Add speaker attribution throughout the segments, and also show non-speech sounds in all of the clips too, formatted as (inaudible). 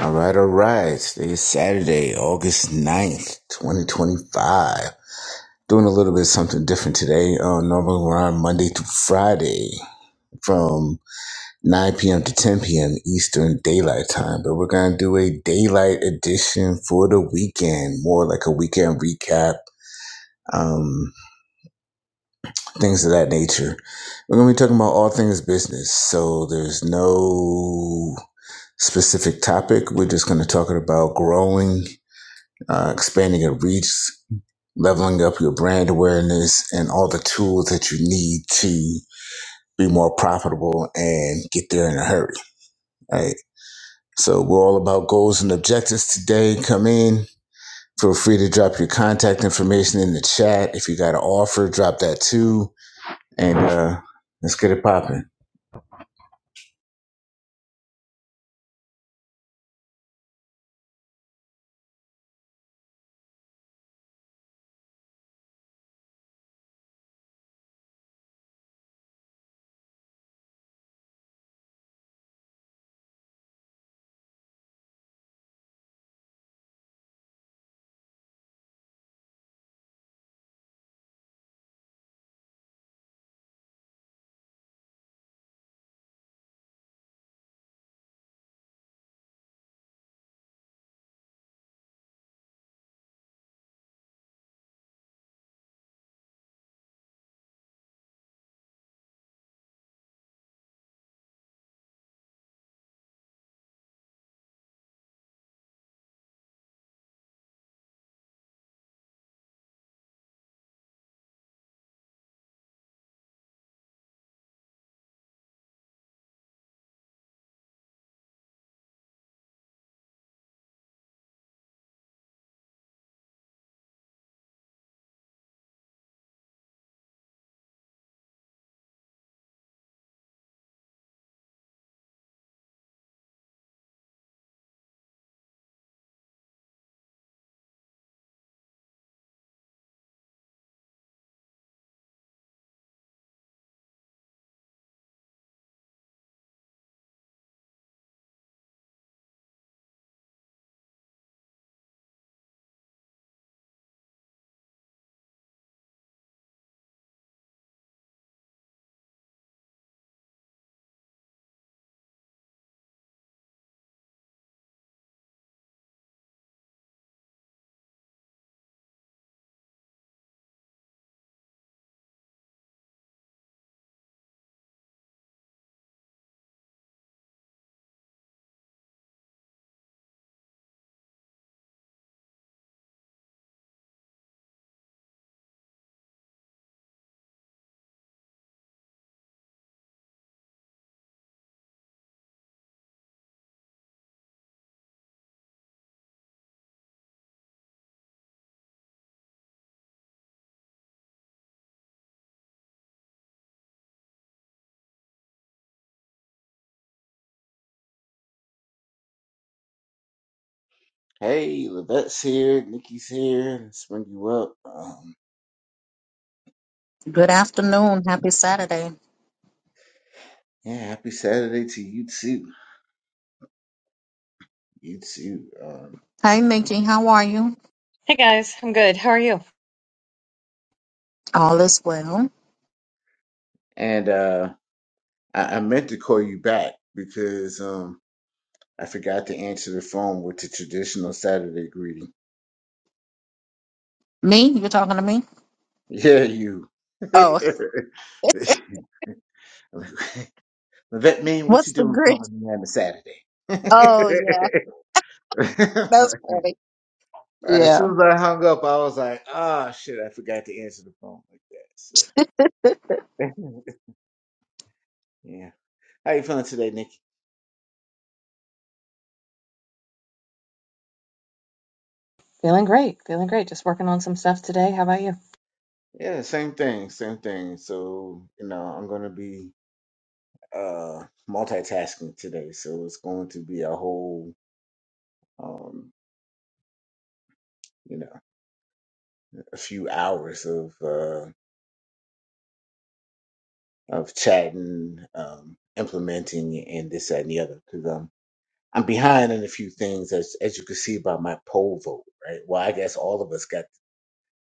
Speaker 1: All right, all right. Today is Saturday, August ninth, 2025. Doing a little bit of something different today. Uh, normally we're on Monday through Friday from 9 p.m. to 10 p.m. Eastern Daylight Time, but we're going to do a daylight edition for the weekend, more like a weekend recap, um, things of that nature. We're going to be talking about all things business, so there's no specific topic. We're just going to talk about growing uh, expanding your reach, leveling up your brand awareness, and all the tools that you need to be more profitable and get there in a hurry. Right. So we're all about goals and objectives today. Come in. Feel free to drop your contact information in the chat. If you got an offer, drop that too. And uh, let's get it popping. Hey, Levette's here. Nikki's here. Let's bring you up. Um,
Speaker 2: Good afternoon. Happy Saturday.
Speaker 1: yeah, happy Saturday to you too. You too. Um,
Speaker 2: Hi, Nikki, How are you?
Speaker 3: Hey guys, I'm good. How are you?
Speaker 2: All is well.
Speaker 1: and uh, I, I meant to call you back because um I forgot to answer the phone with the traditional Saturday greeting.
Speaker 2: Me? You're talking to me?
Speaker 1: Yeah, you. (laughs)
Speaker 2: Oh,
Speaker 1: that
Speaker 2: (laughs)
Speaker 1: mean what
Speaker 2: what's
Speaker 1: you
Speaker 2: the
Speaker 1: doing
Speaker 2: grid?
Speaker 1: calling me on a Saturday? (laughs) All
Speaker 2: Oh, yeah. That's funny.
Speaker 1: right, as
Speaker 2: Yeah.
Speaker 1: soon as I hung up, I was like, "Ah, shit, I forgot to answer the phone like that." So, (laughs) yeah. How you feeling today, Nikki?
Speaker 3: Feeling great, feeling great. Just working on some stuff today. How about you?
Speaker 1: Yeah, same thing, same thing. So, you know, I'm gonna be uh multitasking today, so it's going to be a whole um you know a few hours of uh of chatting, um, implementing, and this that, and the other because um I'm behind on a few things as as you can see by my poll vote, right? Well, I guess all of us got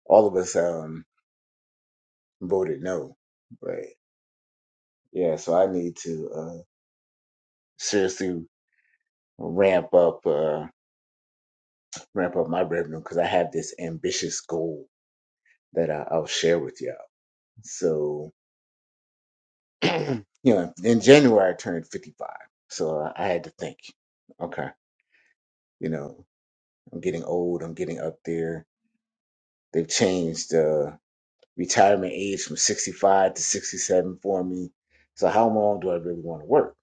Speaker 1: all of us um voted no, but yeah, so I need to uh seriously ramp up uh ramp up my revenue because I have this ambitious goal that I, I'll share with you. all So, (clears throat) you know, in January I turned 55. So I had to think, okay, you know, I'm getting old, I'm getting up there. They've changed the retirement age from 65 to 67 for me. So how long do I really want to work?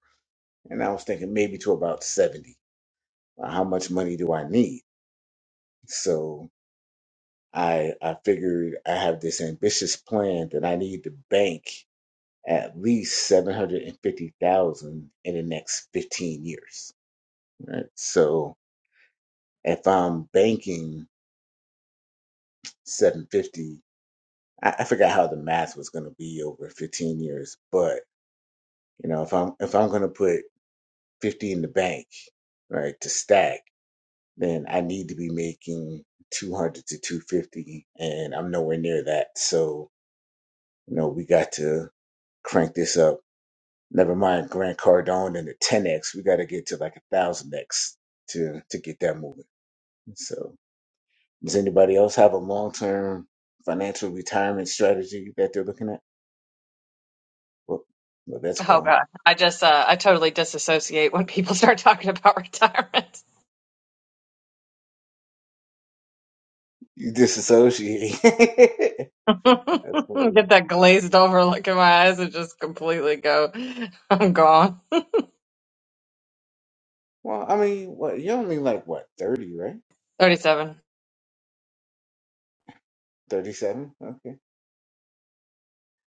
Speaker 1: And I was thinking maybe to about 70. Uh, How much money do I need? So I I figured I have this ambitious plan that I need to bank at least 750,000 in the next 15 years. Right. So if I'm banking 750, I, I forgot how the math was going to be over 15 years, but you know, if I'm if I'm going to put 50 in the bank, right, to stack, then I need to be making 200 to 250, and I'm nowhere near that. So you know, we got to crank this up. Never mind Grant Cardone and the 10x. We got to get to like a thousand x to to get that moving. So. Does anybody else have a long term financial retirement strategy that they're looking at? Well, well that's
Speaker 3: Oh
Speaker 1: gone.
Speaker 3: God, I just uh, I totally disassociate when people (laughs) start talking about retirement.
Speaker 1: You disassociate. (laughs)
Speaker 3: (laughs)
Speaker 1: that's funny.
Speaker 3: Get that glazed over look in my eyes and just completely go, (laughs) I'm gone.
Speaker 1: Well, I mean, what, you're only like what, 30, right?
Speaker 3: 37.
Speaker 1: 37? Okay.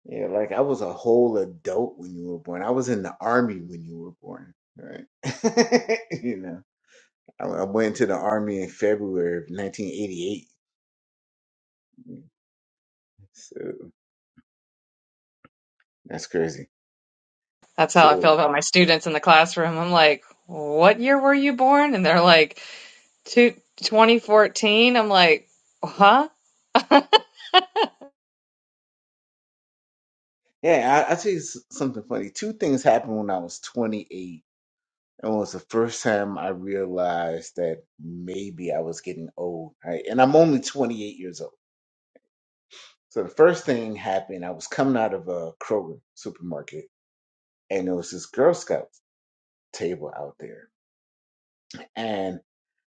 Speaker 1: Yeah, like I was a whole adult when you were born. I was in the army when you were born, right? (laughs) you know, I, I went to the army in February of 1988. So that's crazy.
Speaker 3: That's how I
Speaker 1: So.
Speaker 3: feel about my students in the classroom. I'm like, what year were you born? And they're like, two, 2014. I'm like, huh? (laughs)
Speaker 1: Yeah, I, I tell you s- something funny. Two things happened when I was 28. It was the first time I realized that maybe I was getting old, right? And I'm only 28 years old. So the first thing happened, I was coming out of a Kroger supermarket, and there was this Girl Scout table out there. And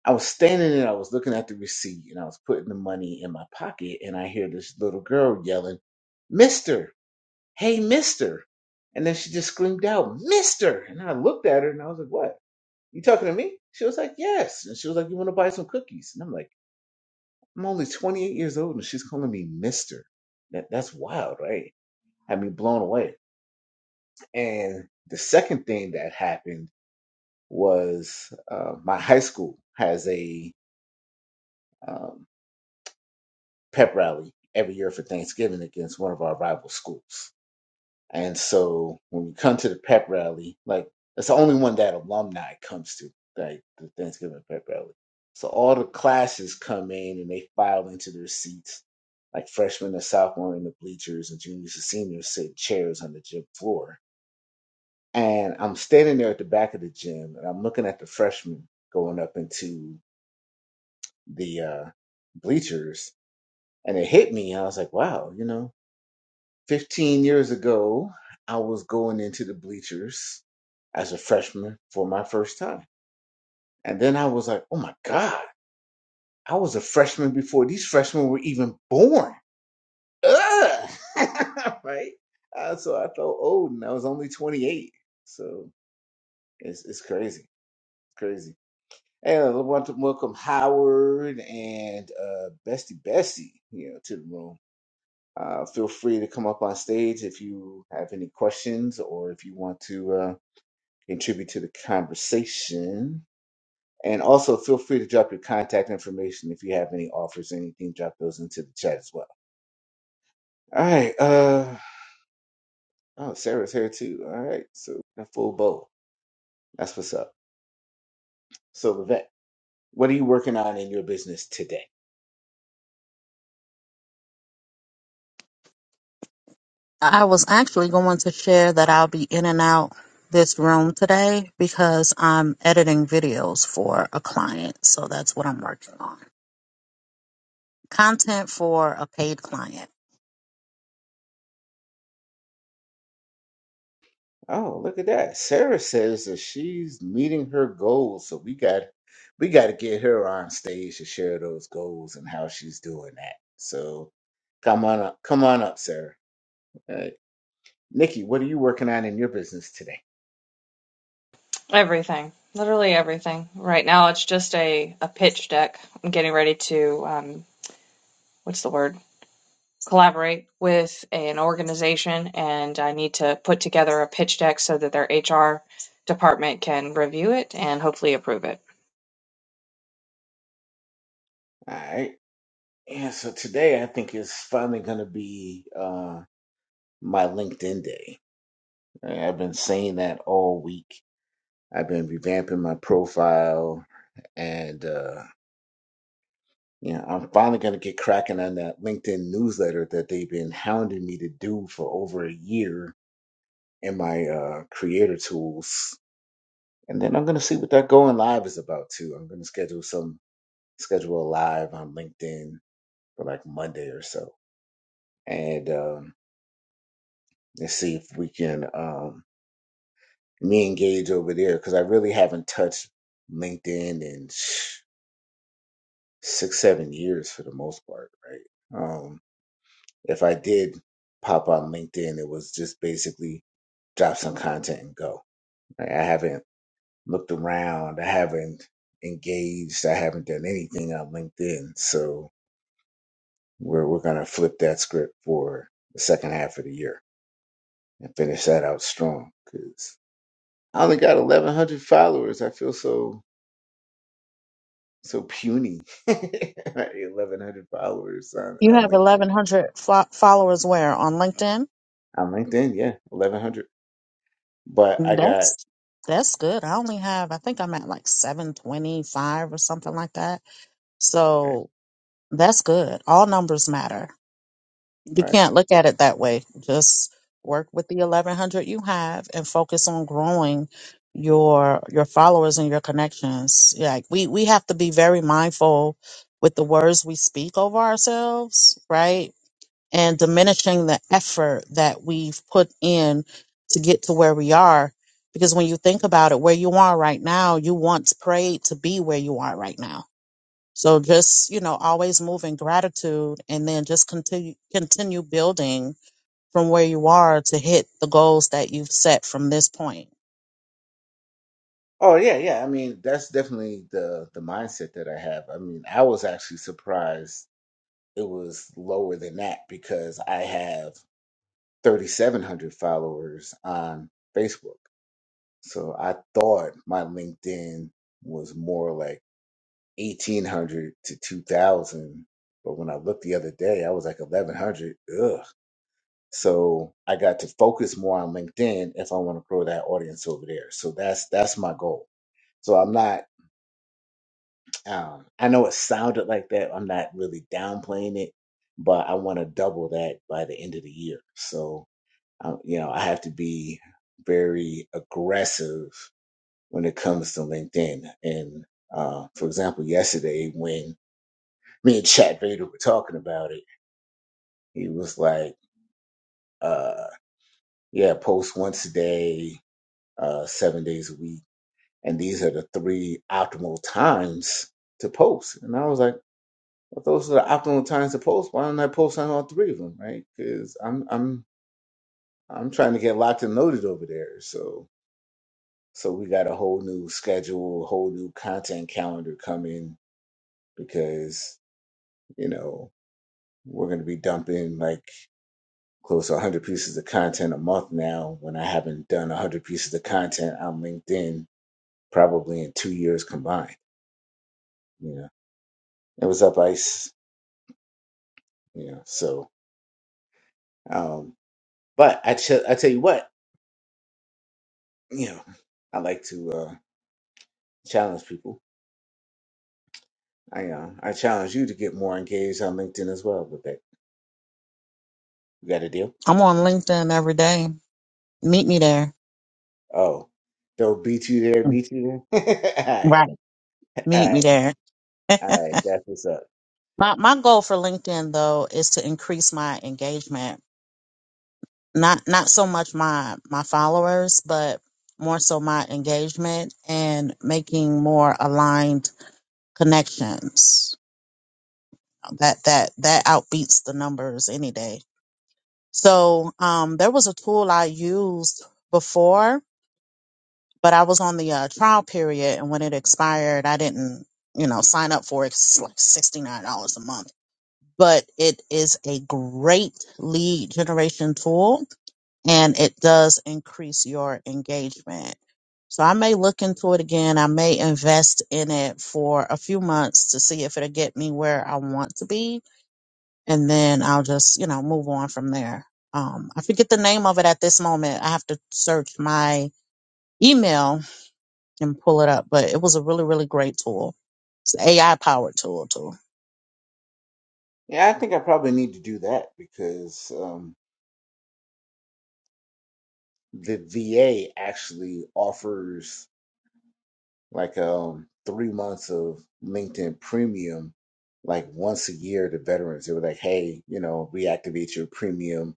Speaker 1: I was standing there, I was looking at the receipt, and I was putting the money in my pocket, and I hear this little girl yelling, Mister. hey, mister. And then she just screamed out, mister. And I looked at her and I was like, what? You talking to me? She was like, yes. And she was like, you want to buy some cookies? And I'm like, I'm only 28 years old and she's calling me mister. That, that's wild, right? Had me blown away. And the second thing that happened was uh, my high school has a um, pep rally every year for Thanksgiving against one of our rival schools And so when we come to the pep rally, like that's the only one that alumni comes to, like the Thanksgiving pep rally. So all the classes come in and they file into their seats, like freshmen and sophomore in the bleachers and juniors and seniors sit in chairs on the gym floor. And I'm standing there at the back of the gym and I'm looking at the freshmen going up into the uh, bleachers and it hit me. I was like, wow, you know, 15 years ago, I was going into the bleachers as a freshman for my first time. And then I was like, oh my God, I was a freshman before these freshmen were even born. Ugh! (laughs) right? Uh, so I felt old and I was only 28. So it's, it's crazy. It's crazy. And I want to welcome Howard and uh, Bestie Bestie, you know, to the room. Uh, feel free to come up on stage if you have any questions or if you want to. uh, contribute to the conversation. And also feel free to drop your contact information if you have any offers, or anything, drop those into the chat as well. All right. Uh oh, Sarah's here too. All right. So a full bowl. That's what's up. So Vivek, what are you working on in your business today?
Speaker 2: I was actually going to share that I'll be in and out this room today because I'm editing videos for a client. So that's what I'm working on. Content for a paid client.
Speaker 1: Oh, look at that. Sarah says that she's meeting her goals. So we got we gotta get her on stage to share those goals and how she's doing that. So come on up. Come on up, Sarah. Uh, Nikki, what are you working on in your business today?
Speaker 3: Everything, literally everything. Right now, it's just a a pitch deck. I'm getting ready to um, what's the word? Collaborate with a, an organization, and I need to put together a pitch deck so that their HR department can review it and hopefully approve it.
Speaker 1: All right. Yeah, so today I think is finally going to be uh, my LinkedIn day. Right? I've been saying that all week. I've been revamping my profile, and uh, you know, I'm finally going to get cracking on that LinkedIn newsletter that they've been hounding me to do for over a year in my uh, creator tools. And then I'm going to see what that going live is about too. I'm going to schedule some schedule a live on LinkedIn for like Monday or so, and um, and see if we can um, me engage over there because I really haven't touched LinkedIn in sh- six seven years for the most part, right? Um, if I did pop on LinkedIn, it was just basically drop some content and go. Like, I haven't looked around, I haven't engaged, I haven't done anything on LinkedIn, so we're we're gonna flip that script for the second half of the year. and finish that out strong because I only got 1,100 followers. I feel so so puny. (laughs) 1,100 followers on,
Speaker 2: You
Speaker 1: on
Speaker 2: have
Speaker 1: LinkedIn.
Speaker 2: 1,100 fo- followers where? On LinkedIn?
Speaker 1: On LinkedIn, yeah, 1,100. But I got
Speaker 2: That's that's good. I only have I think I'm at like 725 or something like that.
Speaker 1: right,
Speaker 2: So that's good. All numbers matter. You
Speaker 1: right.
Speaker 2: can't look at it that way. Just work with the 1100 you have and focus on growing your your followers and your connections. Like we we have to be very mindful with the words we speak over ourselves, right? and diminishing the effort that we've put in to get to where we are. Because when you think about it, where you are right now, you once prayed to be where you are right now. So just, you know, always move in gratitude and then just continue continue building from where you are to hit the goals that you've set from this point.
Speaker 1: Oh yeah, yeah. I mean, that's definitely the the mindset that I have. I mean, I was actually surprised it was lower than that because I have 3,700 followers on Facebook. So I thought my LinkedIn was more like 1800 to 2000 but when i looked the other day i was like 1100 ugh so i got to focus more on linkedin if i want to grow that audience over there so that's that's my goal so i'm not um, i know it sounded like that i'm not really downplaying it but i want to double that by the end of the year so um, you know i have to be very aggressive when it comes to linkedin and uh, for example yesterday when me and Chat Vader were talking about it. He was like, uh, yeah, post once a day, uh, seven days a week. And these are the three optimal times to post. And I was like, well, those are the optimal times to post. Why don't I post on all three of them? Right. Cause I'm, I'm, I'm trying to get locked and loaded over there. So, so we got a whole new schedule, a whole new content calendar coming because, you know, we're going to be dumping like close to 100 pieces of content a month now when I haven't done 100 pieces of content on LinkedIn probably in two years combined. You know, it was up ice, you know, so, um, but I, ch- I tell you what, you know, I like to, uh, challenge people. I, uh, I challenge you to get more engaged on LinkedIn as well with that. You got a deal?
Speaker 2: I'm on LinkedIn every day. Meet me there.
Speaker 1: Oh, they'll beat you there, meet you there. (laughs) all right.
Speaker 2: Right.
Speaker 1: All
Speaker 2: Meet me
Speaker 1: right.
Speaker 2: there.
Speaker 1: All
Speaker 2: (laughs)
Speaker 1: right. That's what's up.
Speaker 2: My my goal for LinkedIn though is to increase my engagement. Not not so much my my followers, but more so my engagement and making more aligned connections. That that that outbeats the numbers any day. So um there was a tool I used before, but I was on the uh, trial period and when it expired I didn't, you know, sign up for it. It's like $69 a month but it is a great lead generation tool and it does increase your engagement. So I may look into it again. I may invest in it for a few months to see if it'll get me where I want to be. And then I'll just, you know, move on from there. Um, I forget the name of it at this moment. I have to search my email and pull it up, but it was a really, really great tool. It's an AI powered tool too.
Speaker 1: Yeah. I think I probably need to do that because, um, the VA actually offers like um three months of LinkedIn premium like once a year to veterans. They were like, hey, you know, reactivate your premium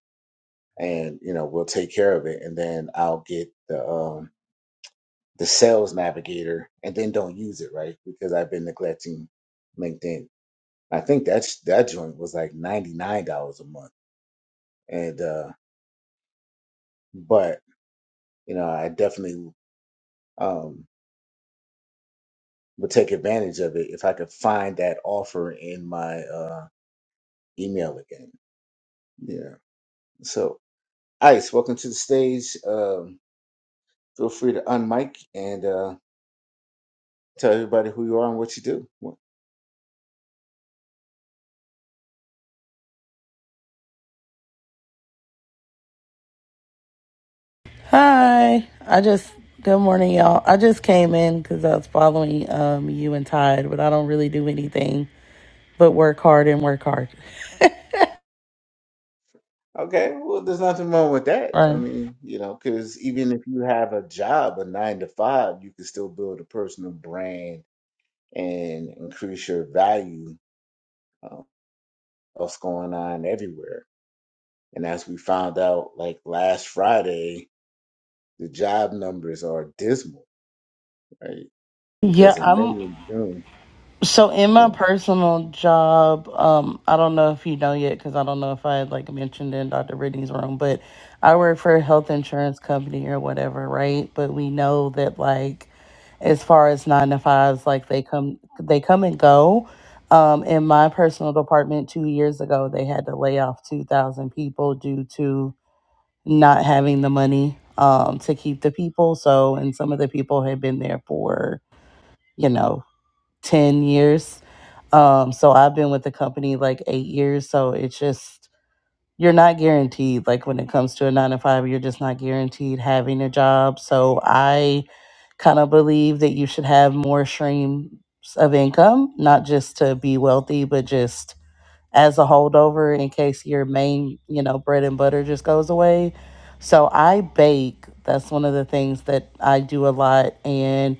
Speaker 1: and you know, we'll take care of it. And then I'll get the um the sales navigator and then don't use it, right? Because I've been neglecting LinkedIn. I think that's that joint was like ninety nine dollars a month. And uh but you know, I definitely um would take advantage of it if I could find that offer in my uh, email again. Yeah. So, Ice, welcome to the stage. Um, feel free to unmic and uh, tell everybody who you are and what you do. Well,
Speaker 4: Hi. I just good morning, y'all. I just came in because I was following um you and Tide, but I don't really do anything but work hard and work hard.
Speaker 1: Okay. Well, there's nothing wrong with that. I
Speaker 4: Right.
Speaker 1: mean, you know, because even if you have a job, a nine to five, you can still build a personal brand and increase your value. Uh, what's going on everywhere? And as we found out, like last Friday. The job numbers are dismal, right?
Speaker 4: Yeah,
Speaker 1: Because in May
Speaker 4: I'm.
Speaker 1: and June,
Speaker 4: So in my
Speaker 1: yeah.
Speaker 4: personal job, um, I don't know if you know yet because I don't know if I had like mentioned in Dr. Brittany's room, but I work for a health insurance company or whatever, right? But we know that like as far as nine to fives, like they come they come and go. Um, in my personal department two years ago, they had to lay off two thousand people due to not having the money um to keep the people. So and some of the people had been there for, you know, 10 years. Um, so I've been with the company like eight years. So it's just, you're not guaranteed. Like when it comes to a nine to five, you're just not guaranteed having a job. So I kind of believe that you should have more streams of income, not just to be wealthy, but just as a holdover in case your main, you know, bread and butter just goes away. So I bake. That's one of the things that I do a lot. And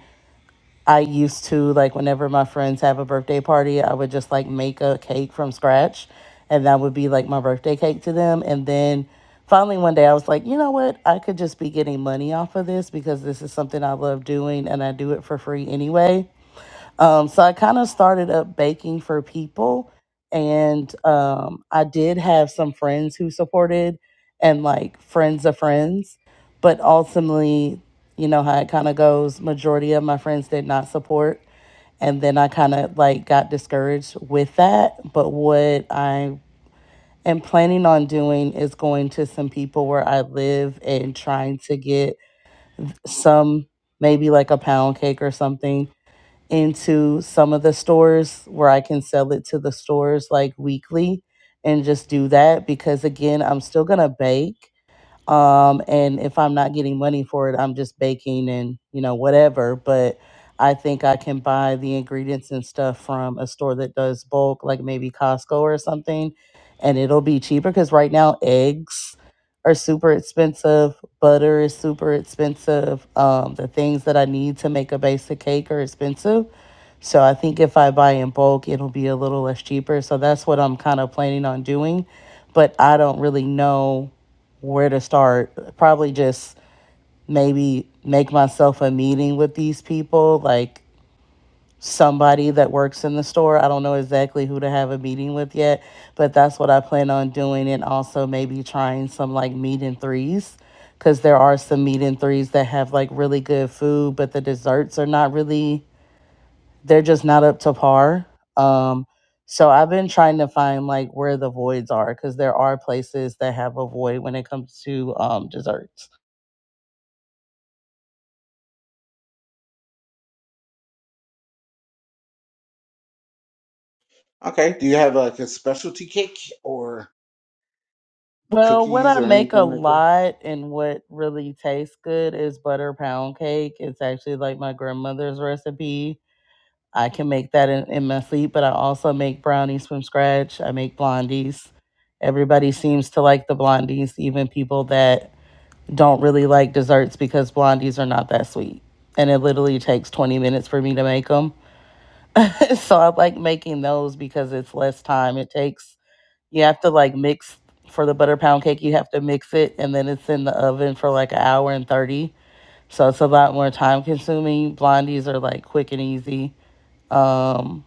Speaker 4: I used to like whenever my friends have a birthday party, I would just like make a cake from scratch and that would be like my birthday cake to them and then finally one day I was like, "You know what? I could just be getting money off of this because this is something I love doing and I do it for free anyway." Um, so I kind of started up baking for people, and um, I did have some friends who supported and like friends of friends, but ultimately, you know how it kind of goes. Majority of my friends did not support, and then I kind of like got discouraged with that. But what I am planning on doing is going to some people where I live and trying to get some maybe like a pound cake or something into some of the stores where I can sell it to the stores like weekly and just do that because again, I'm still going to bake um and if i'm not getting money for it i'm just baking and you know whatever but i think i can buy the ingredients and stuff from a store that does bulk like maybe costco or something and it'll be cheaper because right now eggs are super expensive butter is super expensive um, the things that i need to make a basic cake are expensive so i think if i buy in bulk it'll be a little less cheaper so that's what i'm kind of planning on doing but i don't really know where to start. Probably just maybe make myself a meeting with these people, like somebody that works in the store. I don't know exactly who to have a meeting with yet, but that's what I plan on doing. And also maybe trying some like meet and threes because there are some meet and threes that have like really good food, but the desserts are not really, they're just not up to par. Um, so I've been trying to find like where the voids are because there are places that have a void when it comes to um, desserts.
Speaker 1: Okay. Do you have like a specialty cake or
Speaker 4: Well, what
Speaker 1: cookies
Speaker 4: I
Speaker 1: or
Speaker 4: make a
Speaker 1: anything like that?
Speaker 4: lot and what really tastes good is butter pound cake. It's actually like my grandmother's recipe. I can make that in, in my sleep, but I also make brownies from scratch. I make blondies. Everybody seems to like the blondies, even people that don't really like desserts because blondies are not that sweet. And it literally takes 20 minutes for me to make them. (laughs) so I like making those because it's less time it takes you have to like mix for the butter pound cake. You have to mix it, and then it's in the oven for like an hour and thirty. So it's a lot more time consuming. Blondies are like quick and easy. Um,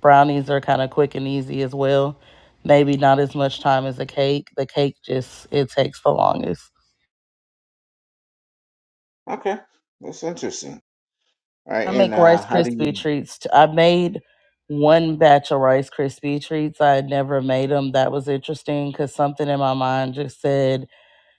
Speaker 4: brownies are kind of quick and easy as well. Maybe not as much time as a cake. The cake just it takes the longest.
Speaker 1: Okay. That's interesting. All right.
Speaker 4: I
Speaker 1: And
Speaker 4: make
Speaker 1: uh
Speaker 4: Rice
Speaker 1: how do
Speaker 4: Krispie
Speaker 1: you
Speaker 4: treats. t- I made one batch of Rice Krispie treats. I had never made them. That was interesting because something in my mind just said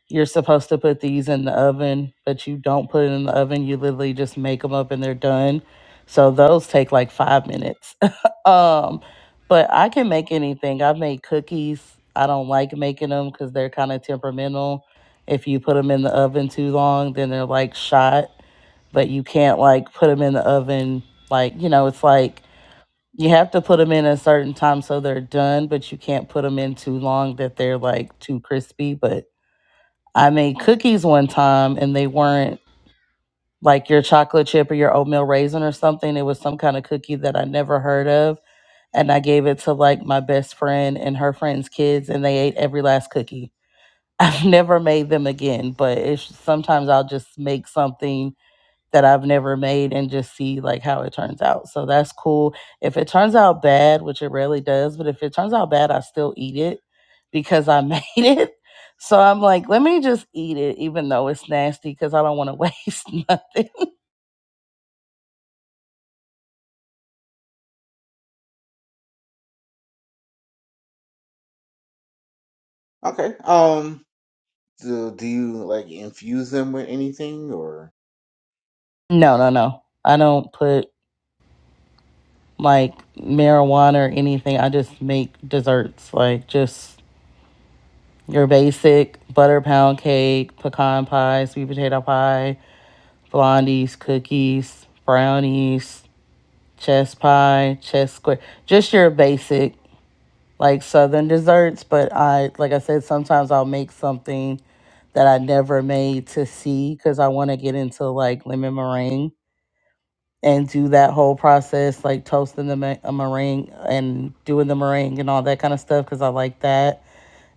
Speaker 4: you're supposed to put these in the oven, but you don't put it in the oven. You literally just make them up and they're done. So those take like five minutes. (laughs) um, but I can make anything. I've made cookies. I don't like making them because they're kind of temperamental. If you put them in the oven too long, then they're like shot. But you can't like put them in the oven. Like, you know, it's like you have to put them in a certain time so they're done, but you can't put them in too long that they're like too crispy. But I made cookies one time and they weren't like your chocolate chip or your oatmeal raisin or something. It was some kind of cookie that I never heard of. And I gave it to like my best friend and her friend's kids and they ate every last cookie. (laughs) I've never made them again, but it's sometimes I'll just make something that I've never made and just see like how it turns out. So that's cool. If it turns out bad, which it rarely does, but if it turns out bad, I still eat it because I (laughs) made it. So I'm like, let me just eat it even though it's nasty cuz I don't want to (laughs) waste nothing.
Speaker 1: Okay. Um do, do you like infuse them with anything or
Speaker 4: No, no, no. I don't put like marijuana or anything. I just make desserts like just your basic butter pound cake, pecan pie, sweet potato pie, blondies, cookies, brownies, chest pie, chest square, just your basic like southern desserts. But I, like I said, sometimes I'll make something that I never made to see because I want to get into like lemon meringue and do that whole process, like toasting the me- a meringue and doing the meringue and all that kind of stuff because I like that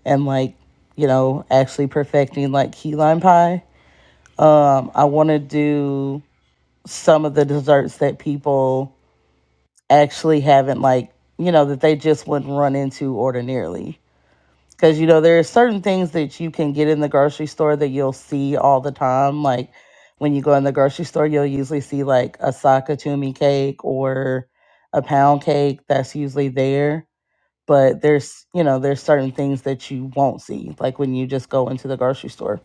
Speaker 4: and like you know actually perfecting like key lime pie. Um, I want to do some of the desserts that people actually haven't like you know that they just wouldn't run into ordinarily because you know there are certain things that you can get in the grocery store that you'll see all the time like when you go in the grocery store you'll usually see like a sakatumi cake or a pound cake that's usually there but there's you know there's certain things that you won't see like when you just go into the grocery store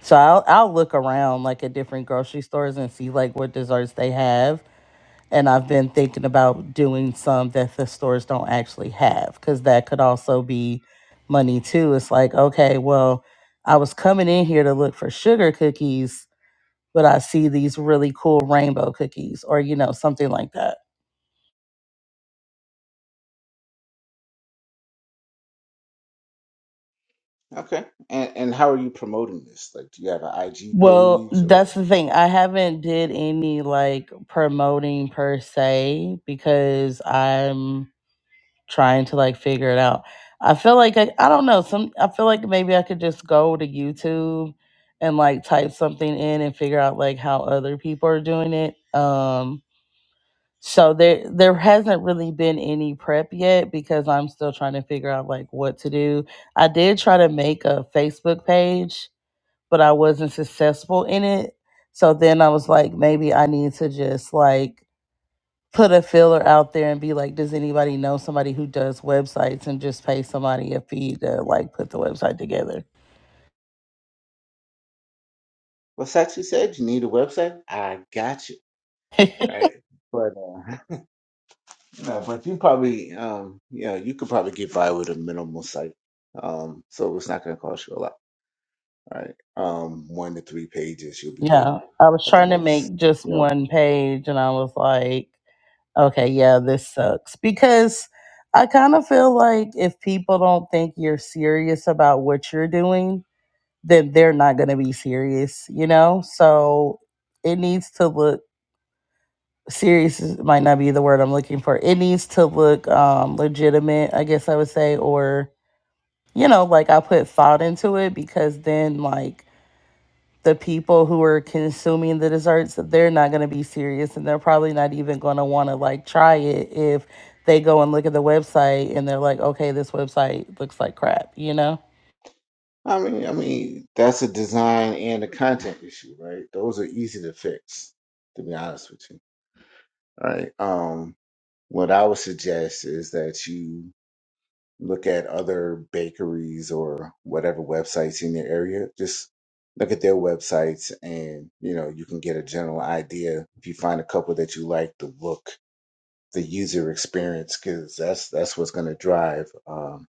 Speaker 4: so i'll, I'll look around like at different grocery stores and see like what desserts they have and I've been thinking about doing some that the stores don't actually have because that could also be money too. It's like, okay, well, I was coming in here to look for sugar cookies, but I see these really cool rainbow cookies or, you know, something like that.
Speaker 1: Okay. And and how are you promoting this? Like do you have an IG
Speaker 4: Well,
Speaker 1: page
Speaker 4: that's
Speaker 1: or
Speaker 4: the thing. I haven't did any like promoting per se because I'm trying to like figure it out. I feel like I, I don't know. Some I feel like maybe I could just go to YouTube and like type something in and figure out like how other people are doing it. Um so there there hasn't really been any prep yet because I'm still trying to figure out like what to do. I did try to make a Facebook page, but I wasn't successful in it. So then I was like maybe I need to just like put a filler out there and be like, does anybody know somebody who does websites and just pay somebody a fee to like put the website together?
Speaker 1: what's that you said? You need a website? I got you.
Speaker 4: (laughs)
Speaker 1: Right. But uh, (laughs) No, but you probably, um, you know, you could probably get by with a minimal site. Um, so it's not going to cost you a lot, right? Um, one to three pages, you'll be good
Speaker 4: yeah, I was
Speaker 1: at the
Speaker 4: trying to
Speaker 1: most.
Speaker 4: make just
Speaker 1: You know,
Speaker 4: one page and I was like, okay, yeah, this sucks because I kind of feel like if people don't think you're serious about what you're doing, then they're not going to be serious, you know? So it needs to look serious is- might not be the word I'm looking for. It needs to look um legitimate, I guess I would say, or you know, like I put thought into it because then like the people who are consuming the desserts, they're not gonna be serious and they're probably not even gonna wanna like try it if they go and look at the website and they're like, okay, this website looks like crap, you know?
Speaker 1: I mean, I mean, that's a design and a content issue, right? Those are easy to fix, to be honest with you, right? Um, what I would suggest is that you look at other bakeries or whatever websites in your area. Just look at their websites and, you know, you can get a general idea. If you find a couple that you like, the look, the user experience, because that's, that's what's going to drive um,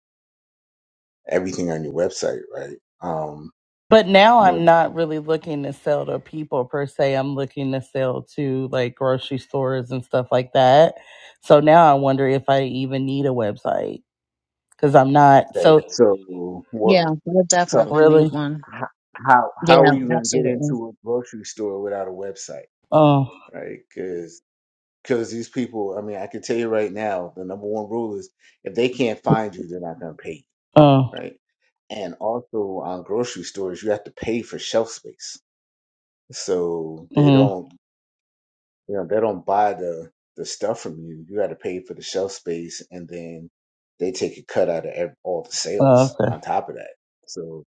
Speaker 1: everything on your website, right? Um,
Speaker 4: But now
Speaker 1: you
Speaker 4: I'm
Speaker 1: know,
Speaker 4: not really looking to sell to people per se. I'm looking to sell to like grocery stores and stuff like that. So now I wonder if I even need a website because I'm not.
Speaker 1: okay.
Speaker 4: So
Speaker 1: So what,
Speaker 2: Yeah, we'll
Speaker 1: so
Speaker 2: definitely need
Speaker 4: really,
Speaker 2: one.
Speaker 1: h- how, how
Speaker 2: Yeah,
Speaker 1: are you going to get
Speaker 2: absolutely.
Speaker 1: into a grocery store without a website?
Speaker 4: oh,
Speaker 1: Right. Because these people, I mean, I can tell you right now, the number one rule is if they can't find you, they're not going to pay
Speaker 4: oh,
Speaker 1: you, right? And also on grocery stores, you have to pay for shelf space. So they
Speaker 4: mm,
Speaker 1: don't, you know, they don't buy the the stuff from you. You got to pay for the shelf space, and then they take a cut out of ev all the
Speaker 4: oh,
Speaker 1: sales
Speaker 4: okay.
Speaker 1: on top of that. So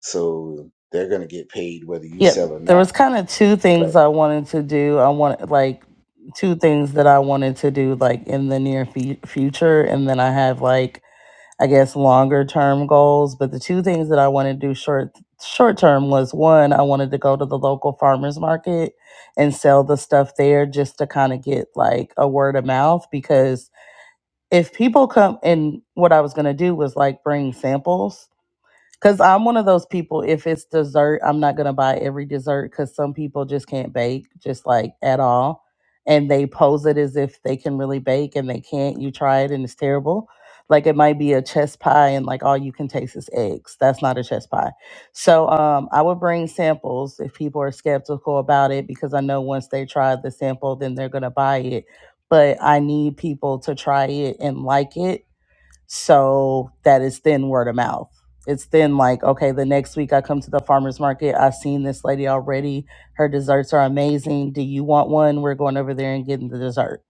Speaker 1: so they're going to get paid whether you
Speaker 4: Yeah,
Speaker 1: sell or
Speaker 4: there
Speaker 1: not.
Speaker 4: was kind of two
Speaker 1: But
Speaker 4: things I wanted to do. I want like two things that I wanted to do like in the near fe- future, and then I have like I guess longer term goals, but the two things that I want to do short short term was one, I wanted to go to the local farmers market and sell the stuff there just to kind of get like a word of mouth because if people come and what I was going to do was like bring samples Cause I'm one of those people. If it's dessert, I'm not gonna buy every dessert because some people just can't bake, just like at all, and they pose it as if they can really bake and they can't. You try it and it's terrible. Like it might be a chess pie and like all you can taste is eggs. That's not a chess pie. So um, I would bring samples if people are skeptical about it because I know once they try the sample, then they're gonna buy it. But I need people to try it and like it so that is then word of mouth. It's then like, okay, the next week I come to the farmer's market. I've seen this lady already. Her desserts are amazing. Do you want one? We're going over there and getting the dessert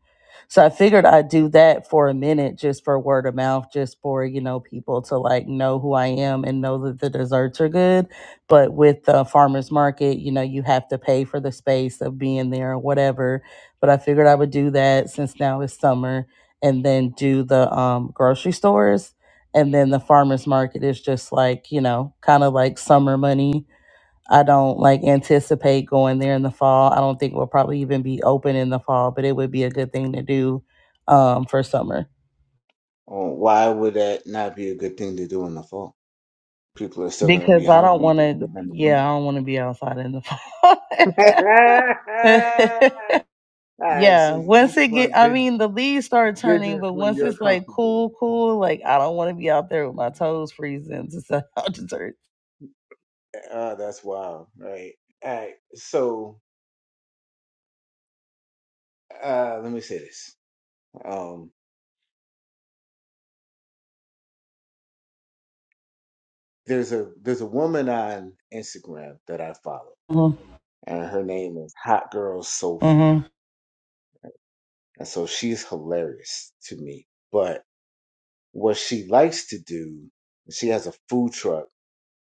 Speaker 4: so I figured I'd do that for a minute just for word of mouth, just for, you know, people to like know who I am and know that the desserts are good. But with the farmer's market, you know, you have to pay for the space of being there or whatever. But I figured I would do that since now it's summer and then do the um, grocery stores. And then the farmer's market is just like, you know, kind of like summer money I don't like anticipate going there in the fall. I don't think we'll probably even be open in the fall, but it would be a good thing to do um, for summer
Speaker 1: uh, why would that not be a good thing to do in the fall? People are still going to be
Speaker 4: because I don't
Speaker 1: hungry.
Speaker 4: want
Speaker 1: They're
Speaker 4: to.
Speaker 1: still going to eat.
Speaker 4: Yeah, I don't want to be outside in the fall.
Speaker 1: (laughs) All
Speaker 4: (laughs)
Speaker 1: right, so
Speaker 4: yeah,
Speaker 1: you
Speaker 4: once it
Speaker 1: just
Speaker 4: get,
Speaker 1: want
Speaker 4: I
Speaker 1: bus-
Speaker 4: mean, the leaves start turning,
Speaker 1: business
Speaker 4: but
Speaker 1: when
Speaker 4: once
Speaker 1: you're
Speaker 4: it's like
Speaker 1: comfortable.
Speaker 4: cool, cool, like I don't want to be out there with my toes freezing to sell (laughs) out desserts.
Speaker 1: Uh, that's wild, right? All right, so uh, let me say this. Um, there's a there's a woman on Instagram that I follow,
Speaker 4: Mm-hmm.
Speaker 1: and her name is Hot Girl Soul Food,
Speaker 4: Mm-hmm.
Speaker 1: and so she's hilarious to me. But what she likes to do, she has a food truck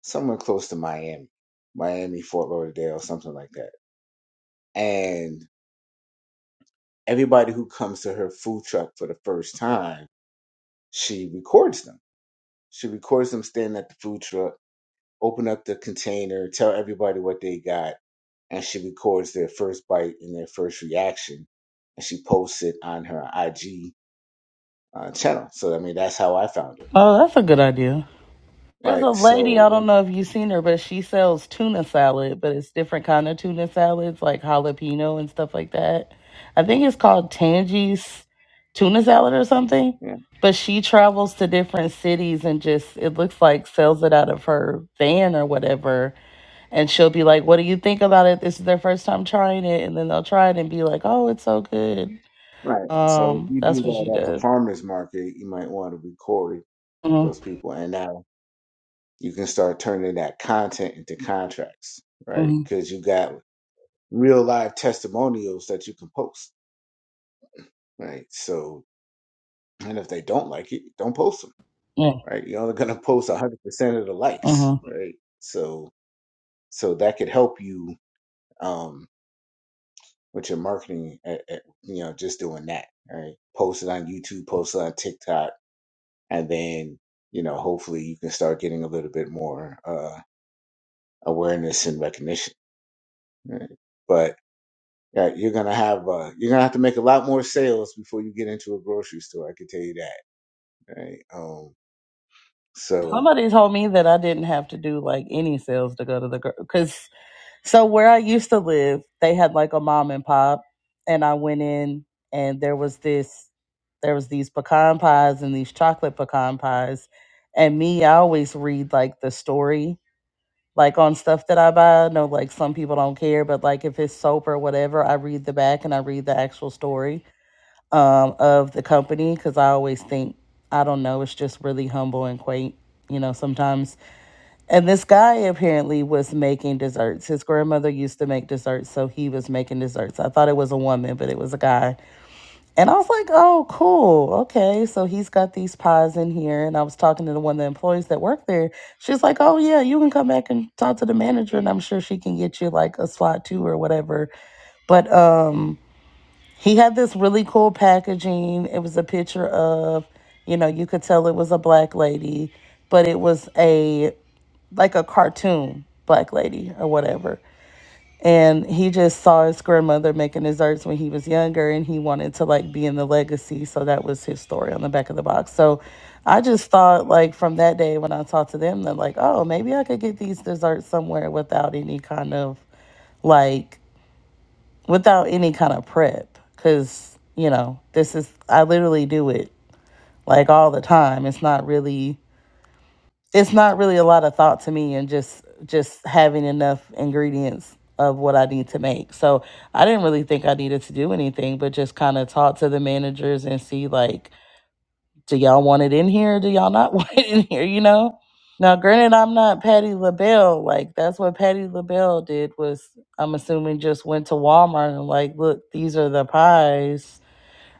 Speaker 1: somewhere close to Miami, Miami, Fort Lauderdale, something like that. And everybody who comes to her food truck for the first time, she records them. She records them standing at the food truck, open up the container, tell everybody what they got, and she records their first bite and their first reaction. And she posts it on her IG uh, channel. So, I mean, that's how I found her.
Speaker 4: Oh, that's a good idea. There's a
Speaker 1: Right.
Speaker 4: lady,
Speaker 1: So,
Speaker 4: I don't
Speaker 1: when-
Speaker 4: know if you've seen her, but she sells tuna salad, but it's different kind of tuna salads, like jalapeno and stuff like that. I think it's called Tangie's tuna salad or something.
Speaker 1: yeah.
Speaker 4: But she travels to different cities and just it looks like sells it out of her van or whatever. And she'll be like, What do you think about it? This is their first time trying it and then they'll try it and be like, Oh, it's so good.
Speaker 1: Right. So, if
Speaker 4: Um,
Speaker 1: you
Speaker 4: that's
Speaker 1: do
Speaker 4: what she
Speaker 1: that at the
Speaker 4: does.
Speaker 1: farmer's market, you might want to record
Speaker 4: Mm-hmm.
Speaker 1: those people. And now you can start turning that content into contracts, right?
Speaker 4: Mm-hmm.
Speaker 1: Because you got real live testimonials that you can post, right? So, and if they don't like it, don't post them,
Speaker 4: Yeah.
Speaker 1: right? You're only going to (laughs) post 100% of the
Speaker 4: Mm-hmm.
Speaker 1: likes, right? So, so that could help you um, with your marketing, at, at, you know, just doing that, right? Post it on YouTube, post it on TikTok, and then, you know, hopefully you can start getting a little bit more uh, awareness and recognition, right? But Yeah, you're gonna have uh, you're gonna have to make a lot more sales before you get into a grocery store. I can tell you that, right? Um, so
Speaker 4: Somebody told me that I didn't have to do like any sales to go to the girl. because so where I used to live, they had like a mom and pop, and I went in and there was this, there was these pecan pies and these chocolate pecan pies, and me, I always read like the story like on stuff that I buy. I know like some people don't care, but like if it's soap or whatever, I read the back and I read the actual story um, of the company because I always think I don't know, it's just really humble and quaint, you know, sometimes. And this guy apparently was making desserts. His grandmother used to make desserts, so he was making desserts. I thought it was a woman, but it was a guy. And I was like, oh, cool. Okay. So he's got these pies in here. And I was talking to the one of the employees that worked there. She's like, oh, yeah, you can come back and talk to the manager, and I'm sure she can get you like a slot too or whatever. But um, he had this really cool packaging. It was a picture of, you know, you could tell it was a black lady, but it was a like a cartoon black lady or whatever. And he just saw his grandmother making desserts when he was younger and he wanted to like be in the legacy. So that was his story on the back of the box. So I just thought like from that day when I talked to them that like, oh, maybe I could get these desserts somewhere without any kind of like without any kind of prep because you know this is i literally do it like all the time it's not really it's not really a lot of thought to me and just just having enough ingredients of what I need to make. So I didn't really think I needed to do anything but just kind of talk to the managers and see like do y'all want it in here? Do y'all not (laughs) want it in here, you know? Now granted I'm not Patty LaBelle. Like that's what Patty LaBelle did was I'm assuming just went to Walmart and like, look, these are the pies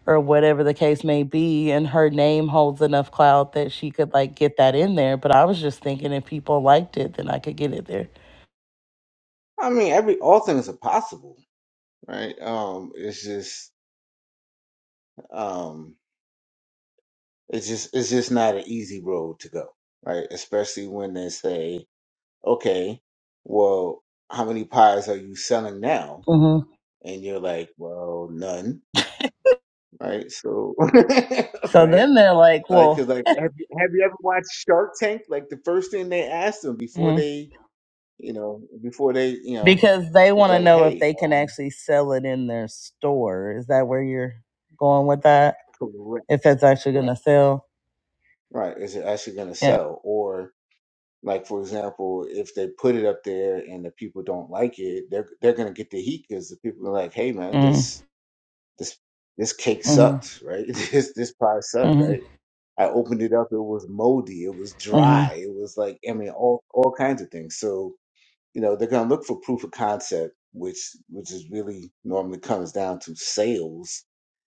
Speaker 4: or whatever the case may be and her name holds enough clout that she could like get that in there but i was just thinking if people liked it then i could get it there
Speaker 1: I mean, every all things are possible, right? Um, it's just um, it's just it's just not an easy road to go, right? Especially when they say, okay, well, how many pies are you selling now?
Speaker 4: hmm
Speaker 1: And you're like, well, none, right? So, (laughs)
Speaker 4: so
Speaker 1: right?
Speaker 4: then they're like
Speaker 1: Like,
Speaker 4: well
Speaker 1: 'cause, like, have you, have you ever watched Shark Tank? Like, the first thing they asked them before
Speaker 4: mhm,
Speaker 1: they, you know, before they, you know,
Speaker 4: because they
Speaker 1: it's
Speaker 4: want to
Speaker 1: like,
Speaker 4: know if
Speaker 1: hey,
Speaker 4: they can
Speaker 1: um,
Speaker 4: actually sell it in their store is that where you're going with that
Speaker 1: correct,
Speaker 4: if that's actually going
Speaker 1: right,
Speaker 4: to sell
Speaker 1: right, is it actually going to
Speaker 4: yeah
Speaker 1: sell? Or, like, for example, if they put it up there and the people don't like it, they're they're going to get the heat because the people are like, hey, man,
Speaker 4: mm-hmm.
Speaker 1: this this this cake
Speaker 4: Mm-hmm.
Speaker 1: sucks, right? (laughs) This this pie sucked, right? I opened it up, it was moldy, it was dry,
Speaker 4: Mm-hmm.
Speaker 1: it was like, I mean, all all kinds of things. So you know they're going to look for proof of concept which which is really normally comes down to sales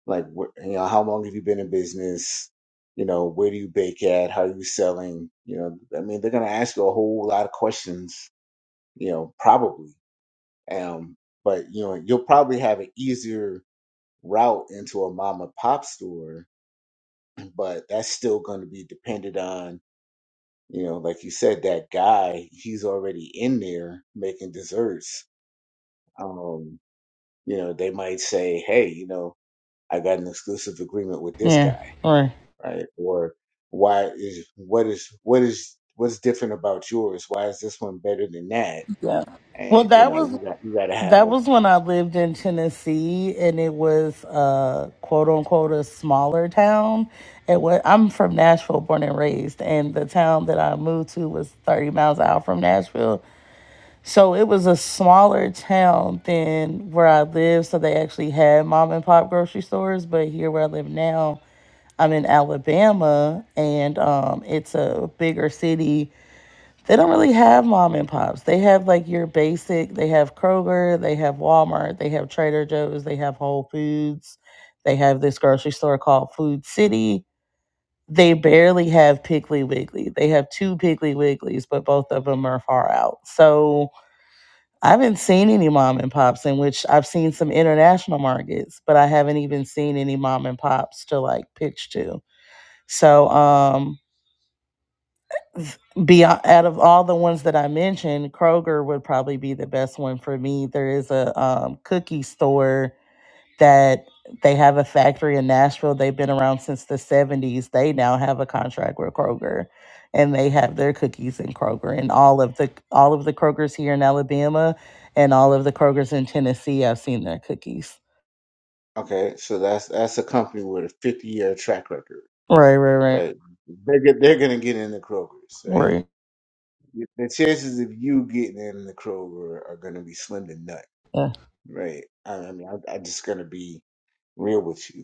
Speaker 1: like wh- you know how long have you been in business you know where do you bake at how are you selling you know i mean they're going to ask you a whole lot of questions you know probably um but you know you'll probably have an easier route into a mom and pop store but that's still going to be dependent on you know like you said that guy he's already in there making desserts um you know, they might say, "Hey, you know, I got an exclusive agreement with this
Speaker 4: Yeah.
Speaker 1: guy,
Speaker 4: Right.
Speaker 1: right?" Or, "Why is what is what is what's different about yours? Why is this one better than that?"
Speaker 4: Yeah. Well,
Speaker 1: And you
Speaker 4: that
Speaker 1: know,
Speaker 4: was.
Speaker 1: you got you got to have
Speaker 4: That was when I lived in Tennessee, and it was uh, quote unquote a smaller town. It was, I'm from Nashville, born and raised, and the town that I moved to was 30 miles out from Nashville. So it was a smaller town than where I lived. So they actually had mom and pop grocery stores, but here where I live now, I'm in Alabama, and um, it's a bigger city they don't really have mom and pops. They have like your basic, they have Kroger, they have Walmart, they have Trader Joe's, they have Whole Foods, they have this grocery store called Food City. They barely have Piggly Wiggly. They have two Piggly Wigglies, but both of them are far out. So I haven't seen any mom and pops in which I've seen some international markets, but I haven't even seen any mom and pops to like pitch to. So um beyond out of all the ones that I mentioned, Kroger would probably be the best one for me. There is a um, cookie store that they have a factory in Nashville. They've been around since the 70s. They now have a contract with Kroger and they have their cookies in Kroger and all of the all of the Krogers here in Alabama and all of the Krogers in Tennessee, I've seen their cookies.
Speaker 1: okay. So that's that's a company with a fifty year track record,
Speaker 4: Right, right,
Speaker 1: right? They're go- they're gonna get in the Kroger's, right?
Speaker 4: right.
Speaker 1: The chances of you getting in the Kroger are gonna be slim to none,
Speaker 4: Right.
Speaker 1: right? I I mean, I, I'm just gonna be real with you.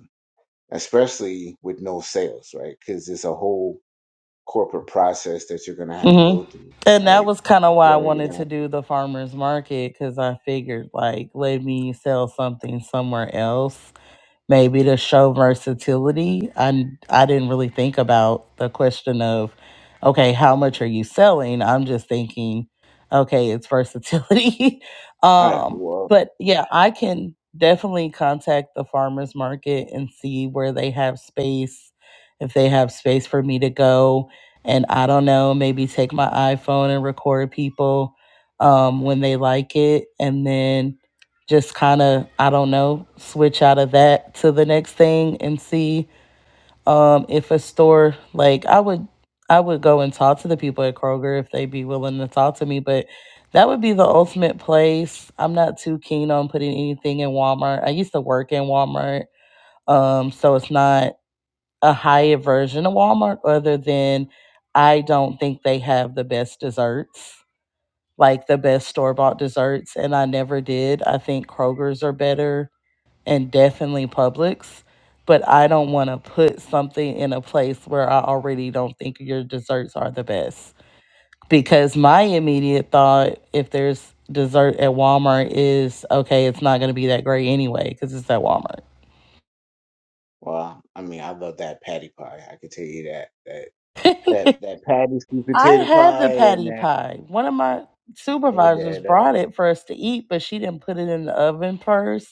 Speaker 1: especially with no sales, right? Because it's a whole corporate process that you're gonna have to
Speaker 4: hmm
Speaker 1: go through,
Speaker 4: And that
Speaker 1: right?
Speaker 4: was kind of why I
Speaker 1: Yeah, you're
Speaker 4: wanted
Speaker 1: gonna.
Speaker 4: to do the farmers market because I figured, like, let me sell something somewhere else maybe to show versatility. I I didn't really think about the question of, okay, how much are you selling? I'm just thinking, okay, it's versatility. (laughs)
Speaker 1: All right.
Speaker 4: um,
Speaker 1: Well,
Speaker 4: but yeah, I can definitely contact the farmers market and see where they have space, if they have space for me to go. And I don't know, maybe take my iPhone and record people um, when they like it, and then just kind of i don't know switch out of that to the next thing and see um if a store like i would i would go and talk to the people at kroger if they'd be willing to talk to me but that would be the ultimate place i'm not too keen on putting anything in walmart i used to work in walmart um so it's not a higher version of walmart other than i don't think they have the best desserts like the best store bought desserts and i never did i think kroger's are better and definitely Publix. But I don't want to put something in a place where I already don't think your desserts are the best. Because my immediate thought, if there's dessert at Walmart, is okay, it's not going to be that great anyway because it's at Walmart.
Speaker 1: well, I mean, I love that patty pie. I can tell you that that that that patty sweet
Speaker 4: I
Speaker 1: potato
Speaker 4: had the
Speaker 1: pie and
Speaker 4: patty
Speaker 1: that
Speaker 4: pie. One of my
Speaker 1: and
Speaker 4: supervisors
Speaker 1: that
Speaker 4: brought
Speaker 1: um.
Speaker 4: it for us to eat, but she didn't put it in the oven first.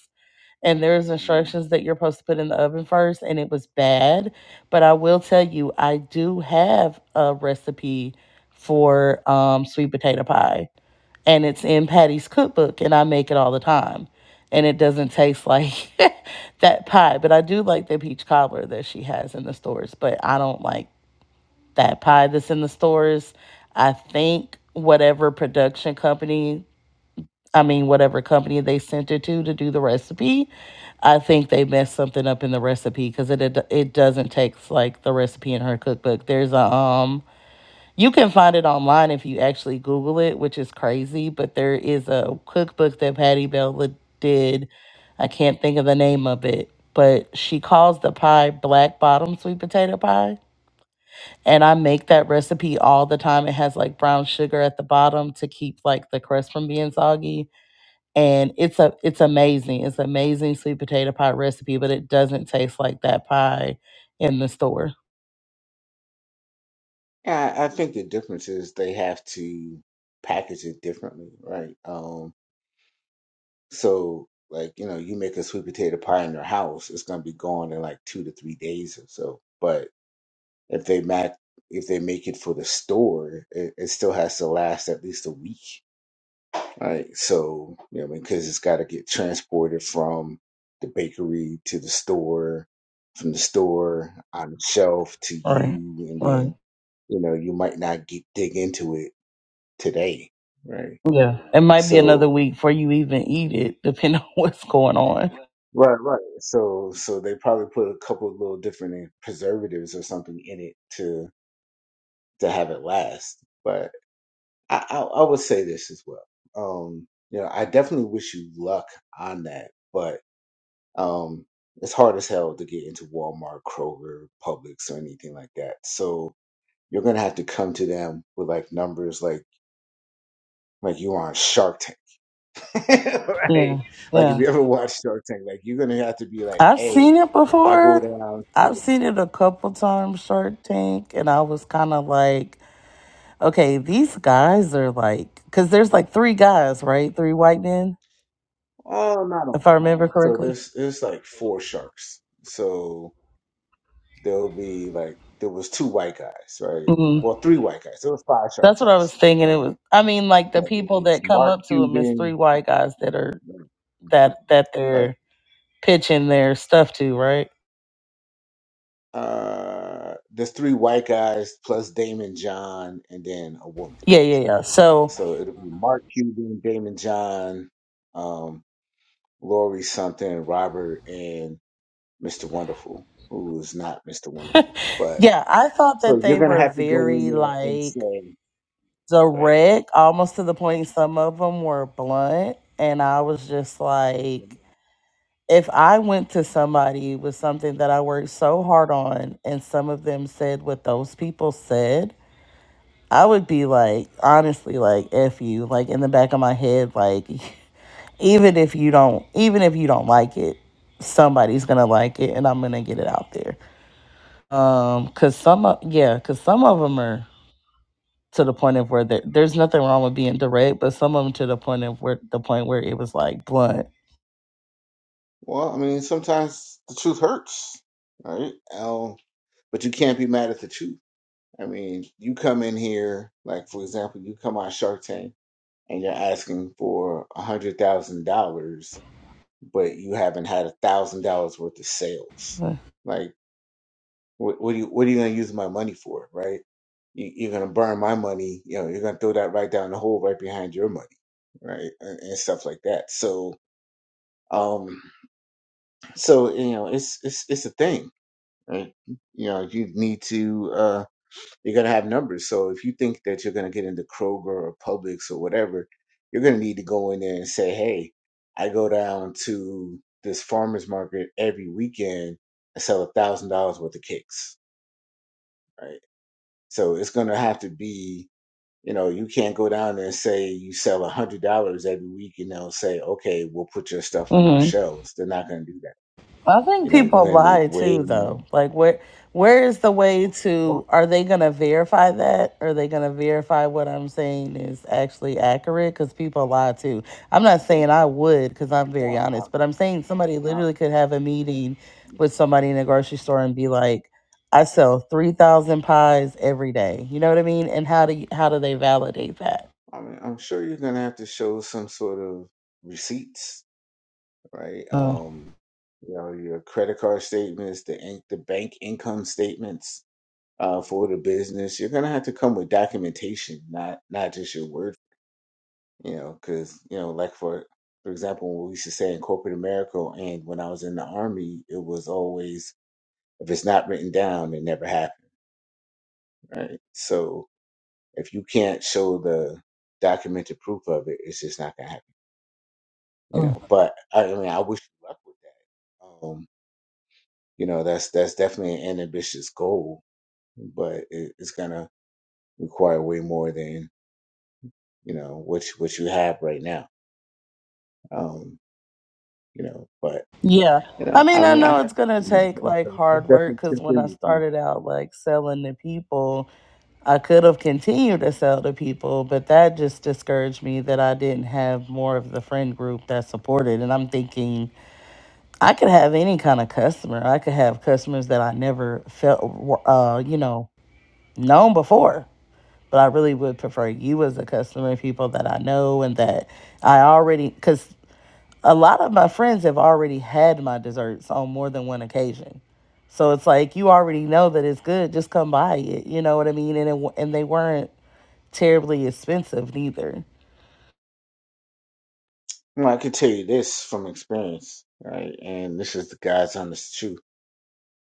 Speaker 4: and there's
Speaker 1: um,
Speaker 4: instructions that you're supposed to put in the oven first and it was bad but i will tell you i do have a recipe for um, sweet potato pie and it's in patty's cookbook and i make it all the time and it doesn't taste like (laughs) that pie but i do like the peach cobbler that she has in the stores but i don't like that pie that's in the stores i think whatever production company I mean, whatever company they sent it to to do the recipe, I think they messed something up in the recipe because it, it it doesn't take like the recipe in her cookbook. There's a um, you can find it online if you actually Google it, which is crazy. But there is a cookbook that Patty Bella did. I can't think of the name of it, but she calls the pie black bottom sweet potato pie. And I make that recipe all the time. It has like brown sugar at the bottom to keep like the crust from being soggy and it's a it's amazing. It's amazing sweet potato pie recipe, but it doesn't taste like that pie in the store.
Speaker 1: Yeah, I I think the difference is they have to package it differently, right? Um, so like you know, you make a sweet potato pie in your house, it's gonna be gone in like two to three days or so. But If they make if they make it for the store, it, it still has to last at least a week. Right. So, you know, I mean, because it's got to get transported from the bakery to the store, from the store on the shelf to
Speaker 4: Right.
Speaker 1: you, and
Speaker 4: Right.
Speaker 1: then you know you might not get dig into it today right
Speaker 4: Yeah. It might be another
Speaker 1: so
Speaker 4: week before you even eat it, depending (laughs) on what's going on.
Speaker 1: right right so so they probably put a couple of little different preservatives or something in it to to have it last but. I, I, I would say this as well. Um, you know, I definitely wish you luck on that, but um, it's hard as hell to get into Walmart, Kroger, Publix, or anything like that. So you're gonna have to come to them with like numbers like like you on Shark Tank, (laughs) right?
Speaker 4: Yeah.
Speaker 1: Like if
Speaker 4: Yeah.
Speaker 1: you ever watched Shark Tank, like you're gonna have to be like,
Speaker 4: I've seen
Speaker 1: hey,
Speaker 4: it
Speaker 1: I go
Speaker 4: before.
Speaker 1: down to
Speaker 4: I've seen
Speaker 1: the
Speaker 4: it a couple times, Shark Tank, and I was kind of like, okay, these guys are like, because there's like three guys, right? Three white men,
Speaker 1: oh, not all
Speaker 4: if I
Speaker 1: the
Speaker 4: remember
Speaker 1: time. So
Speaker 4: correctly.
Speaker 1: there's there's like four sharks, so. there'll be like there was two white guys, right? Well, three white guys. There was five
Speaker 4: That's
Speaker 1: sharks
Speaker 4: what I was
Speaker 1: actually.
Speaker 4: thinking. It was,
Speaker 1: Um,
Speaker 4: I mean, like the
Speaker 1: so it
Speaker 4: people
Speaker 1: was
Speaker 4: that come
Speaker 1: Mark
Speaker 4: up to him is three
Speaker 1: Cuban,
Speaker 4: white guys that are that that
Speaker 1: right?
Speaker 4: they're pitching their stuff to, right?
Speaker 1: Uh, there's three white guys plus Damon John and then a woman.
Speaker 4: Yeah, yeah, yeah. So
Speaker 1: So it'll be Mark Cuban, Damon John, um, Lori something, Robert, and Mr. Wonderful, who is not Mr. Wonderful. But
Speaker 4: yeah, I thought that
Speaker 1: so you're
Speaker 4: they
Speaker 1: gonna
Speaker 4: were
Speaker 1: have to go in
Speaker 4: very
Speaker 1: there and
Speaker 4: like
Speaker 1: say, right?
Speaker 4: direct, almost to the point. Some of them were blunt, and I was just like, if I went to somebody with something that I worked so hard on, and some of them said what those people said. I would be like, honestly, like, f you, like, in the back of my head, like, (laughs) even if you don't, even if you don't like it, somebody's gonna like it, and I'm gonna get it out there. Um, cause some, of, yeah, cause some of them are to the point of where there, there's nothing wrong with being direct, but some of them to the point of where the point where it was like blunt.
Speaker 1: Well, I mean, sometimes the truth hurts, right? Um, but you can't be mad at the truth. I mean, you come in here, like for example, you come on Shark Tank and you're asking for a hundred thousand dollars, but you haven't had a thousand dollars worth of sales.
Speaker 4: (sighs)
Speaker 1: Like, what, what are you what are you gonna use my money for, right? You, you're gonna burn my money. You know, you're gonna throw that right down the hole right behind your money, right, and, and stuff like that. So, um, so you know, it's it's it's a thing right? You know, you need to, uh, you're going to have numbers. So if you think that you're going to get into Kroger or Publix or whatever, you're going to need to go in there and say, hey, I go down to this farmer's market every weekend and sell a thousand dollars worth of cakes, right? So it's going to have to be, you know, you can't go down there and say you sell a hundred dollars every week and they'll say, okay, we'll put your stuff on our
Speaker 4: Mm-hmm.
Speaker 1: shelves. They're not going to do that.
Speaker 4: I think
Speaker 1: You know, you're
Speaker 4: people
Speaker 1: going to need
Speaker 4: lie
Speaker 1: way
Speaker 4: too,
Speaker 1: more.
Speaker 4: though. Like, where where is the way
Speaker 1: Well,
Speaker 4: to? Are they gonna verify that? Are they gonna verify what I'm saying is actually accurate? Because people lie too. I'm not saying I would, because I'm very
Speaker 1: yeah,
Speaker 4: honest. But I'm saying somebody
Speaker 1: I-
Speaker 4: literally could have a meeting
Speaker 1: I-
Speaker 4: with somebody in a grocery store and be like, "I sell three thousand pies every day." You know what I mean? And how do you, how do they validate that?
Speaker 1: I mean, I'm sure you're gonna have to show some sort of receipts, right?
Speaker 4: Uh,
Speaker 1: Um, you know, your credit card statements, the in- the bank income statements uh, for the business. You're gonna have to come with documentation, not not just your word. You know, because you know, like for for example, what we used to say in corporate America, and when I was in the army, it was always if it's not written down, it never happened, right? So if you can't show the documented proof of it, it's just not gonna happen. you know. But I, I mean, I wish you luck with that. Um, you know, that's that's definitely an ambitious goal, but it, it's gonna require way more than you know what you, what you have right now. Um, you know, but
Speaker 4: Yeah.
Speaker 1: you
Speaker 4: I
Speaker 1: know,
Speaker 4: mean,
Speaker 1: I
Speaker 4: I
Speaker 1: mean, I
Speaker 4: know
Speaker 1: got
Speaker 4: it's
Speaker 1: 15
Speaker 4: going to take like
Speaker 1: So I'm
Speaker 4: hard work
Speaker 1: definitely
Speaker 4: because
Speaker 1: check
Speaker 4: when
Speaker 1: in
Speaker 4: I
Speaker 1: with you.
Speaker 4: started out like selling to people, I could have continued to sell to people, but that just discouraged me that I didn't have more of the friend group that supported. And I'm thinking I could have any kind of customer. I could have customers that I never felt, were, uh, you know, known before. But I really would prefer you as a customer, people that I know and that I already, because a lot of my friends have already had my desserts on more than one occasion. So it's like you already know that it's good. Just come buy it. You know what I mean? And it, wa- and they weren't terribly expensive neither.
Speaker 1: Well, I can tell you this from experience, right? And this is the God's honest truth.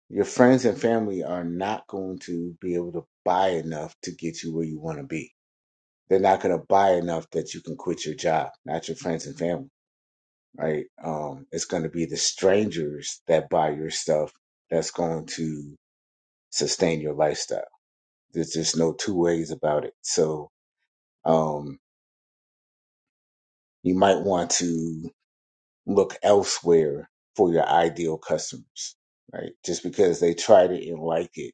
Speaker 1: Your friends and family are not going to be able to buy enough to get you where you want to be they're not going to buy enough that you can quit your job, not your friends and family, right? Um, it's going to be the strangers that buy your stuff that's going to sustain your lifestyle. There's just no two ways about it. So um, you might want to look elsewhere for your ideal customers, right? Just because they tried it and like it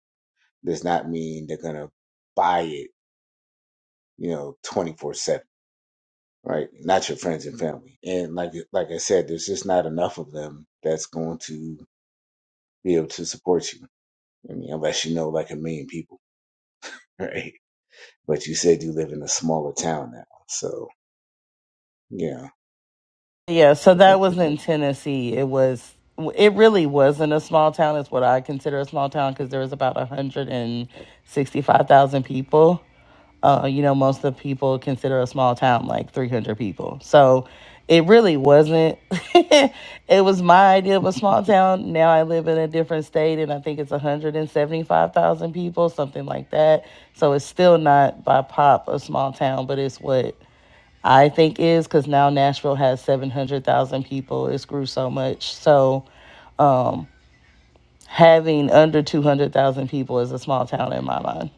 Speaker 1: does not mean they're going to buy it, you know, 24-7. right? Not your friends and family. And like like I said, there's just not enough of them that's going to be able to support you. I mean, unless you know like a million people, (laughs) right? But you said you live in a smaller town now, so yeah,
Speaker 4: Yeah, so
Speaker 1: yeah,
Speaker 4: that was in Tennessee. It was it really wasn't a small town. It's what I consider a small town because there was about 165,000 people. Uh, you know, most of the people consider a small town like 300 people. So it really wasn't. (laughs) it was my idea of a small town. Now I live in a different state and I think it's 175,000 people, something like that. So it's still not by pop a small town, but it's what I think is because now Nashville has 700,000 people. It's grew so much. So um, having under 200,000 people is a small town in my mind.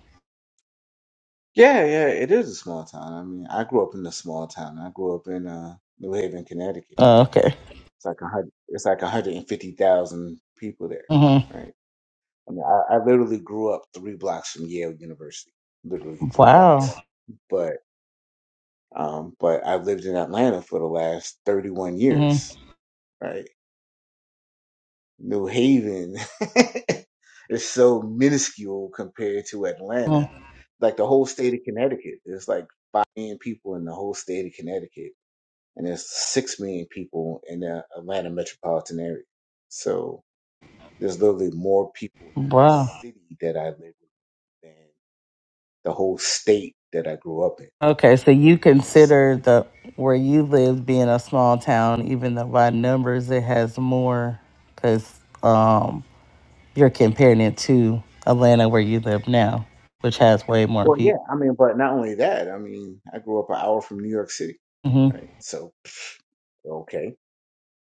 Speaker 1: yeah. It is a small town. I mean, I grew up in a small town. I grew up in uh, New Haven, Connecticut.
Speaker 4: Oh,
Speaker 1: Right?
Speaker 4: okay.
Speaker 1: It's like a hundred. It's like one hundred and fifty thousand people there,
Speaker 4: hmm
Speaker 1: right? I mean, I, I literally grew up three blocks from Yale University, literally three
Speaker 4: Wow.
Speaker 1: blocks. but. Um, but I've lived in Atlanta for the last 31
Speaker 4: hmm
Speaker 1: years, right? New Haven (laughs) is so minuscule compared to Atlanta. Like the whole state of Connecticut, there's like 5 million people in the whole state of Connecticut, and there's 6 million people in the Atlanta metropolitan area. So there's literally more people in this
Speaker 4: Wow.
Speaker 1: city that I live in than the whole state that I grew up in.
Speaker 4: Okay. So you
Speaker 1: So.
Speaker 4: consider the where you live being a small town, even though by numbers it has more because um, you're comparing it to Atlanta where you live now, which has way more
Speaker 1: Well, yeah,
Speaker 4: people.
Speaker 1: I mean, but not only that, I mean, I grew up an hour from New York City,
Speaker 4: hmm
Speaker 1: right? So, okay,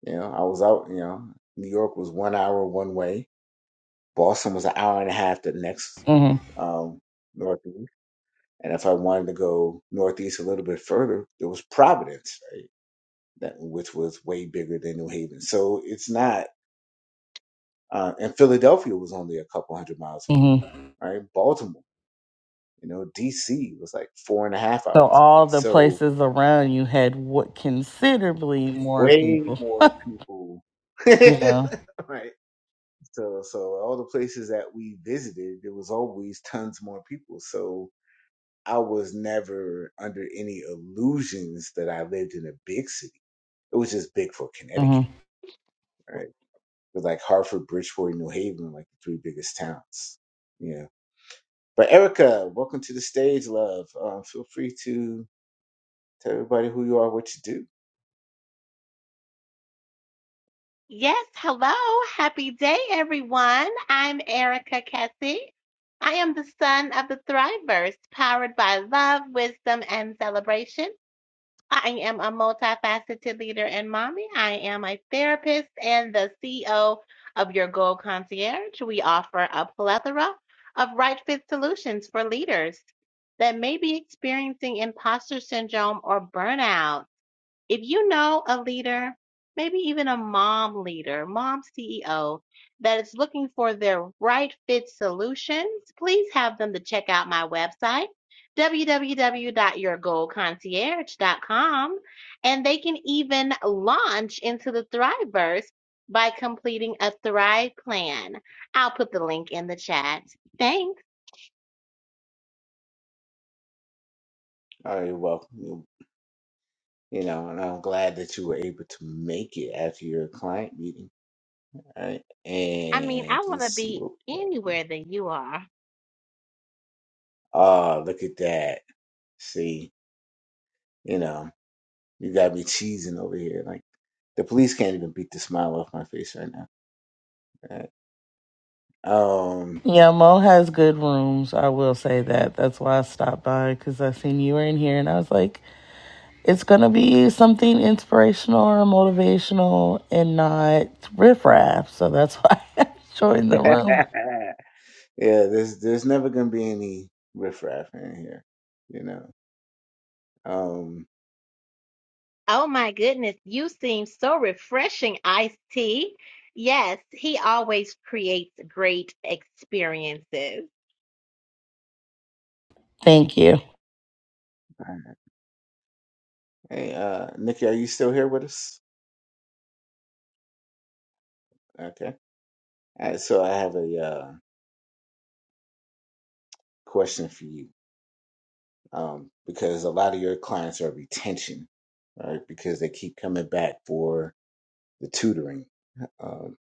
Speaker 1: you know, I was out, you know, New York was one hour one way, Boston was an hour and a half the next
Speaker 4: hmm
Speaker 1: um, northeast, and if I wanted to go northeast a little bit further, there was Providence, right? That which was way bigger than New Haven. So it's not, uh, and Philadelphia was only a couple hundred miles
Speaker 4: hmm
Speaker 1: away, right? Baltimore, you know, D.C. was like four and a half
Speaker 4: So
Speaker 1: hours away,
Speaker 4: all the
Speaker 1: so.
Speaker 4: places around you had what considerably more
Speaker 1: way
Speaker 4: people,
Speaker 1: more people. (laughs)
Speaker 4: you know.
Speaker 1: right. So, so all the places that we visited, there was always tons more people. So I was never under any illusions that I lived in a big city. It was just big for
Speaker 4: hmm
Speaker 1: Connecticut, right? It was like Hartford, Bridgeport, New Haven, like the three biggest towns. Yeah. But Erica, welcome to the stage, love. Um, feel free to tell everybody who you are, what you do.
Speaker 5: Yes, hello. Happy day, everyone. I'm Erica Kessie. I am the son of the Thrivers, powered by love, wisdom, and celebration. I am a multifaceted leader and mommy. I am a therapist and the CEO of Your Goal Concierge. We offer a plethora of right fit solutions for leaders that may be experiencing imposter syndrome or burnout if you know a leader, maybe even a mom leader, mom CEO, that is looking for their right fit solutions, please have them to check out my website, www.yourgoalconcierge.com. And they can even launch into the Thriveverse by completing a Thrive plan. I'll put the link in the chat. Thanks.
Speaker 1: All right, welcome. you know, and I'm glad that you were able to make it after your client meeting. Right?
Speaker 5: I mean, I
Speaker 1: And
Speaker 5: want
Speaker 1: let's
Speaker 5: to
Speaker 1: see
Speaker 5: be
Speaker 1: what we have.
Speaker 5: anywhere that you are.
Speaker 1: Oh, look at that. See, you know, you got me cheesing over here. Like the police can't even beat the smile off my face right now. Right? Um (laughs)
Speaker 4: Yeah, Mo has good rooms. I will say that. That's why I stopped by because I seen you were in here, and I was like, it's gonna be something inspirational or motivational, and not riffraff. So that's why (laughs) I joined the room.
Speaker 1: Yeah, there's there's never gonna be any riffraff in here, you know. Um
Speaker 5: Oh my goodness, you seem so refreshing, Ice T. Yes, he always creates great experiences.
Speaker 4: Thank you.
Speaker 1: Hey, uh, Nikki, are you still here with us? Okay. All right, so I have a uh, question for you. um, because a lot of your clients are retention, right? Because they keep coming back for the tutoring. Um,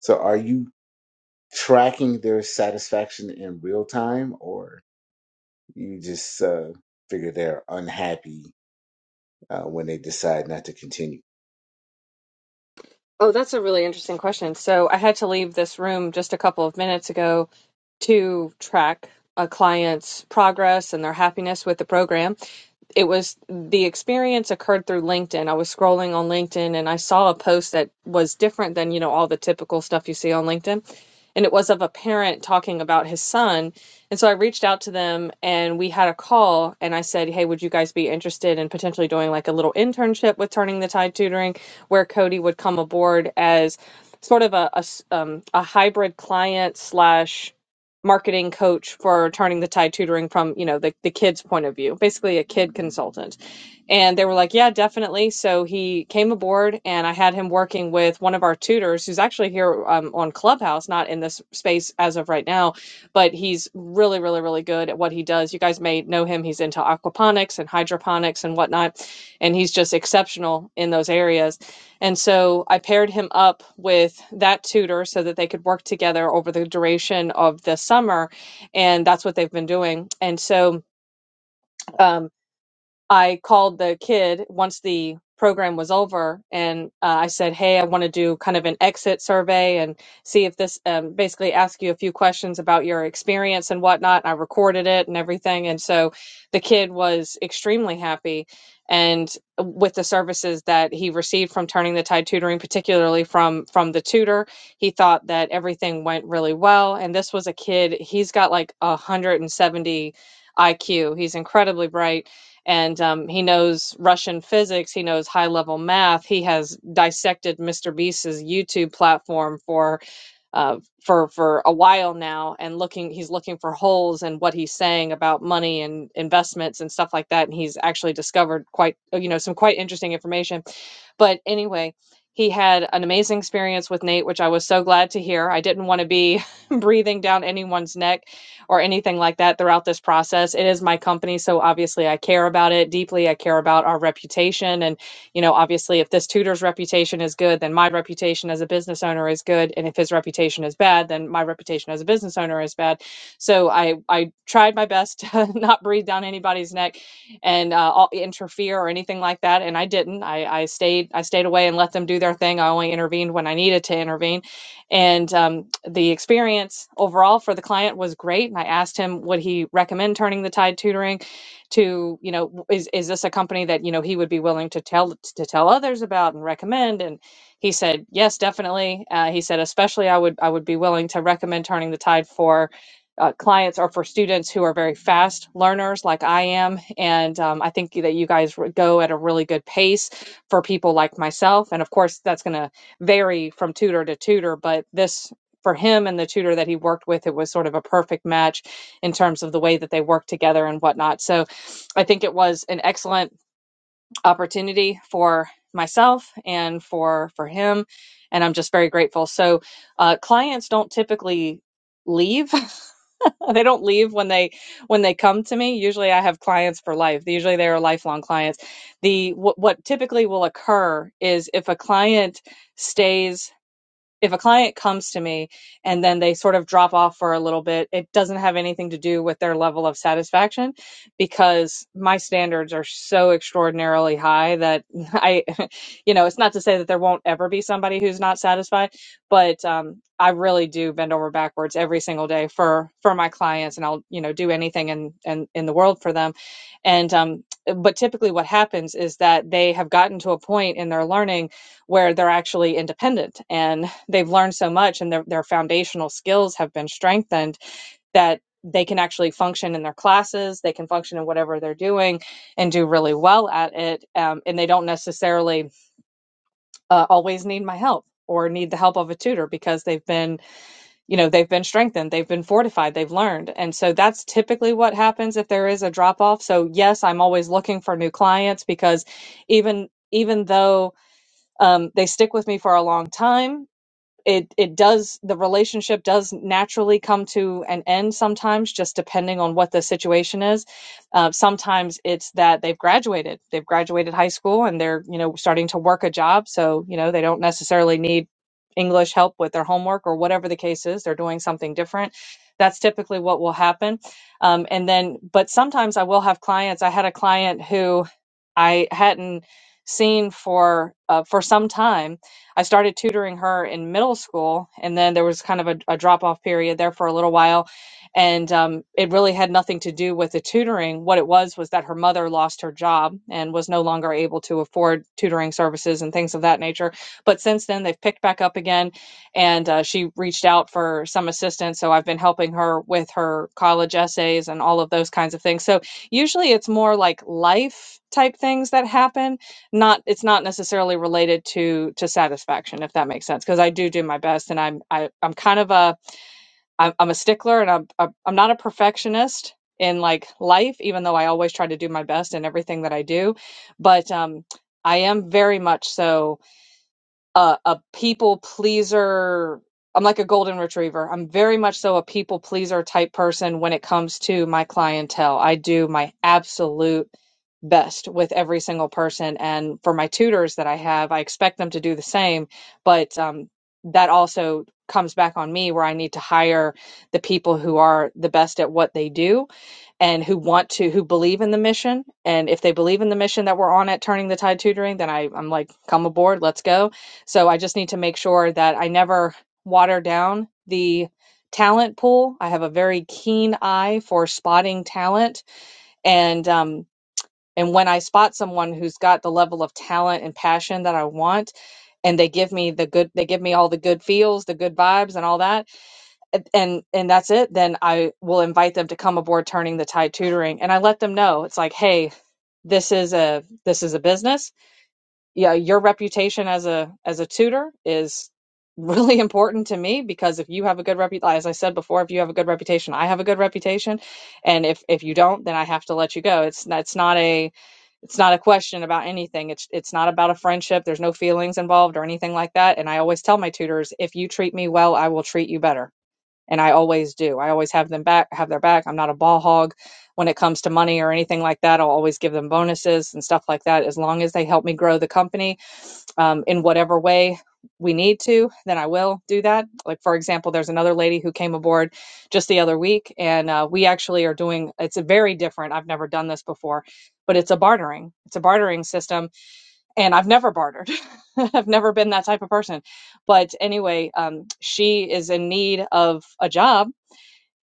Speaker 1: so are you tracking their satisfaction in real time, or you just uh, figure they're unhappy uh, when they decide not to continue?
Speaker 3: Oh, that's a really interesting question. So I had to leave this room just a couple of minutes ago to track a client's progress and their happiness with the program. It was the experience occurred through LinkedIn. I was scrolling on LinkedIn and I saw a post that was different than, you know, all the typical stuff you see on LinkedIn. And it was of a parent talking about his son and so I reached out to them and we had a call and I said, Hey, would you guys be interested in potentially doing like a little internship with Turning the Tide Tutoring where Cody would come aboard as sort of a, a s- um, a hybrid client slash marketing coach for Turning the Tide Tutoring from, you know, the, the kid's point of view, basically a kid consultant. And they were like, Yeah, definitely. So he came aboard and I had him working with one of our tutors who's actually here um, on Clubhouse, not in this space as of right now but he's really, really, really good at what he does. You guys may know him. He's into aquaponics and hydroponics and whatnot, and he's just exceptional in those areas. And so I paired him up with that tutor so that they could work together over the duration of the summer, and that's what they've been doing. And so, um, I called the kid once the program was over and uh, I said, Hey, I want to do kind of an exit survey and see if this um, basically ask you a few questions about your experience and whatnot. I recorded it and everything. And so the kid was extremely happy and with the services that he received from turning the tide tutoring particularly from from the tutor he thought that everything went really well and this was a kid he's got like a 170 iq he's incredibly bright and um, he knows Russian physics. He knows high level math. He has dissected Mr. Beast's YouTube platform for uh, for for a while now, and looking he's looking for holes in what he's saying about money and investments and stuff like that. And he's actually discovered quite you know some quite interesting information but anyway, he had an amazing experience with Nate, which I was so glad to hear. I didn't want to be (laughs) breathing down anyone's neck or anything like that throughout this process. It is my company, so obviously I care about it deeply. I care about our reputation. And, you know, obviously, if this tutor's reputation is good, then my reputation as a business owner is good. And if his reputation is bad, then my reputation as a business owner is bad. So I, I tried my best (laughs) to not breathe down anybody's neck and uh, interfere or anything like that. And I didn't. I, I stayed. I stayed away and let them do their thing. I only intervened when I needed to intervene. And um, the experience overall for the client was great. And I asked him would he recommend turning the tide tutoring to you know is is this a company that you know he would be willing to tell to tell others about and recommend and he said yes definitely uh, he said especially i would i would be willing to recommend turning the tide for uh, clients are for students who are very fast learners like I am. And um, I think that you guys go at a really good pace for people like myself. And of course, that's going to vary from tutor to tutor, but this. For him and the tutor that he worked with, it was sort of a perfect match in terms of the way that they work together and whatnot. So I think it was an excellent opportunity for myself and for for him. And I'm just very grateful. So uh, clients don't typically leave (laughs) (laughs) they don't leave when they when they come to me. Usually I have clients for life. Usually they are lifelong clients. The what, what typically will occur is if a client stays if a client comes to me and then they sort of drop off for a little bit, it doesn't have anything to do with their level of satisfaction because my standards are so extraordinarily high that (laughs) I, you know, it's not to say that there won't ever be somebody who's not satisfied, but um, I really do bend over backwards every single day for for my clients, and I'll you know do anything in in, in the world for them, and um, but typically what happens is that they have gotten to a point in their learning where they're actually independent and they've learned so much and their, their foundational skills have been strengthened that they can actually function in their classes they can function in whatever they're doing and do really well at it um, and they don't necessarily uh, always need my help or need the help of a tutor because they've been you know they've been strengthened they've been fortified they've learned and so that's typically what happens if there is a drop off so yes i'm always looking for new clients because even even though um, they stick with me for a long time it it does the relationship does naturally come to an end sometimes just depending on what the situation is uh, sometimes it's that they've graduated they've graduated high school and they're you know starting to work a job so you know they don't necessarily need english help with their homework or whatever the case is they're doing something different that's typically what will happen um, and then but sometimes i will have clients i had a client who i hadn't seen for uh, for some time I started tutoring her in middle school, and then there was kind of a, a drop off period there for a little while. And um, it really had nothing to do with the tutoring. What it was was that her mother lost her job and was no longer able to afford tutoring services and things of that nature. But since then, they've picked back up again, and uh, she reached out for some assistance. So I've been helping her with her college essays and all of those kinds of things. So usually it's more like life type things that happen not it's not necessarily related to to satisfaction if that makes sense because i do do my best and i'm I, i'm kind of a i'm, I'm a stickler and I'm, a, I'm am not a perfectionist in like life even though i always try to do my best in everything that i do but um i am very much so a, a people pleaser. I'm like a golden retriever. I'm very much so a people pleaser type person when it comes to my clientele. I do my absolute best with every single person. And for my tutors that I have, I expect them to do the same. But um, that also comes back on me where I need to hire the people who are the best at what they do and who want to who believe in the mission and if they believe in the mission that we're on at turning the tide tutoring then I, i'm like come aboard let's go so i just need to make sure that i never water down the talent pool i have a very keen eye for spotting talent and um and when i spot someone who's got the level of talent and passion that i want and they give me the good they give me all the good feels the good vibes and all that and and and that's it then i will invite them to come aboard turning the tide tutoring and i let them know it's like hey this is a this is a business yeah your reputation as a as a tutor is really (laughs) important to me because if you have a good reputation as i said before if you have a good reputation i have a good reputation and if if you don't then i have to let you go it's not- it's not a it's not a question about anything it's it's not about a friendship there's no feelings involved or anything like that and i always tell my tutors if you treat me well i will treat you better and I always do. I always have them back, have their back. I'm not a ball hog when it comes to money or anything like that. I'll always give them bonuses and stuff like that as long as they help me grow the company um, in whatever way we need to then i will do that like for example there's another lady who came aboard just the other week and uh, we actually are doing it's a very different i've never done this before but it's a bartering it's a bartering system and i've never bartered (laughs) i've never been that type of person but anyway um, she is in need of a job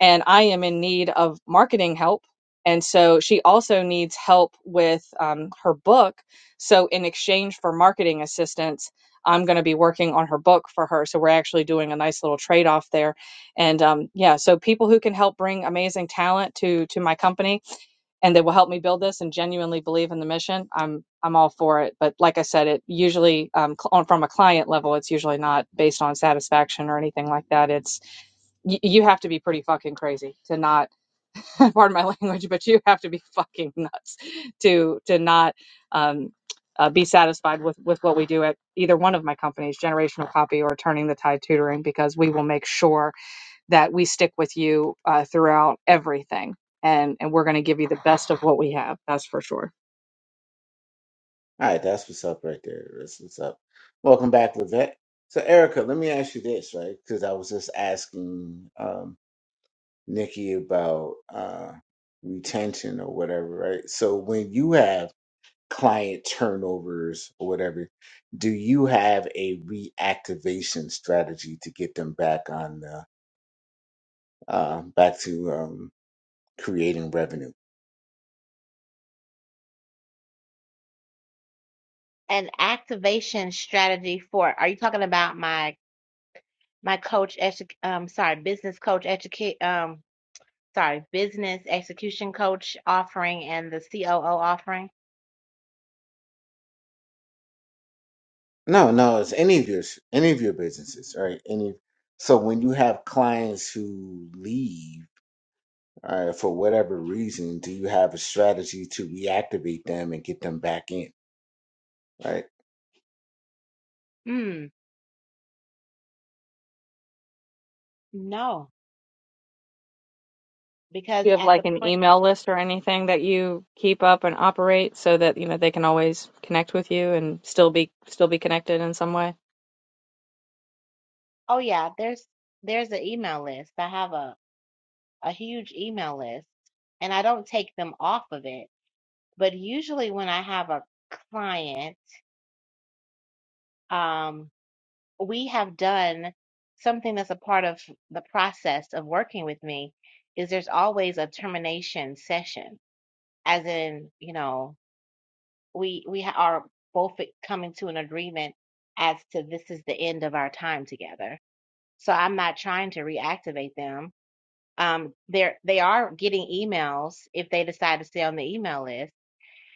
Speaker 3: and I am in need of marketing help. And so she also needs help with um, her book. So, in exchange for marketing assistance, I'm going to be working on her book for her. So, we're actually doing a nice little trade off there. And um, yeah, so people who can help bring amazing talent to to my company and that will help me build this and genuinely believe in the mission, I'm I'm all for it. But like I said, it usually um, cl- on, from a client level, it's usually not based on satisfaction or anything like that. It's y- you have to be pretty fucking crazy to not (laughs) pardon my language but you have to be fucking nuts to to not um uh, be satisfied with with what we do at either one of my companies generational copy or turning the tide tutoring because we will make sure that we stick with you uh, throughout everything and and we're going to give you the best of what we have that's for sure
Speaker 1: All right, that's what's up right there. That's what's up. Welcome back, Levette. So Erica, let me ask you this, right? Because I was just asking. Um, Nikki about uh, retention or whatever, right? So when you have client turnovers or whatever, do you have a reactivation strategy to get them back on the uh, back to um, creating revenue?
Speaker 5: An activation strategy for, are you talking about my my coach edu um sorry, business coach educate um sorry, business execution coach offering and the COO offering?
Speaker 1: No, no, it's any of your any of your businesses, right? Any so when you have clients who leave uh, for whatever reason, do you have a strategy to reactivate them and get them back in, right?
Speaker 5: Hmm, no, because
Speaker 3: do you have
Speaker 5: at the
Speaker 3: like an
Speaker 5: point,
Speaker 3: email list or anything that you keep up and operate so that you know they can always connect with you and still be still be connected in some way
Speaker 5: oh yeah, there's there's an email list. I have a a huge email list and I don't take them off of it But usually when I have a client, um, we have done something that's a part of the process of working with me is there's always a termination session, as in, you know, we we ha- are both coming to an agreement as to this is the end of our time together. So I'm not trying to reactivate them. Um, they're they are getting emails if they decide to stay on the email list,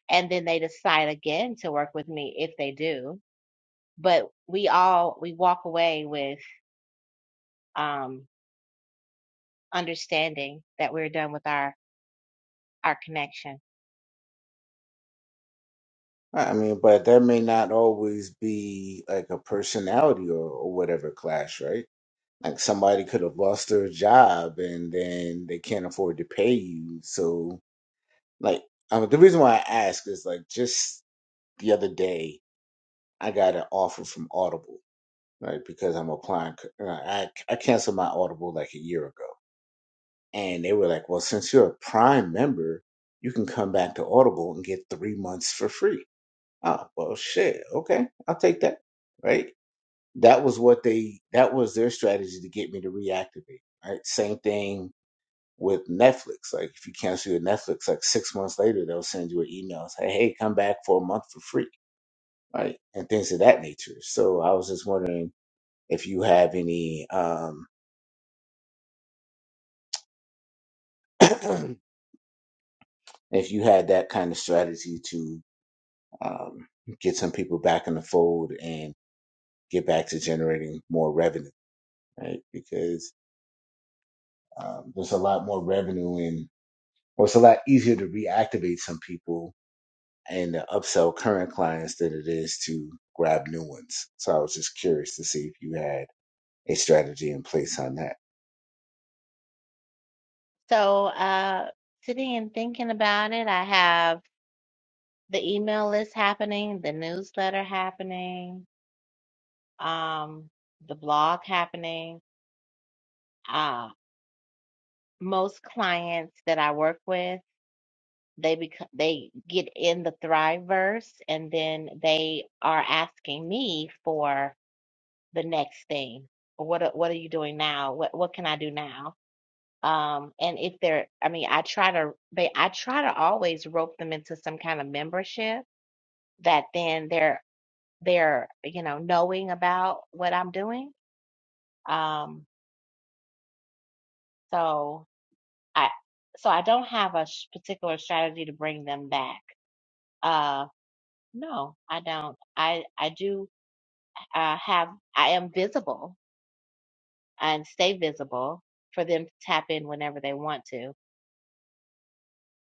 Speaker 5: and then they decide again to work with me if they do but we all we walk away with um understanding that we're done with our our connection
Speaker 1: I mean, but there may not always be like a personality or, or whatever clash, right? Like somebody could have lost their job and then they can't afford to pay you. So, like, um, the reason why I ask is like just the other day, I got an offer from Audible, right? Because I'm applying. c- uh, I I canceled my Audible like a year ago, and they were like, "Well, since you're a Prime member, you can come back to Audible and get three months for free." Oh, well, shit. Okay, I'll take that. Right? That was what they, that was their strategy to get me to reactivate. Right? Same thing with Netflix. Like, if you cancel your Netflix, like six months later, they'll send you an email and say, hey, come back for a month for free. Right? And things of that nature. So I was just wondering if you have any, um, (clears throat) if you had that kind of strategy to, um, get some people back in the fold and get back to generating more revenue. Right? Because Um, there's a lot more revenue and or it's a lot easier to reactivate some people and to upsell current clients than it is to grab new ones. So I was just curious to see if you had a strategy in place on that.
Speaker 5: so uh sitting and thinking about it i have the email list happening the newsletter happening um the blog happening uh most clients that i work with they become they get in the thriveverse and then they are asking me for the next thing? What are- what are you doing now? What what can I do now? Um, and if they're, I mean, I try to they I try to always rope them into some kind of membership that then they're they're you know knowing about what I'm doing. Um, so I so I don't have a s- particular strategy to bring them back. Uh, no, I don't. I I do uh, have I am visible and stay visible for them to tap in whenever they want to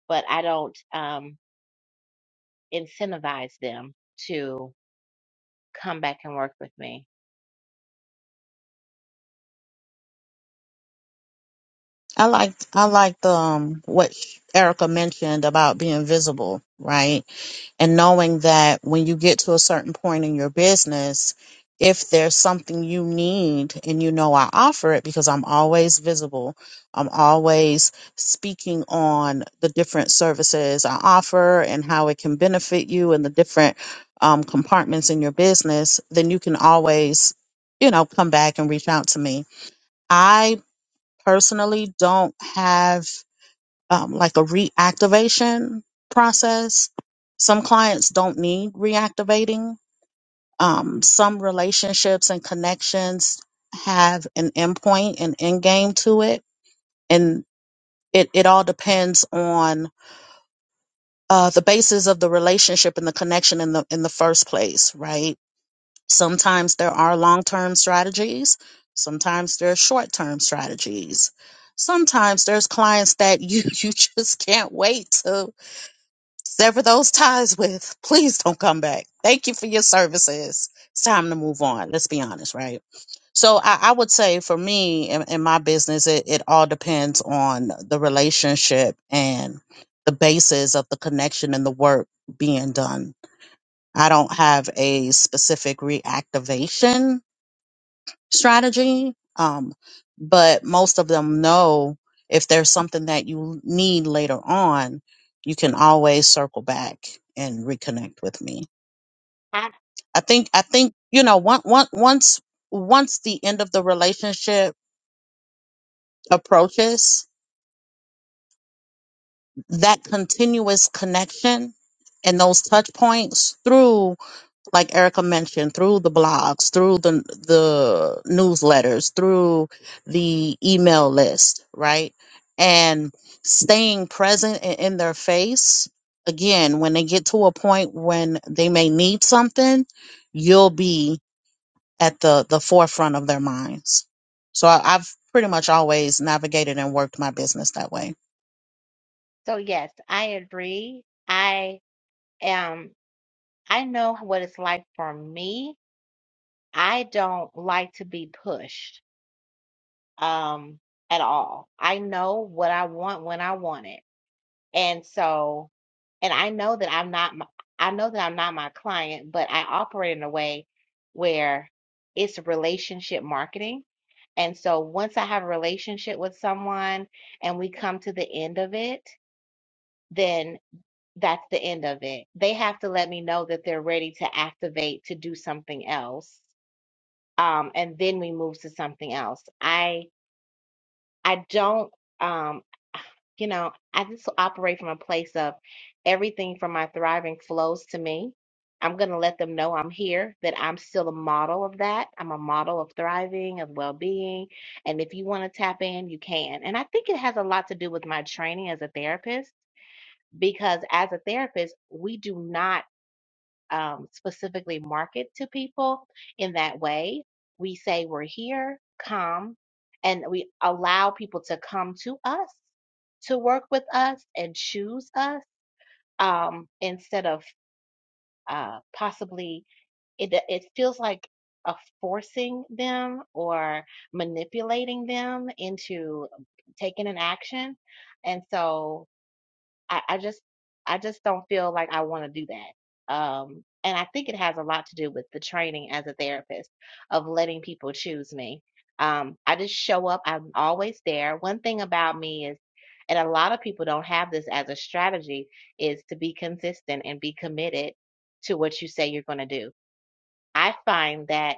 Speaker 5: but I don't um, incentivize them to come back and work with me.
Speaker 2: I like I liked um what Erica mentioned about being visible, right? And knowing that when you get to a certain point in your business, if there's something you need and you know I offer it because I'm always visible, I'm always speaking on the different services I offer and how it can benefit you and the different um, compartments in your business, then you can always, you know, come back and reach out to me. I personally don't have um, like a reactivation process. Some clients don't need reactivating. Um, some relationships and connections have an endpoint, an end game to it. And it, it all depends on uh, the basis of the relationship and the connection in the in the first place, right? Sometimes there are long term strategies, sometimes there are short term strategies. Sometimes there's clients that you, (laughs) you just can't wait to sever those ties with. Please don't come back. Thank you for your services. It's time to move on. Let's be honest, right? So I, I would say for me in, in my business, it, it all depends on the relationship and the basis of the connection and the work being done I don't have a specific reactivation strategy, um, but most of them know if there's something that you need later on, you can always circle back and reconnect with me.
Speaker 5: I,
Speaker 2: I think I think you know once once once the end of the relationship approaches, that continuous connection and those touch points through. like Erica mentioned, through the blogs, through the the newsletters, through the email list, right? And staying present and in their face. Again, when they get to a point when they may need something, you'll be at the the forefront of their minds. So I, I've pretty much always navigated and worked my business that way.
Speaker 5: so yes, I agree. I am. I know what it's like for me. I don't like to be pushed um, at all. I know what I want when I want it And so, and I know that I'm not, my, I know that I'm not my client, but I operate in a way where it's relationship marketing. And so once I have a relationship with someone and we come to the end of it, then that's the end of it. They have to let me know that they're ready to activate to do something else. Um, and then we move to something else. I I don't. Um, You know, I just operate from a place of everything from my thriving flows to me. I'm going to let them know I'm here, that I'm still a model of that. I'm a model of thriving, of well being. And if you want to tap in, you can. And I think it has a lot to do with my training as a therapist, because as a therapist, we do not um, specifically market to people in that way. We say we're here, come, and we allow people to come to us, to work with us, and choose us um, instead of uh, possibly it. It feels like a forcing them or manipulating them into taking an action, and so. I, I just I just don't feel like I want to do that. Um, and I think it has a lot to do with the training as a therapist of letting people choose me. Um, I just show up. I'm always there. One thing about me is, and a lot of people don't have this as a strategy, is to be consistent and be committed to what you say you're going to do. I find that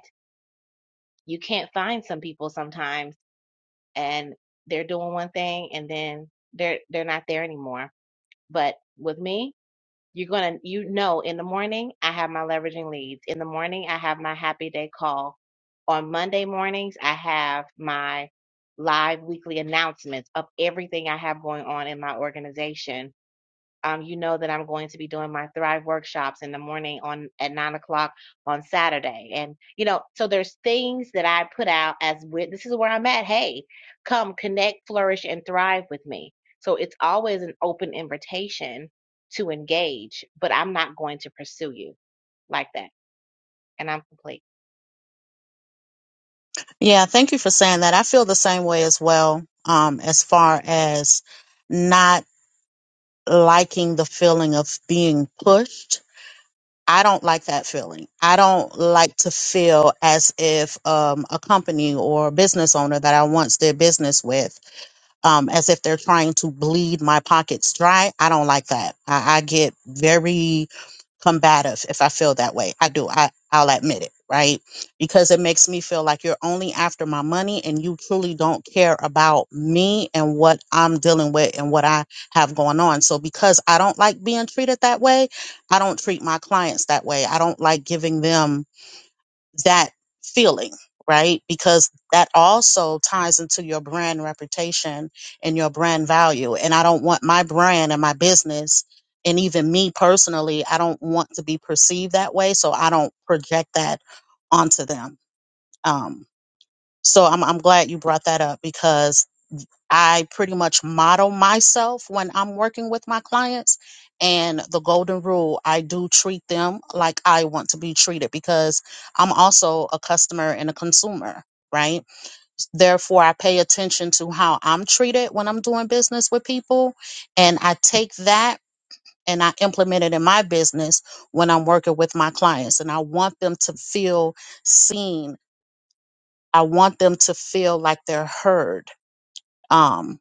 Speaker 5: you can't find some people sometimes, and they're doing one thing, and then they're they're not there anymore. But with me, you're gonna, you know, in the morning I have my leveraging leads. In the morning I have my happy day call. On Monday mornings I have my live weekly announcements of everything I have going on in my organization um, you know that I'm going to be doing my Thrive workshops in the morning on at nine o'clock on Saturday, and you know, so there's things that I put out as with this is where I'm at. Hey, come connect, flourish, and thrive with me. So it's always an open invitation to engage, but I'm not going to pursue you like that. And I'm complete.
Speaker 2: Yeah, thank you for saying that. I feel the same way as well. Um, as far as not liking the feeling of being pushed. I don't like that feeling. I don't like to feel as if um, a company or a business owner that I once did business with um, as if they're trying to bleed my pockets dry. I don't like that. I, I get very combative if I feel that way. I do. I, I'll admit it, right? Because it makes me feel like you're only after my money and you truly don't care about me and what I'm dealing with and what I have going on. So, because I don't like being treated that way, I don't treat my clients that way. I don't like giving them that feeling, right? Because that also ties into your brand reputation and your brand value. And I don't want my brand and my business and even me personally, I don't want to be perceived that way. So I don't project that onto them. Um, so I'm, I'm glad you brought that up because I pretty much model myself when I'm working with my clients. And the golden rule, I do treat them like I want to be treated because I'm also a customer and a consumer, right? Therefore, I pay attention to how I'm treated when I'm doing business with people. And I take that and I implement it in my business when I'm working with my clients. And I want them to feel seen, I want them to feel like they're heard. Um,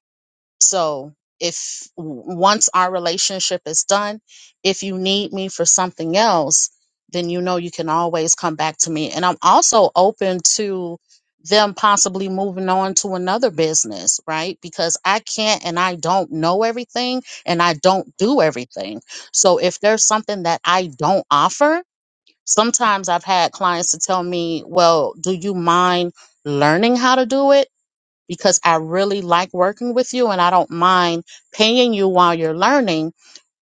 Speaker 2: so if w- once our relationship is done, if you need me for something else, then you know you can always come back to me. And I'm also open to them possibly moving on to another business, right? Because I can't and I don't know everything and I don't do everything. So if there's something that I don't offer, sometimes I've had clients to tell me, well, do you mind learning how to do it? because I really like working with you and I don't mind paying you while you're learning.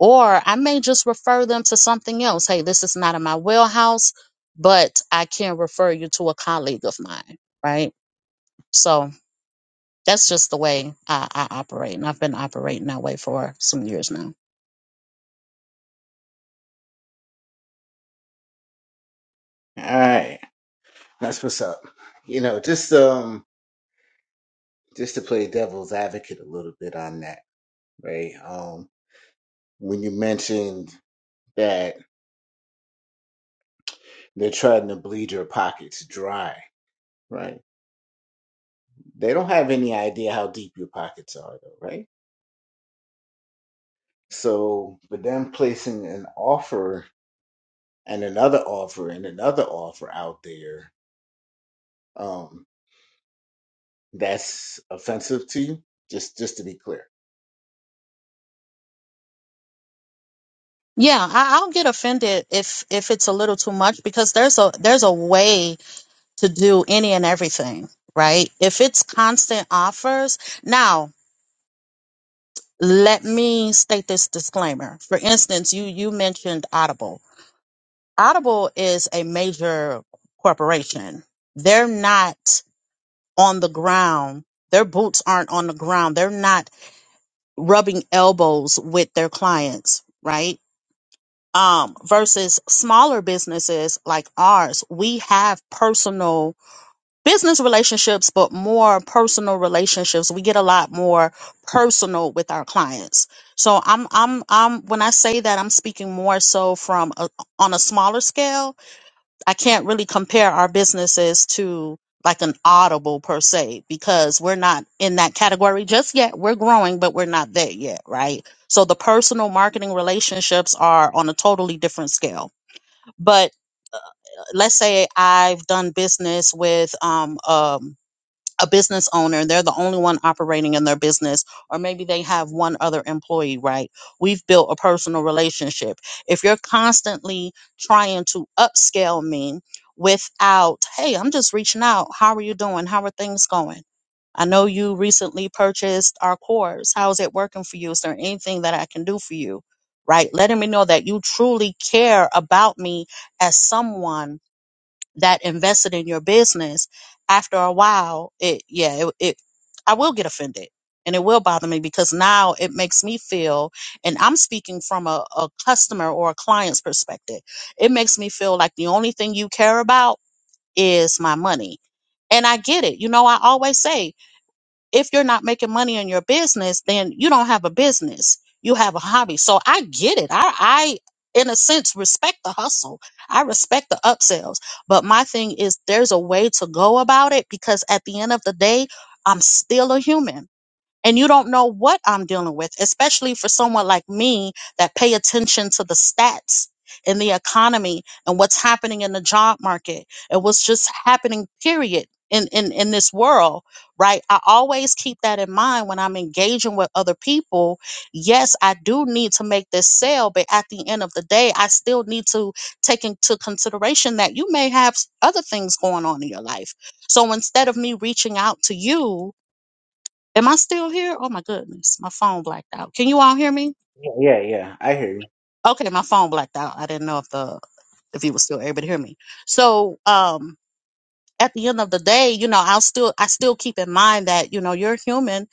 Speaker 2: Or I may just refer them to something else. Hey, this is not in my wheelhouse, but I can refer you to a colleague of mine, right? So that's just the way I, I operate. And I've been operating that way for some years now.
Speaker 1: All right, that's what's up. You know, just um, just to play devil's advocate a little bit on that, right? Um, when you mentioned that they're trying to bleed your pockets dry, right? They don't have any idea how deep your pockets are, though, right? So, but them placing an offer and another offer and another offer out there, um, that's offensive to you. Just, just to be clear.
Speaker 2: Yeah, I, I'll get offended if if it's a little too much because there's a there's a way to do any and everything, right? If it's constant offers, now let me state this disclaimer. For instance, you you mentioned Audible. Audible is a major corporation. They're not on the ground. Their boots aren't on the ground. They're not rubbing elbows with their clients, right? Um, versus smaller businesses like ours, we have personal business relationships, but more personal relationships. We get a lot more personal with our clients. So I'm, I'm, I'm, when I say that, I'm speaking more so from a, on a smaller scale. I can't really compare our businesses to like an audible per se because we're not in that category just yet. We're growing, but we're not there yet, right? So the personal marketing relationships are on a totally different scale. But uh, let's say I've done business with um, um a business owner they're the only one operating in their business or maybe they have one other employee right we've built a personal relationship if you're constantly trying to upscale me without hey i'm just reaching out how are you doing how are things going i know you recently purchased our course how is it working for you is there anything that i can do for you right letting me know that you truly care about me as someone that invested in your business, after a while, it yeah, it, it I will get offended and it will bother me because now it makes me feel and I'm speaking from a, a customer or a client's perspective. It makes me feel like the only thing you care about is my money. And I get it. You know, I always say if you're not making money in your business, then you don't have a business. You have a hobby. So I get it. I, I, in a sense, respect the hustle. I respect the upsells. But my thing is, there's a way to go about it because at the end of the day, I'm still a human and you don't know what I'm dealing with, especially for someone like me that pay attention to the stats in the economy and what's happening in the job market and what's just happening period in, in in this world right i always keep that in mind when i'm engaging with other people yes i do need to make this sale but at the end of the day i still need to take into consideration that you may have s- other things going on in your life so instead of me reaching out to you Am I still here? Oh my goodness, my phone blacked out. Can you all hear me?
Speaker 1: Yeah, yeah, yeah. I hear you.
Speaker 2: Okay, my phone blacked out. I didn't know if the if you were still able to hear me. So, um, at the end of the day, you know, I'll still I still keep in mind that you know you're human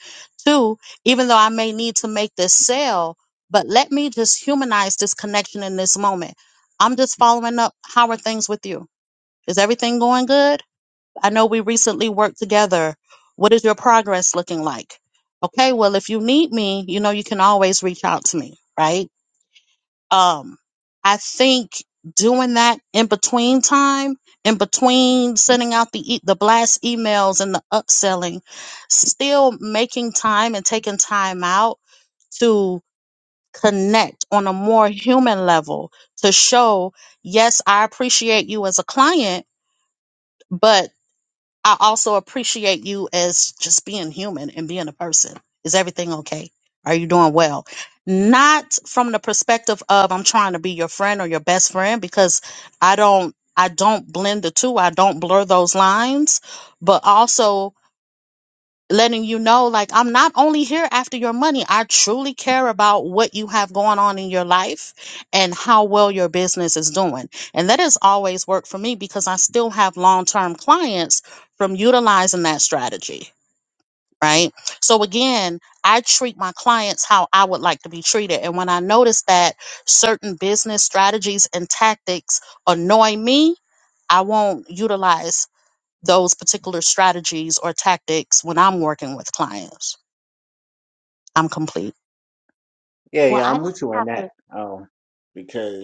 Speaker 2: too, even though I may need to make this sale. But let me just humanize this connection in this moment. I'm just following up. How are things with you? Is everything going good? I know we recently worked together. What is your progress looking like? Okay, well, if you need me, you know, you can always reach out to me, right? Um, I think doing that in between time, in between sending out the e- the blast emails and the upselling, still making time and taking time out to connect on a more human level to show, yes, I appreciate you as a client, but I also appreciate you as just being human and being a person. Is everything okay? Are you doing well? Not from the perspective of I'm trying to be your friend or your best friend because I don't I don't blend the two. I don't blur those lines, but also letting you know like I'm not only here after your money. I truly care about what you have going on in your life and how well your business is doing. And that has always worked for me because I still have long-term clients from utilizing that strategy, right? So again, I treat my clients how I would like to be treated. And when I notice that certain business strategies and tactics annoy me, I won't utilize those particular strategies or tactics when I'm working with clients. I'm complete.
Speaker 1: Yeah,
Speaker 5: Well,
Speaker 1: yeah.
Speaker 5: I
Speaker 1: I'm
Speaker 5: don't
Speaker 1: with you on
Speaker 5: have to.
Speaker 1: that. Um,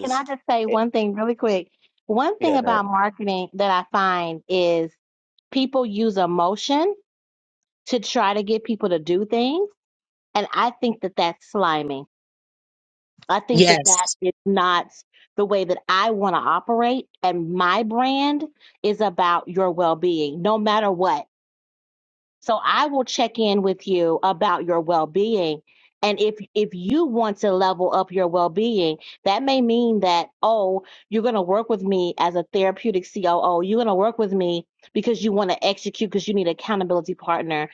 Speaker 5: Can I just say
Speaker 1: it,
Speaker 5: one thing really quick? One thing
Speaker 1: yeah,
Speaker 5: about
Speaker 1: that.
Speaker 5: marketing that I find is people use emotion to try to get people to do things. And I think that that's slimy. I think that that
Speaker 2: Yes.
Speaker 5: is not the way that I want to operate. And my brand is about your well being, no matter what. So I will check in with you about your well being. And if if you want to level up your well being, that may mean that oh, you're going to work with me as a therapeutic COO. You're going to work with me because you want to execute because you need an accountability partner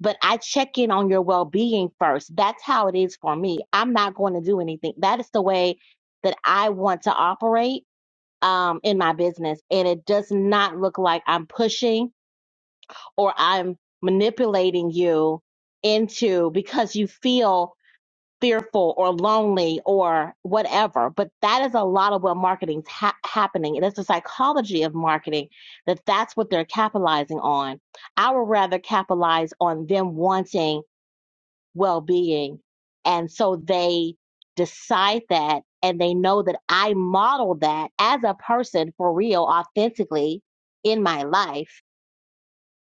Speaker 5: but I check in on your well being first. That's how it is for me. I'm not going to do anything. That is the way that I want to operate um, in my business. And it does not look like I'm pushing or I'm manipulating you into because you feel fearful or lonely or whatever. But that is a lot of what marketing's ha- happening. And it's the psychology of marketing that that's what they're capitalizing on. I would rather capitalize on them wanting well being. And so they decide that and they know that I model that as a person for real, authentically in my life.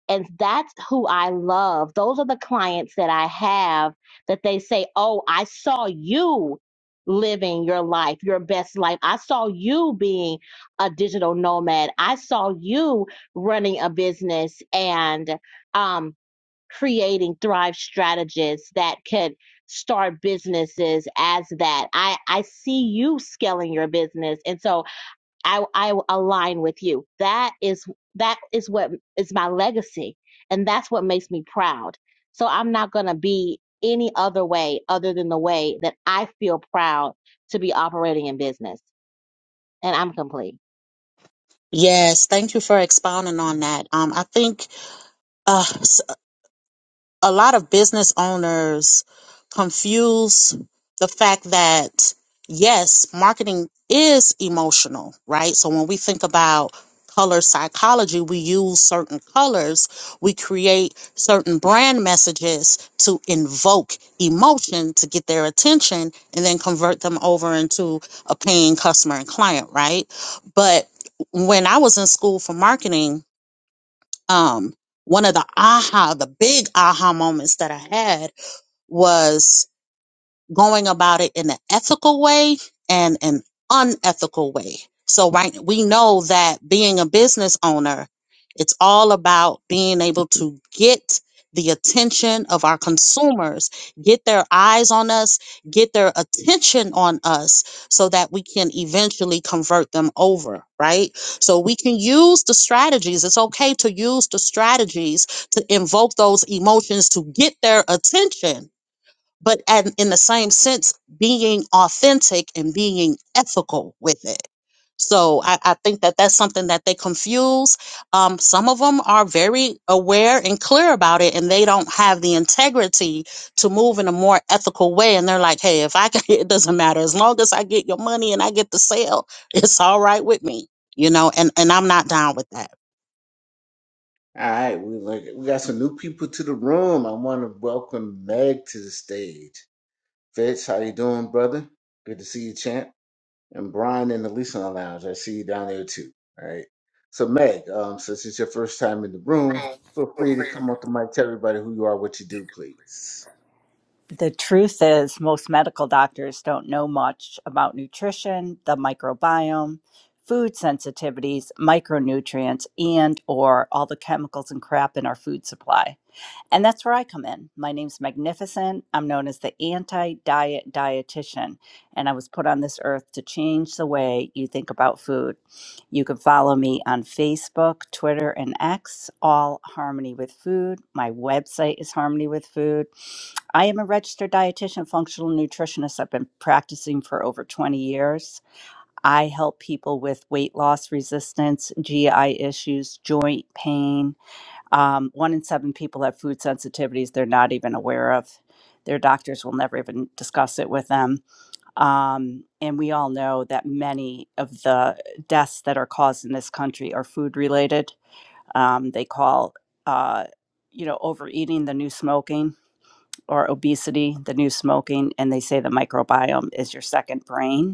Speaker 5: And that's who I love. Those are the clients that I have that they say, Oh, I saw you living your life, your best life. I saw you being a digital nomad. I saw you running a business and, um, creating thrive strategists that could start businesses as that i i see you scaling your business and so i i align with you that is that is what is my legacy and that's what makes me proud so i'm not going to be any other way other than the way that i feel proud to be operating in business and i'm complete
Speaker 2: Yes. Thank you for expounding on that. Um, I think. Uh, a lot of business owners confuse the fact that yes, marketing is emotional, right? So when we think about color psychology, we use certain colors, we create certain brand messages to invoke emotion to get their attention and then convert them over into a paying customer and client, right? But when I was in school for marketing, um one of the aha the big aha moments that i had was going about it in an ethical way and an unethical way. So right we know that being a business owner, it's all about being able to get the attention of our consumers, get their eyes on us, get their attention on us so that we can eventually convert them over, right? So we can use the strategies. It's okay to use the strategies to invoke those emotions to get their attention but and in the same sense being authentic and being ethical with it so I, I think that that's something that they confuse um, some of them are very aware and clear about it and they don't have the integrity to move in a more ethical way and they're like hey if i can (laughs) it doesn't matter as long as i get your money and i get the sale (laughs) it's all right with me you know and and i'm not down with that
Speaker 1: All right, we like we got some new people to the room. I want to welcome Meg to the stage. Fitz, how you doing, brother? Good to see you, champ. and Brian in the listener lounge. I see you down there too. All right. So Meg, um, since it's your first time in the room, feel free to come up to mic, tell everybody who you are, what you do, please.
Speaker 6: The truth is, most medical doctors don't know much about nutrition, the microbiome, food sensitivities, micronutrients, and or all the chemicals and crap in our food supply. And that's where I come in. My name's Magnificent. I'm known as the anti diet dietitian. And I was put on this earth to change the way you think about food. You can follow me on Facebook, Twitter, and X, all Harmony with Food. My website is Harmony with Food. I am a registered dietitian, functional nutritionist. I've been practicing for over 20 years. I help people with weight loss resistance, GI issues, joint pain um, one in seven people have food sensitivities they're not even aware of. Their doctors will never even discuss it with them. Um, and we all know that many of the deaths that are caused in this country are food related. Um, they call, uh, you know, overeating the new smoking or obesity the new smoking. And they say the microbiome is your second brain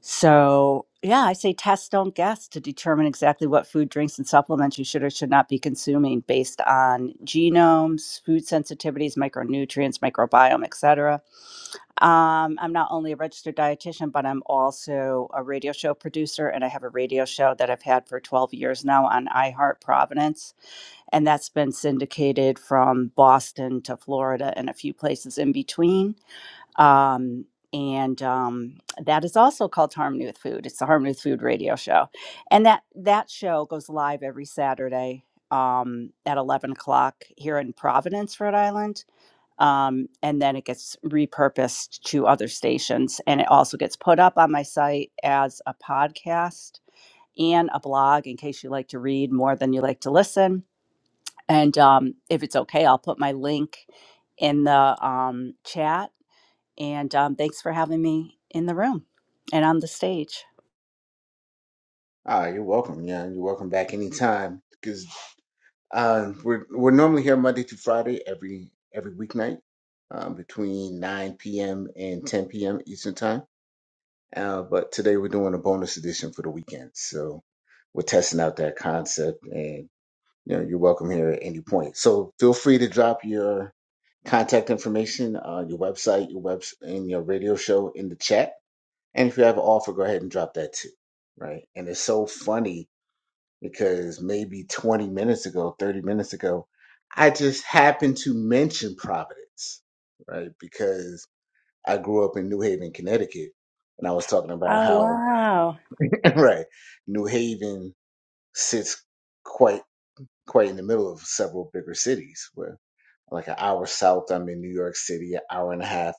Speaker 6: so, yeah, I say test, don't guess to determine exactly what food, drinks, and supplements you should or should not be consuming based on genomes, food sensitivities, micronutrients, microbiome, etc. Um, I'm not only a registered dietitian, but I'm also a radio show producer, and I have a radio show that I've had for 12 years now on iHeart Providence, and that's been syndicated from Boston to Florida and a few places in between um, and um, that is also called Harmony with Food. It's the Harmony with Food radio show, and that that show goes live every Saturday um, at eleven o'clock here in Providence, Rhode Island, um, and then it gets repurposed to other stations, and it also gets put up on my site as a podcast and a blog in case you like to read more than you like to listen. And um, if it's okay, I'll put my link in the um, chat and um, thanks for having me in the room and on the stage.
Speaker 1: Ah, you're welcome, yeah. You're welcome back anytime. Because um, we're we're normally here Monday through Friday every every weeknight um, between 9 p.m. and 10 p.m. Eastern time. Uh, but today we're doing a bonus edition for the weekend, so we're testing out that concept you know, you're welcome here at any point. So feel free to drop your contact information, uh, your website, your webs, and your radio show in the chat. And if you have an offer, go ahead and drop that too, right? And it's so funny because maybe 20 minutes ago, 30 minutes ago, I just happened to mention Providence, right? Because I grew up in New Haven, Connecticut, and I was talking about
Speaker 6: Oh,
Speaker 1: how,
Speaker 6: wow.
Speaker 1: (laughs) right, New Haven sits quite quite in the middle of several bigger cities where. like an hour south, I'm in New York City, an hour and a half,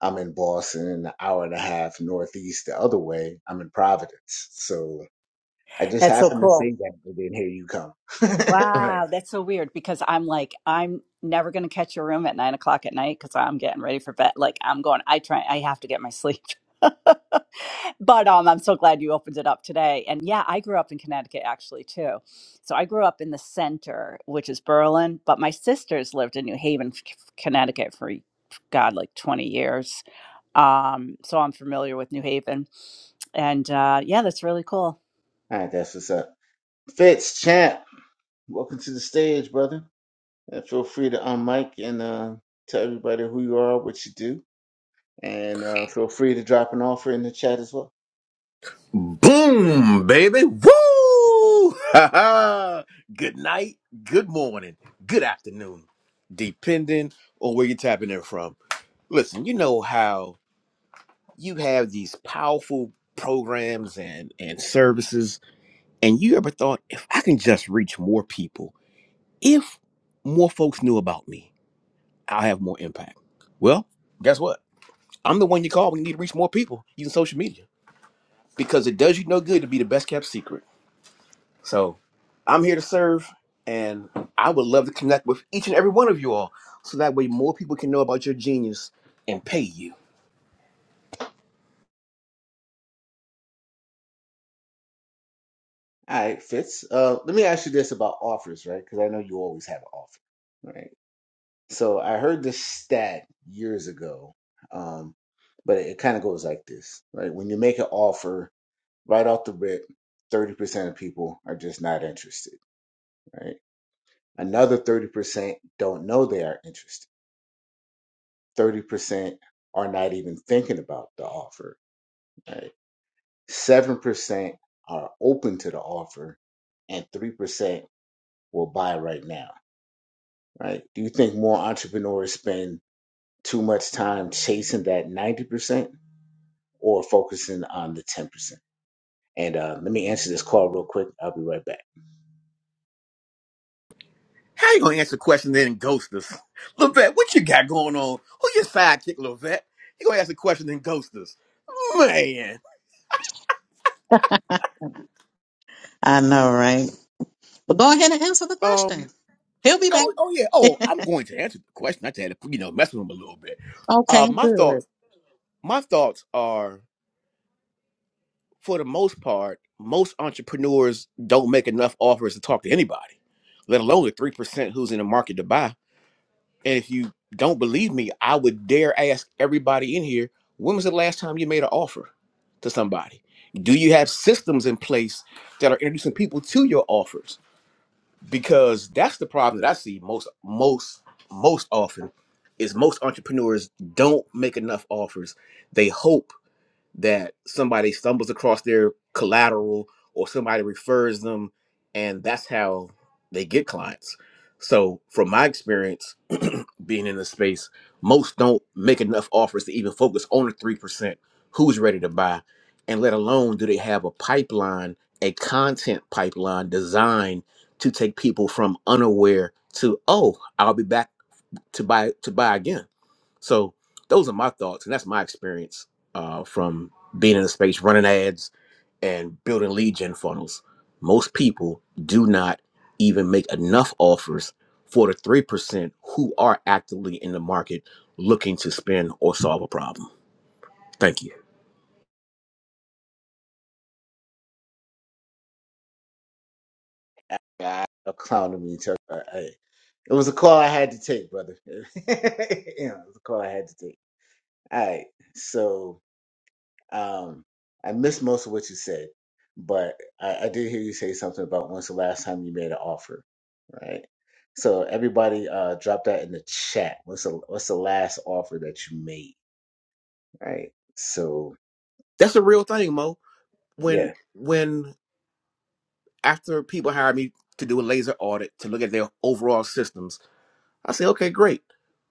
Speaker 1: I'm in Boston, and an hour and a half northeast the other way, I'm in Providence. So I just
Speaker 6: That's so
Speaker 1: happened to
Speaker 6: cool.
Speaker 1: say that, and then here you come. (laughs) All right.
Speaker 6: Wow, that's so weird because I'm like, I'm never going to catch your room at nine o'clock at night because I'm getting ready for bed. Like, I'm going, I try, I have to get my sleep. (laughs) but um, I'm so glad you opened it up today. And yeah, I grew up in Connecticut actually too. So I grew up in the center, which is Berlin, but my sisters lived in New Haven, Connecticut for God, like 20 years. Um, so I'm familiar with New Haven. And uh, yeah, that's really cool.
Speaker 1: All right, that's what's up. Fitz, champ, welcome to the stage, brother. Uh, feel free to unmic and uh, tell everybody who you are, what you do, and uh, feel free to drop an offer in the chat as well.
Speaker 7: Boom, baby. Woo! (laughs) Ha ha! good night, good morning, good afternoon, depending on where you're tapping in from. Listen, you know how you have these powerful programs and, and services, and you ever thought, if I can just reach more people, if more folks knew about me, I'll have more impact. Well, guess what? I'm the one you call when you need to reach more people using social media because it does you no good to be the best kept secret. So I'm here to serve, and I would love to connect with each and every one of you all, so that way more people can know about your genius and pay you.
Speaker 1: All right, Fitz. Uh, let me ask you this about offers, right? Because I know you always have an offer, right? So I heard this stat years ago, um, but it kind of goes like this, right? When you make an offer right off the rip, 30% of people are just not interested, right? Another 30% don't know they are interested. 30% are not even thinking about the offer, right? 7% are open to the offer, and 3% will buy right now, right? Do you think more entrepreneurs spend too much time chasing that 90%? or focusing on the 10%. And uh, let me answer this call real quick. I'll be right back.
Speaker 7: How you gonna answer questions then and ghost us, Levette? What you got going on? Who your sidekick, Levette? You gonna answer a question and ghost us, man?
Speaker 2: I know, right? But go ahead and answer the
Speaker 7: Um.
Speaker 2: question. He'll be back.
Speaker 7: Oh, oh yeah. Oh,
Speaker 2: (laughs)
Speaker 7: I'm going to answer the question. I just had to, you know, mess with him a little bit. Uh,
Speaker 2: okay
Speaker 7: my
Speaker 2: good
Speaker 7: thoughts. My thoughts are. for the most part, most entrepreneurs don't make enough offers to talk to anybody, let alone the three percent who's in the market to buy. And if you don't believe me, I would dare ask everybody in here: When was the last time you made an offer to somebody? Do you have systems in place that are introducing people to your offers? Because that's the problem that I see most, most, most often is most entrepreneurs don't make enough offers. They hope that somebody stumbles across their collateral or somebody refers them and that's how they get clients so from my experience being in the space most don't make enough offers to even focus on the 3% who's ready to buy and let alone do they have a pipeline a content pipeline designed to take people from unaware to oh i'll be back to buy to buy again. So those are my thoughts, and that's my experience uh, from being in the space, running ads, and building lead gen funnels. Most people do not even make enough offers for the three percent who are actively in the market looking to spend or solve a problem. Thank you.
Speaker 1: (laughs) I, a clown to me. Tuck. I- I- it was a call I had to take, brother. (laughs) yeah, it was a call I had to take. All right. So Um, I missed most of what you said, but I, I did hear you say something about when's the last time you made an offer, right? So everybody, uh, drop that in the chat. What's the what's the last offer that you made, right? So
Speaker 7: That's a real
Speaker 1: Yeah.
Speaker 7: thing, Mo. When
Speaker 1: yeah,
Speaker 7: when after people hire me to do a laser audit to look at their overall systems, I say, okay, great.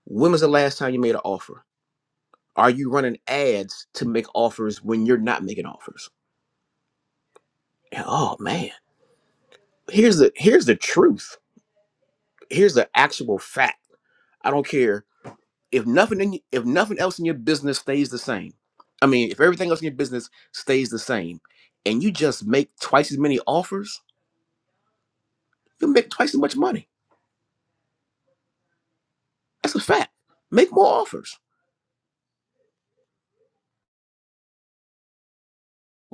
Speaker 7: When was the last time you made an offer? Are you running ads to make offers when you're not making offers? And, oh man, here's the here's the truth. Here's the actual fact. I don't care if nothing in if nothing else in your business stays the same. I mean, if everything else in your business stays the same, and you just make twice as many offers, you make twice as much money. That's a fact. Make more offers.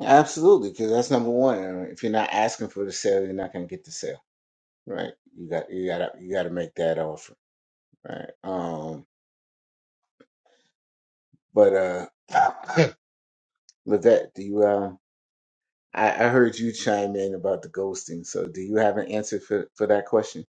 Speaker 1: absolutely, because that's number one. Uh, If you're not asking for the sale, you're not gonna get the sale, right? You got you gotta you gotta make that offer, right? Um, but uh, (coughs) Levette, do you? um? I, I heard you chime in about the ghosting. So, do you have an answer for, for that question?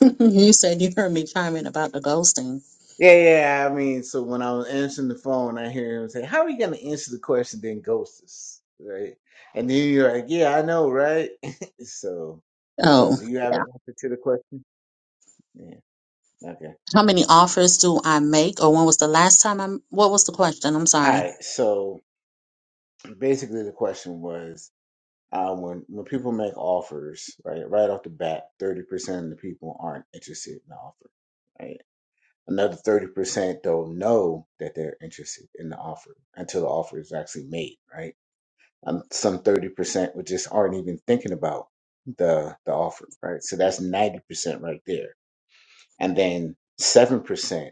Speaker 2: (laughs) you said you heard me chiming about the ghosting.
Speaker 1: Yeah, yeah. yeah, I mean, so when I was answering the phone, I hear him say, "How are you going to answer the question then ghost us?" Right? And then you're like, "Yeah, I know, right?" (laughs) so, so
Speaker 2: Oh,
Speaker 1: do you have
Speaker 2: yeah.
Speaker 1: an answer to the question? Yeah. Okay.
Speaker 2: How many offers do I make, or when was the last time I? am What was the question? I'm
Speaker 1: All
Speaker 2: sorry.
Speaker 1: right. So basically, the question was. Uh, when when people make offers, right, right off the bat, thirty percent of the people aren't interested in the offer. right? Another 30% don't know that they're interested in the offer until the offer is actually made, right? Um, some 30% would just aren't even thinking about the, the offer, right? So that's 90% right there. And then 7%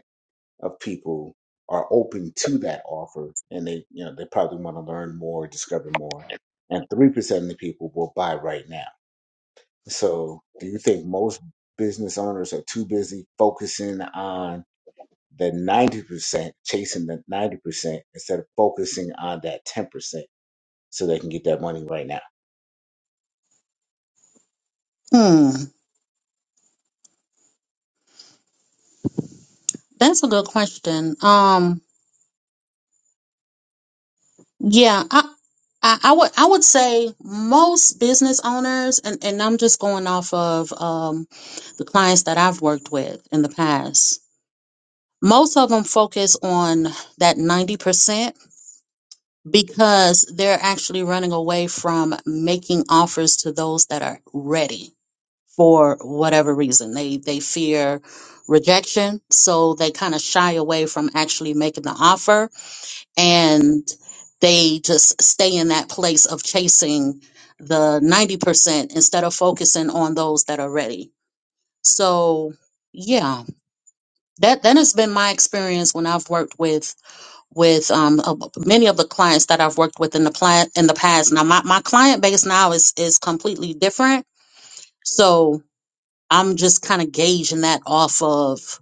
Speaker 1: of people are open to that offer and they, you know, they probably want to learn more, discover more. And 3% of the people will buy right now. So do you think most business owners are too busy focusing on the 90%, chasing the 90% instead of focusing on that 10% so they can get that money right now.
Speaker 2: Hmm, that's a good question. Um, yeah, I, I, I would, I would say most business owners, and and I'm just going off of um the clients that I've worked with in the past. Most of them focus on that 90% because they're actually running away from making offers to those that are ready for whatever reason. They they fear rejection, so they kind of shy away from actually making the offer and they just stay in that place of chasing the 90% instead of focusing on those that are ready. So, yeah, that that has been my experience when I've worked with with um uh, many of the clients that I've worked with in the plant in the past. Now my, my client base now is is completely different. So I'm just kind of gauging that off of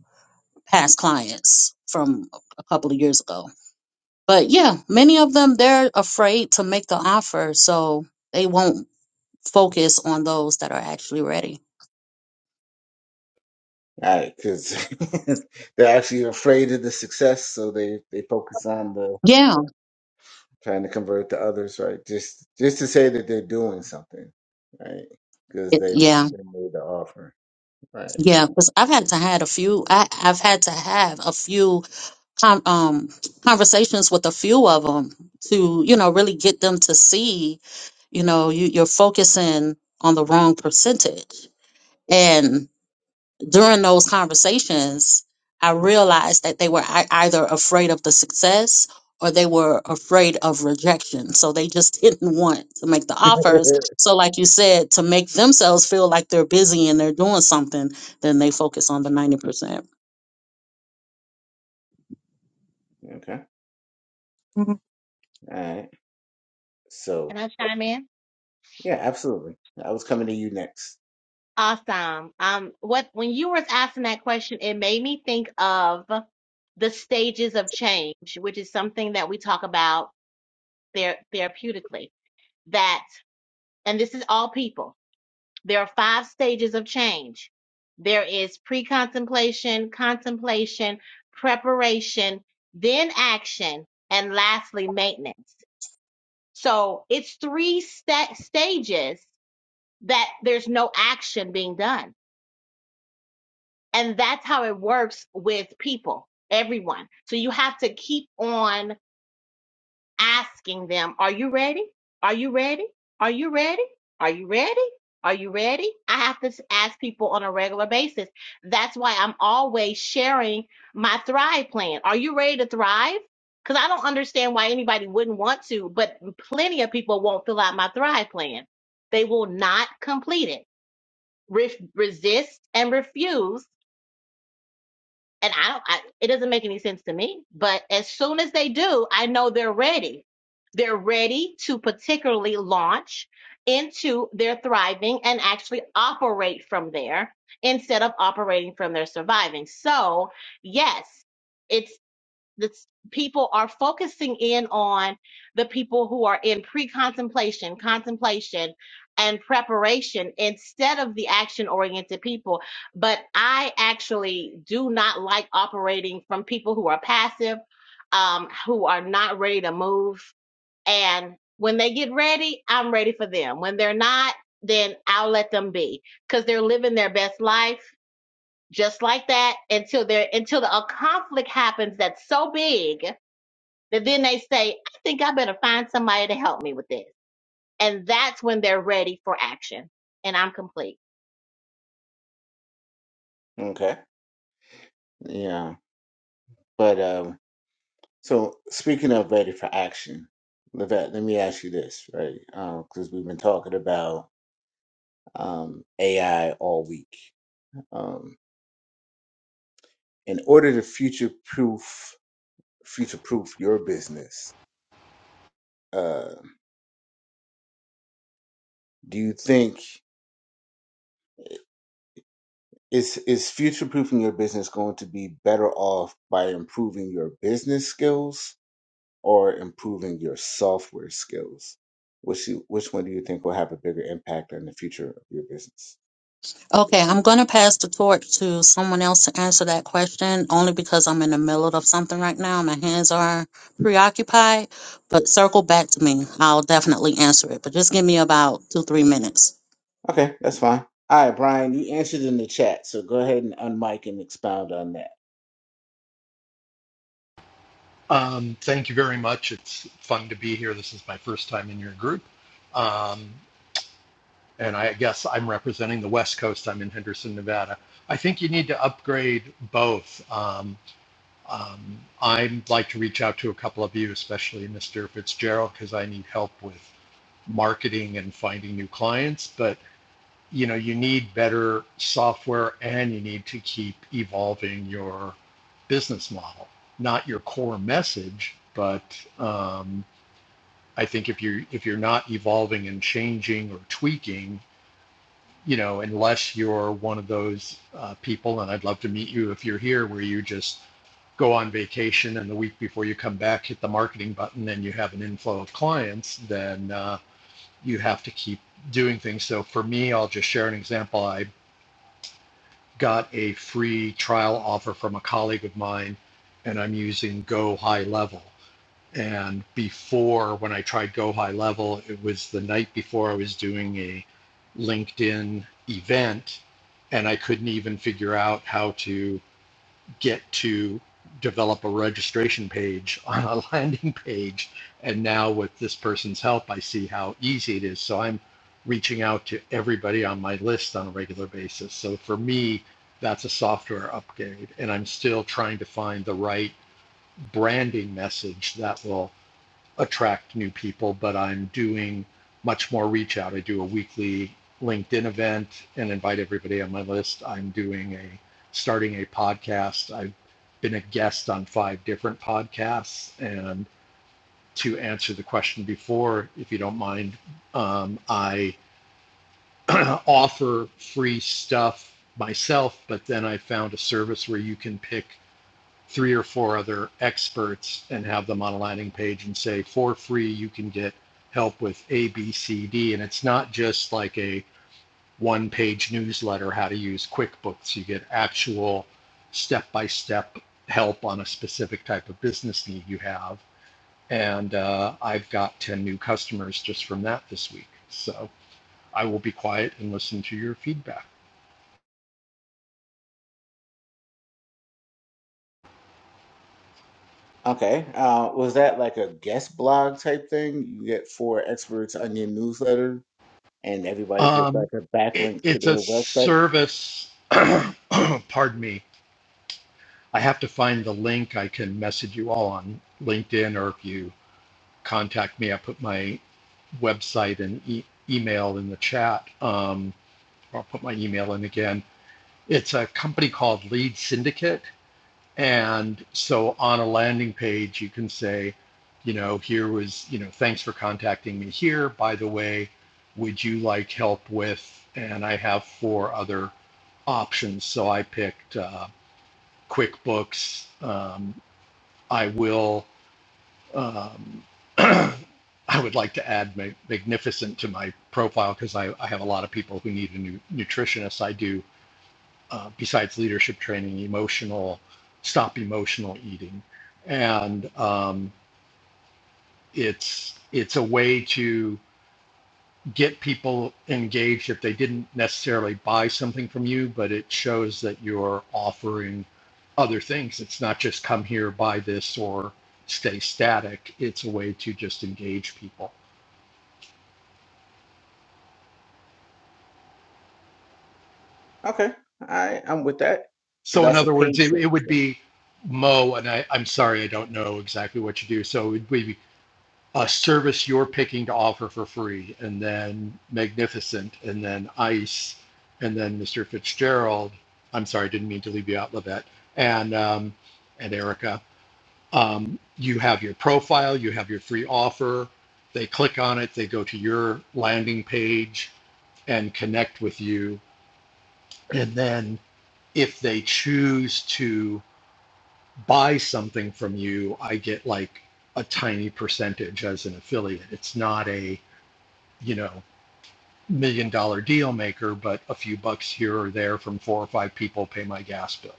Speaker 2: past clients from a couple of years ago. But yeah, many of them, they're afraid to make the offer. So they won't focus on those that are actually ready.
Speaker 1: All right, because (laughs) they're actually afraid of the success, so they, they focus on the
Speaker 2: Yeah.
Speaker 1: trying to convert the others, right? Just just to say that they're doing something, right? Because
Speaker 2: It-
Speaker 1: they,
Speaker 2: yeah.
Speaker 1: they made the offer, right?
Speaker 2: Yeah. Because I've had to had a few, I, I've had to have a few con um, conversations with a few of them to, you know, really get them to see, you know, you, you're focusing on the wrong percentage. and. during those conversations, I realized that they were ei- either afraid of the success or they were afraid of rejection. So they just (laughs) didn't want to make the
Speaker 1: (laughs)
Speaker 2: offers.
Speaker 1: okay,
Speaker 2: So, like you said, to make themselves feel like they're busy and they're doing something, then they focus on the 90%.
Speaker 1: all
Speaker 2: Mhm.
Speaker 1: right.
Speaker 5: can
Speaker 1: So
Speaker 5: i chime in
Speaker 1: yeah, absolutely. I was coming to you next.
Speaker 5: Awesome. Um, what when you were asking that question, it made me think of the stages of change, which is something that we talk about there therapeutically. That, and this is all people. There are five stages of change. There is pre-contemplation, contemplation, preparation, then action, and lastly maintenance. So it's three sta stages that there's no action being done And that's how it works with people, everyone. So you have to keep on asking them, Are you ready? Are you ready? Are you ready? Are you ready? Are you ready? I have to ask people on a regular basis. That's why I'm always sharing my Thrive plan. Are you ready to thrive? Because I don't understand why anybody wouldn't want to, but plenty of people won't fill out my Thrive plan. They will not complete it. Re- resist and refuse and I don't. I, it doesn't make any sense to me. But as soon as they do, I know they're ready. They're ready to particularly launch into their thriving and actually operate from there instead of operating from their surviving. So yes, it's the people are focusing in on the people who are in pre-contemplation, contemplation, and preparation instead of the action-oriented people. But I actually do not like operating from people who are passive, um, who are not ready to move. And when they get ready, I'm ready for them. When they're not, then I'll let them be because they're living their best life just like that until there until the, a conflict happens that's so big that then they say, I think I better find somebody to help me with this. And that's when they're ready for action. And I'm complete.
Speaker 1: Okay, yeah, but um, So speaking of ready for action, Levette, let me ask you this, right? Because we've been talking about um, AI all week. Um, in order to future proof, future proof your business, uh, do you think is is future proofing your business going to be better off by improving your business skills or improving your software skills? Which you, which one do you think will have a bigger impact on the future of your business?
Speaker 2: Okay, I'm going to pass the torch to someone else to answer that question only because I'm in the middle of something right now. My hands are preoccupied, but circle back to me. I'll definitely answer it, but just give me about two, three minutes.
Speaker 1: Okay, that's fine. All right, Brian, you answered in the chat, so go ahead and unmic and expound on that.
Speaker 8: Um, thank you very much. It's fun to be here. This is my first time in your group. Um, and I guess I'm representing the West Coast. I'm in Henderson, Nevada. I think you need to upgrade both. Um, um, I'd like to reach out to a couple of you, especially Mr. Fitzgerald, because I need help with marketing and finding new clients. But you know you need better software and you need to keep evolving your business model not your core message but um, i think if you're if you're not evolving and changing or tweaking you know unless you're one of those uh, people and i'd love to meet you if you're here where you just go on vacation and the week before you come back hit the marketing button and you have an inflow of clients then uh, you have to keep doing things so for me i'll just share an example I got a free trial offer from a colleague of mine, and I'm using Go High Level. And before, when I tried Go High Level, it was the night before I was doing a LinkedIn event, and I couldn't even figure out how to get to develop a registration page (laughs) on a landing page. And now with this person's help, I see how easy it is. So I'm reaching out to everybody on my list on a regular basis. So for me, that's a software upgrade. And I'm still trying to find the right branding message that will attract new people, but I'm doing much more reach out. I do a weekly LinkedIn event and invite everybody on my list. I'm doing a starting a podcast. I've been a guest on five different podcasts. And to answer the question before, if you don't mind, um, I (clears throat) offer free stuff myself, but then I found a service where you can pick three or four other experts and have them on a landing page and say, for free, you can get help with A, B, C, D. And it's not just like a one page newsletter, how to use QuickBooks. You get actual step by step help on a specific type of business need you have. And uh, I've got 10 new customers just from that this week. So I will be quiet and listen to your feedback.
Speaker 1: Okay, uh, was that like a guest blog type thing? You get four experts on your newsletter, and everybody gets
Speaker 8: Um,
Speaker 1: like a
Speaker 8: it,
Speaker 1: backlink to
Speaker 8: it's a
Speaker 1: their website.
Speaker 8: service, (clears throat) pardon me, I have to find the link. I can message you all on LinkedIn, or if you contact me, I put my website and e- email in the chat. Um, I'll put my email in again. It's a company called Lead Syndicate. And so on a landing page, you can say, you know, here was, you know, thanks for contacting me here. By the way, would you like help with? And I have four other options. So I picked uh, QuickBooks. Um, I will. Um, (clears throat) I would like to add ma- magnificent to my profile because I, I have a lot of people who need a new nutritionist. I do uh, besides leadership training, emotional stop emotional eating, and um, it's it's a way to get people engaged if they didn't necessarily buy something from you, but it shows that you're offering other things. It's not just come here, buy this, or stay static. It's a way to just engage people.
Speaker 1: Okay, all right, I'm with that. So
Speaker 8: So, in
Speaker 1: that's a
Speaker 8: other words,
Speaker 1: paid
Speaker 8: it, it
Speaker 1: service
Speaker 8: would
Speaker 1: then.
Speaker 8: be Mo, and I, I'm sorry, I don't know exactly what you do. So, it would be a service you're picking to offer for free, and then Magnificent, and then Ice, and then Mr. Fitzgerald. I'm sorry, I didn't mean to leave you out, Levette, and um, and Erica. Um, you have your profile, you have your free offer. They click on it, they go to your landing page and connect with you, and then if they choose to buy something from you, I get like a tiny percentage as an affiliate. It's not a you know, million dollar deal maker, but a few bucks here or there from four or five people pay my gas bill.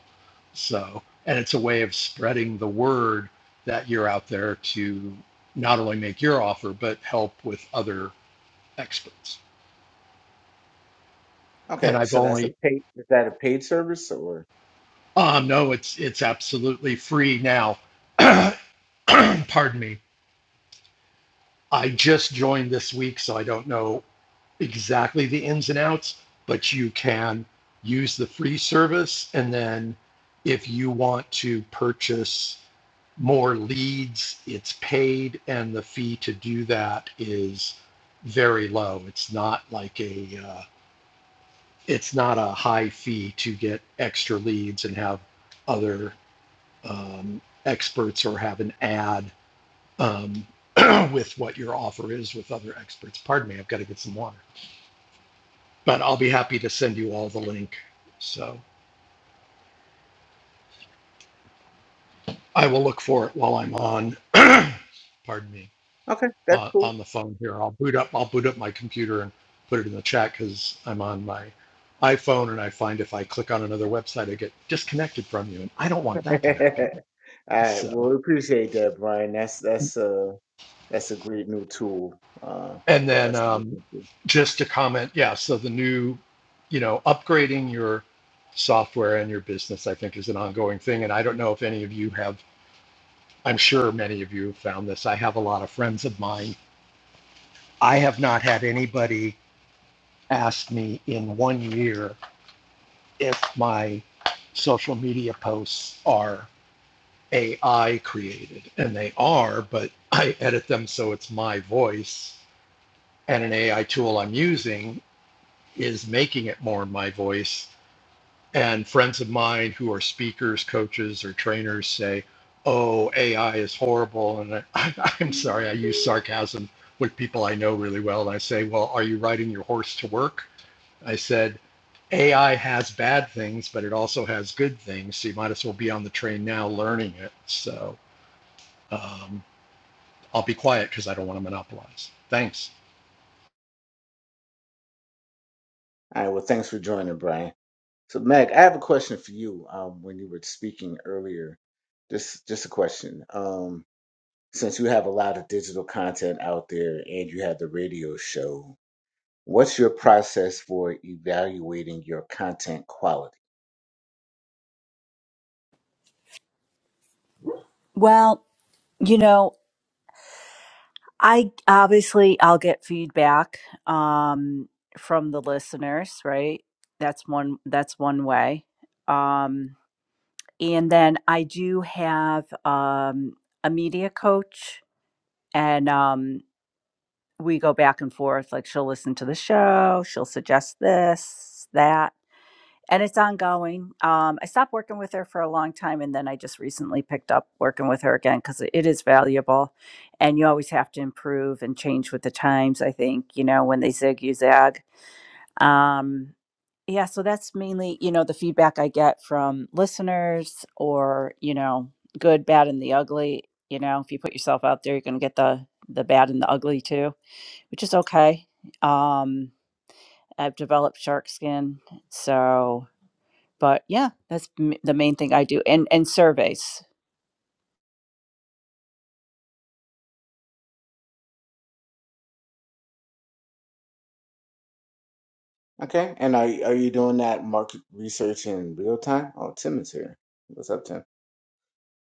Speaker 8: So, and it's a way of spreading the word that you're out there to not only make your offer, but help with other experts. And
Speaker 1: Okay,
Speaker 8: I've
Speaker 1: so that's a
Speaker 8: only,
Speaker 1: paid. Is that a paid service or?
Speaker 8: um, no, it's, it's absolutely free now. (clears throat) Pardon me. I just joined this week, so I don't know exactly the ins and outs, but you can use the free service. And then if you want to purchase more leads, it's paid, and the fee to do that is very low. It's not like a uh, it's not a high fee to get extra leads and have other um, experts or have an ad um, (clears throat) with what your offer is with other experts. Pardon me, I've got to get some water. But I'll be happy to send you all the link. So I will look for it while I'm on. (clears throat) pardon me,
Speaker 1: Okay, that's
Speaker 8: uh,
Speaker 1: cool.
Speaker 8: on the phone here. I'll boot up. I'll boot up my computer and put it in the chat because I'm on my iPhone, and I find if I click on another website, I get disconnected from you, and I don't want
Speaker 1: (laughs) all
Speaker 8: that to happen.
Speaker 1: right,
Speaker 8: So.
Speaker 1: well, we appreciate that, Brian. That's that's uh that's a great new tool uh
Speaker 8: And
Speaker 1: for
Speaker 8: then
Speaker 1: us to
Speaker 8: um,
Speaker 1: listen to.
Speaker 8: just to comment, yeah, so the new, you know, upgrading your software and your business, I think, is an ongoing thing. And I don't know if any of you have, I'm sure many of you have found this. I have a lot of friends of mine. I have not had anybody ask me in one year if my social media posts are AI created. And they are, but I edit them so it's my voice and an AI tool I'm using. is making it more my voice. And friends of mine who are speakers, coaches, or trainers say, oh, AI is horrible. And I, (laughs) I, I'm sorry, I use sarcasm with people I know really well. And I say, well, are you riding your horse to work? I said, AI has bad things, but it also has good things. So you might as well be on the train now learning it. So um, I'll be quiet because I don't want to monopolize. Thanks.
Speaker 1: All right. Well, thanks for joining, Brian. So, Meg, I have a question for you. Um, when you were speaking earlier, just just a question. Um, since you have a lot of digital content out there and you have the radio show, what's your process for evaluating your content quality?
Speaker 6: Well, you know, I obviously I'll get feedback um from the listeners, right? That's one that's one way. Um and then I do have um a media coach and um we go back and forth like she'll listen to the show, she'll suggest this, that and it's ongoing. Um, I stopped working with her for a long time, and then I just recently picked up working with her again because it is valuable, and you always have to improve and change with the times. I think you know when they zig, you zag. Um, yeah, so that's mainly you know the feedback I get from listeners, or you know, good, bad, and the ugly. You know, if you put yourself out there, you're going to get the the bad and the ugly too, which is okay. Um, I've developed shark skin, so but yeah, that's m- the main thing I do, and and surveys.
Speaker 1: Okay. And are are you doing that market research in real time? Oh, Tim is here. What's up, Tim?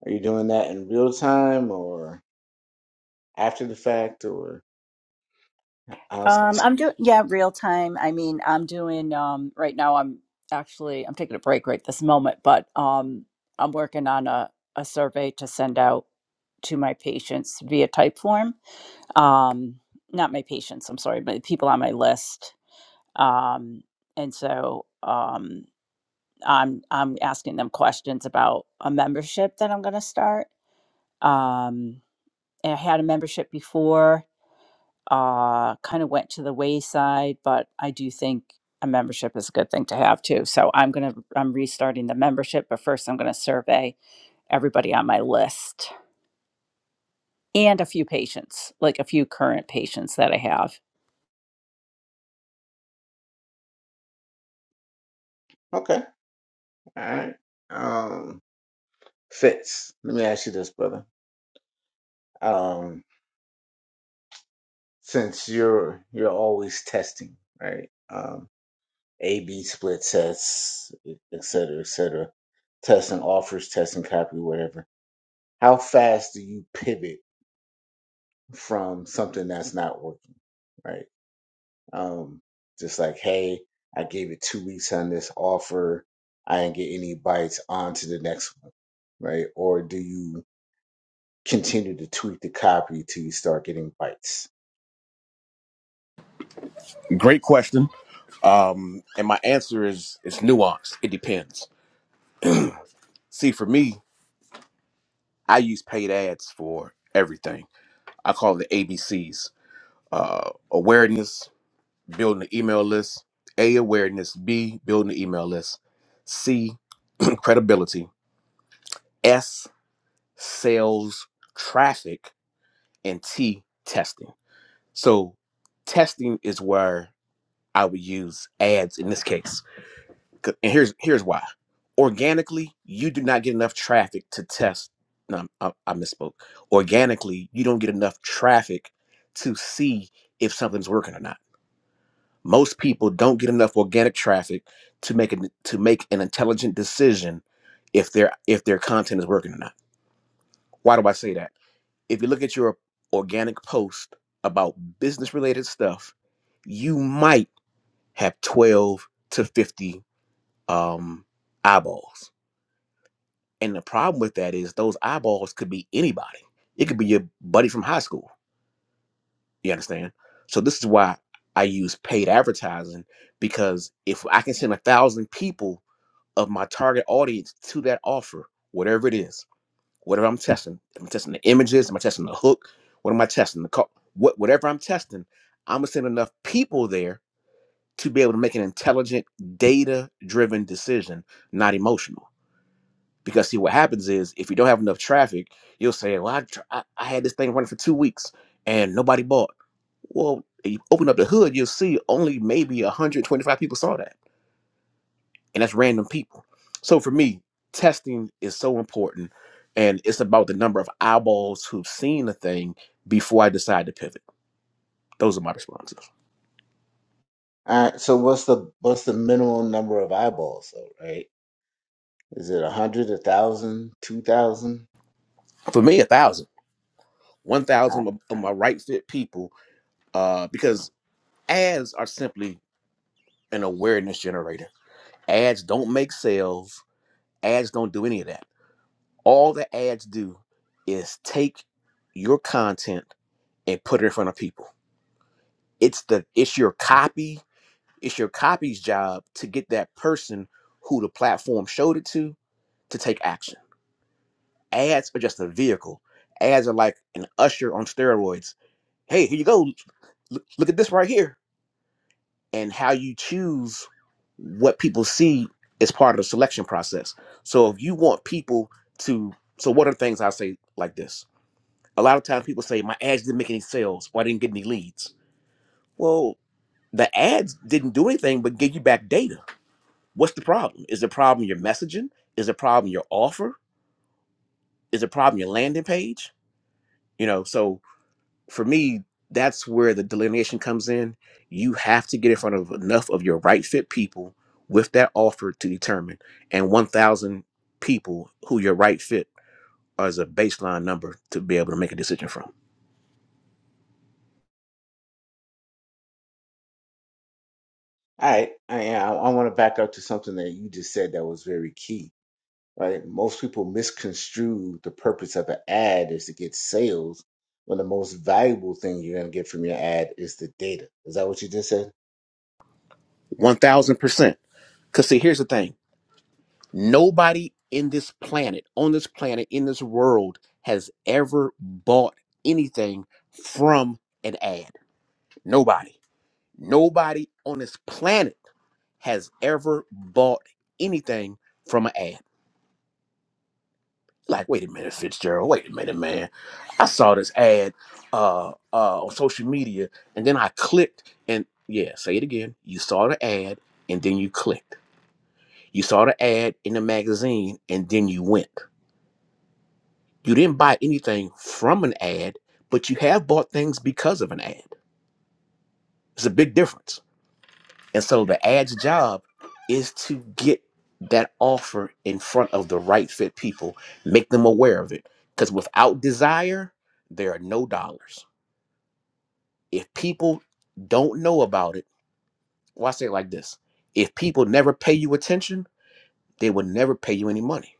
Speaker 1: Are you doing that in real time or after the fact, or how
Speaker 6: Um,
Speaker 1: soon do
Speaker 6: I'm
Speaker 1: you?
Speaker 6: doing yeah, real time. I mean, I'm doing um right now I'm actually I'm taking a break right this moment, but um I'm working on a, a survey to send out to my patients via type form. Um not my patients, I'm sorry, but the people on my list. Um and so um I'm I'm asking them questions about a membership that I'm gonna start. Um and I had a membership before uh, kind of went to the wayside, but I do think a membership is a good thing to have too. So I'm going to, I'm restarting the membership, but first I'm going to survey everybody on my list and a few patients, like a few current patients that I have.
Speaker 1: Okay. All right. Um. Fitz, let me ask you this, brother. Um, since you're you're always testing, right? Um, A B split tests, e, et cetera, et cetera. Testing offers, testing copy, whatever. How fast do you pivot from something that's not working, right? Um, just like, hey, I gave it two weeks on this offer. I didn't get any bites. On to the next one, right? Or do you continue to tweak the copy till you start getting bites?
Speaker 7: Great question. Um, and my answer is it's nuanced. It depends. See, for me, I use paid ads for everything I call it the ABCs uh, awareness, building an email list, A, awareness, B, building an email list, C, (clears throat) credibility, S, sales, traffic, and T, testing. So, testing is where I would use ads in this case. 'Cause- And here's here's why. Organically, you do not get enough traffic to test. No, I, I misspoke. Organically, you don't get enough traffic to see if something's working or not Most people don't get enough organic traffic to make an, to make an intelligent decision if their if their content is working or not. Why do I say that? If you look at your organic post about business related stuff, you might have 12 to 50 um, eyeballs. And the problem with that is those eyeballs could be anybody. It could be your buddy from high school. You understand? So this is why I use paid advertising because if I can send a thousand people of my target audience to that offer, whatever it is, whatever I'm testing. If I'm testing the images, am I testing the hook? What am I testing? The call, what whatever I'm testing, I'm gonna send enough people there to be able to make an intelligent, data-driven decision, not emotional. Because see, what happens is if you don't have enough traffic, you'll say, "Well, I, tr- I, I had this thing running for two weeks and nobody bought." Well, if you open up the hood, you'll see only maybe 125 people saw that and that's random people. So for me, testing is so important, and it's about the number of eyeballs who've seen a thing before I decide to pivot. Those are my responses.
Speaker 1: All right. So what's the what's the minimum number of eyeballs though? Right? Is it a hundred, a thousand, two thousand?
Speaker 7: For me, a thousand, one
Speaker 1: Uh,
Speaker 7: thousand of of my right fit people, uh, because ads are simply an awareness generator. Ads don't make sales. Ads don't do any of that. All the ads do is take your content and put it in front of people. It's the it's your copy It's your copy's job to get that person who the platform showed it to to take action. Ads are just a vehicle. Ads are like an usher on steroids. Hey, here you go. Look, look at this right here. And how you choose what people see is part of the selection process. So if you want people to, so what are things I say like this? A lot of times people say my ads didn't make any sales or I didn't get any leads. Well, the ads didn't do anything but give you back data What's the problem? Is the problem your messaging? Is the problem your offer? Is the problem your landing page? You know, so for me, that's where the delineation comes in. You have to get in front of enough of your right fit people with that offer to determine, and 1,000 people who your right fit are as a baseline number to be able to make a decision from.
Speaker 1: All right. I yeah, I, I want to back up to something that you just said that was very key. Right? Most people misconstrue the purpose of an ad is to get sales, when the most valuable thing you're gonna get from your ad is the data. Is that what you just said?
Speaker 7: 1000%. Because, see, here's the thing nobody in this planet, on this planet, in this world, has ever bought anything from an ad. Nobody. Nobody on this planet has ever bought anything from an ad. Like, wait a minute, Fitzgerald. Wait a minute, man. I saw this ad uh, uh, on social media, and then I clicked, and yeah, say it again. You saw the ad, and then you clicked. You saw the ad in the magazine and then you went. You didn't buy anything from an ad, but you have bought things because of an ad. It's a big difference. And so the ad's job is to get that offer in front of the right fit people, make them aware of it. Because without desire, there are no dollars. If people don't know about it, well, I say it like this if people never pay you attention, they will never pay you any money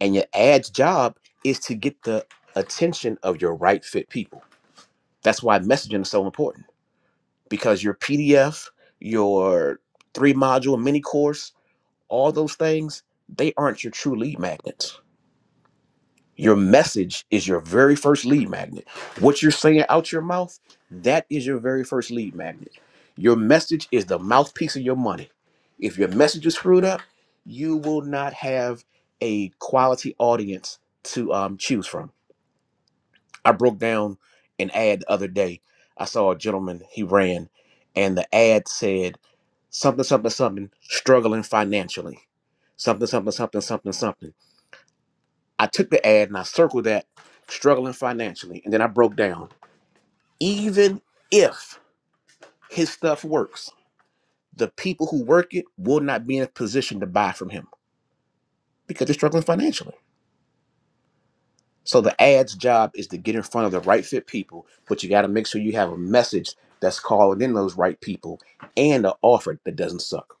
Speaker 7: And your ad's job is to get the attention of your right fit people. That's why messaging is so important because your PDF, your three module mini course, all those things, they aren't your true lead magnets. Your message is your very first lead magnet. What you're saying out your mouth, that is your very first lead magnet. Your message is the mouthpiece of your money. If your message is screwed up, you will not have a quality audience to um, choose from I broke down an ad the other day. I saw a gentleman, he ran, and the ad said something, something, something, struggling financially. Something, something, something, something, something. I took the ad and I circled that, struggling financially. And then I broke down. Even if his stuff works, the people who work it will not be in a position to buy from him because they're struggling financially. So the ads job is to get in front of the right fit people, but you got to make sure you have a message that's calling in those right people and an offer that doesn't suck.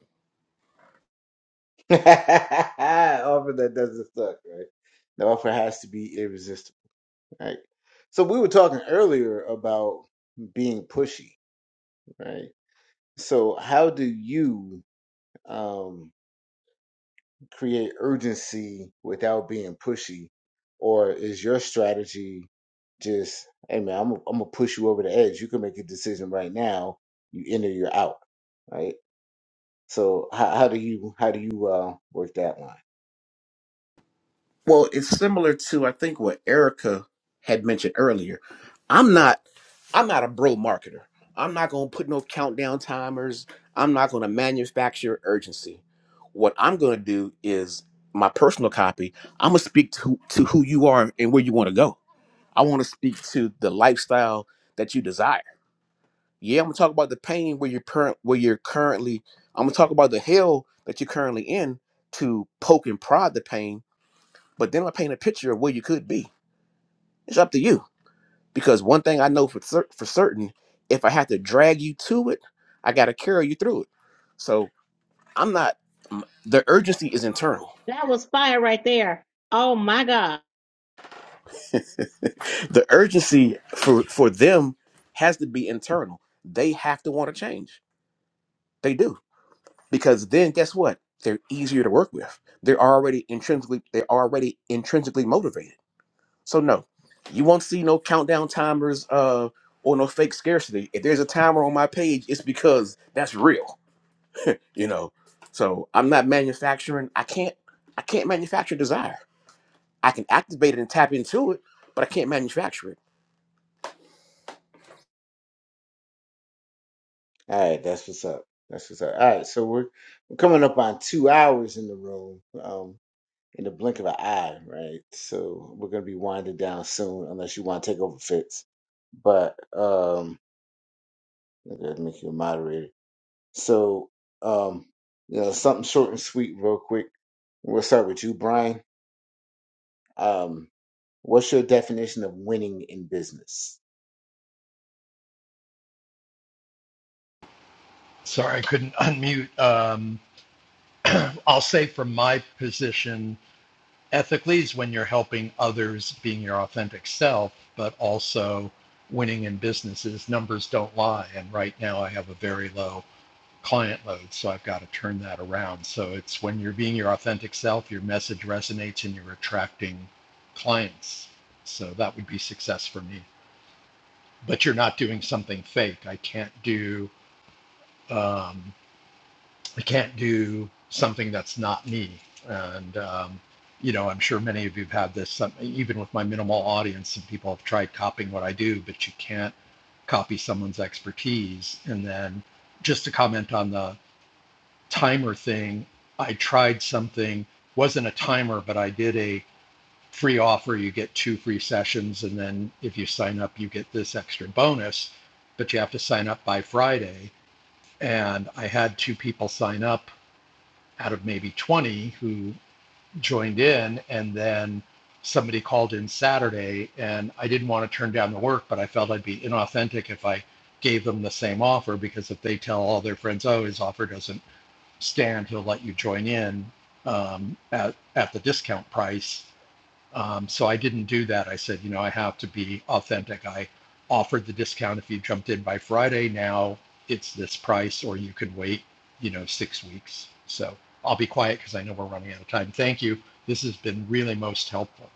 Speaker 1: (laughs) offer that doesn't suck, right? The offer has to be irresistible, right? So we were talking earlier about being pushy right? So how do you um, create urgency without being pushy, or is your strategy just, hey man, I'm I'm gonna push you over the edge. You can make a decision right now. You in or you're out, right? So how how do you how do you uh, work that line?
Speaker 7: Well, it's similar to I think what Erica had mentioned earlier. I'm not I'm not a bro marketer. I'm not going to put no countdown timers. I'm not going to manufacture urgency. What I'm going to do is my personal copy. I'm going to speak to to who you are and where you want to go. I want to speak to the lifestyle that you desire. Yeah, I'm gonna talk about the pain where you're current where you're currently I'm gonna talk about the hell that you're currently in to poke and prod the pain, but then I paint a picture of where you could be. It's up to you. Because one thing I know for cer- for certain, if I have to drag you to it, I gotta carry you through it. So I'm not m- the urgency is internal.
Speaker 5: That was fire right there. Oh my God.
Speaker 7: (laughs) the urgency for for them has to be internal. They have to want to change. They do because then guess what they're easier to work with they're already intrinsically they're already intrinsically motivated so no you won't see no countdown timers uh or no fake scarcity if there's a timer on my page it's because that's real you know so i'm not manufacturing i can't i can't manufacture desire i can activate it and tap into it but i can't manufacture it
Speaker 1: All right, that's what's up. That's what's up. All right, so we're, we're coming up on two hours in the room. Um, in the blink of an eye, right? So we're gonna be winding down soon, unless you want to take over Fitz. But um, I gotta make you a moderator. So um, you know, something short and sweet, real quick. We'll start with you, Brian. Um, what's your definition of winning in business?
Speaker 8: Sorry, I couldn't (laughs) unmute. Um, I'll say from my position, ethically is when you're helping others being your authentic self, but also winning in businesses. Numbers don't lie. And right now I have a very low client load, so I've got to turn that around. So it's when you're being your authentic self, your message resonates and you're attracting clients. So that would be success for me. But you're not doing something fake. I can't do. um, I can't do something that's not me. And, um, you know, I'm sure many of you have had this, some, even with my minimal audience, some people have tried copying what I do, but you can't copy someone's expertise. And then just to comment on the timer thing, I tried something, wasn't a timer, but I did a free offer. You get two free sessions. And then if you sign up, you get this extra bonus, but you have to sign up by Friday. And I had two people sign up out of maybe 20 who joined in and then somebody called in saturday and i didn't want to turn down the work but i felt i'd be inauthentic if i gave them the same offer because if they tell all their friends oh his offer doesn't stand he'll let you join in um, at, at the discount price um, so I didn't do that. I said, you know, I have to be authentic. I offered the discount if you jumped in by Friday. Now it's this price, or you could wait, you know, six weeks. So I'll be quiet because I know we're running out of time. Thank you. This has been really most helpful.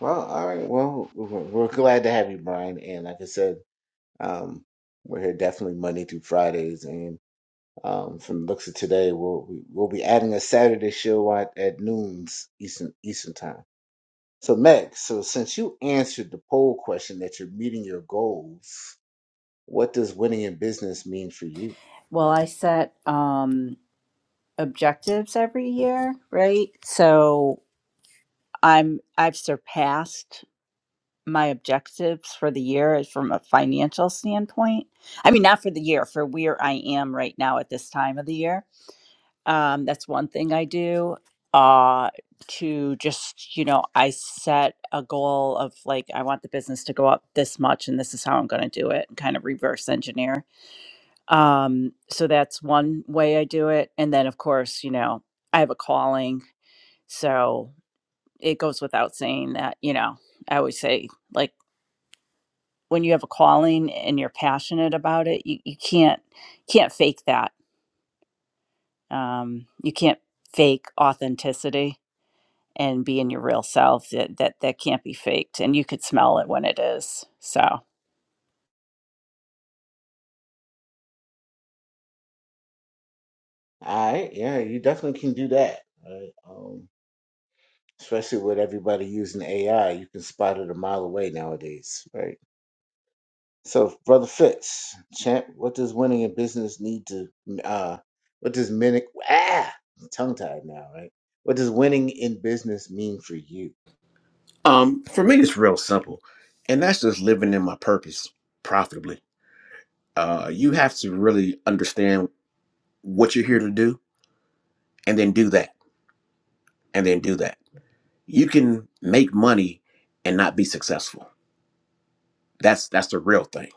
Speaker 1: Well, all right. Well, we're we're glad to have you, Brian. And like I said, um, we're here definitely Monday through Fridays, and Um, from the looks of today, we'll we- will we will be adding a Saturday show at, at noon's Eastern Eastern time. So Meg, so since you answered the poll question that you're meeting your goals, what does winning in business mean for you?
Speaker 6: Well, I set um, objectives every year, right? So I'm, I've surpassed my objectives for the year from a financial standpoint. I mean, not for the year, for where I am right now at this time of the year Um, that's one thing I do. Uh, to just, you know, I set a goal of like, I want the business to go up this much and this is how I'm going to do it and kind of reverse engineer. Um, so that's one way I do it. And then, of course, you know, I have a calling. So it goes without saying that, you know, I always say like when you have a calling and you're passionate about it, you, you can't, can't fake that. Um, you can't fake authenticity and being your real self that that that can't be faked and you could smell it when it is so
Speaker 1: All right, yeah, you definitely can do that. Right? Um, especially with everybody using AI, you can spot it a mile away nowadays, right? So, Brother Fitz, champ, what does winning in business need to, uh, what does winning, ah, tongue tied now, right? What does winning in business mean for you?
Speaker 7: um for me it's real simple and that's just living in my purpose profitably uh you have to really understand what you're here to do and then do that and then do that you can make money and not be successful that's that's the real thing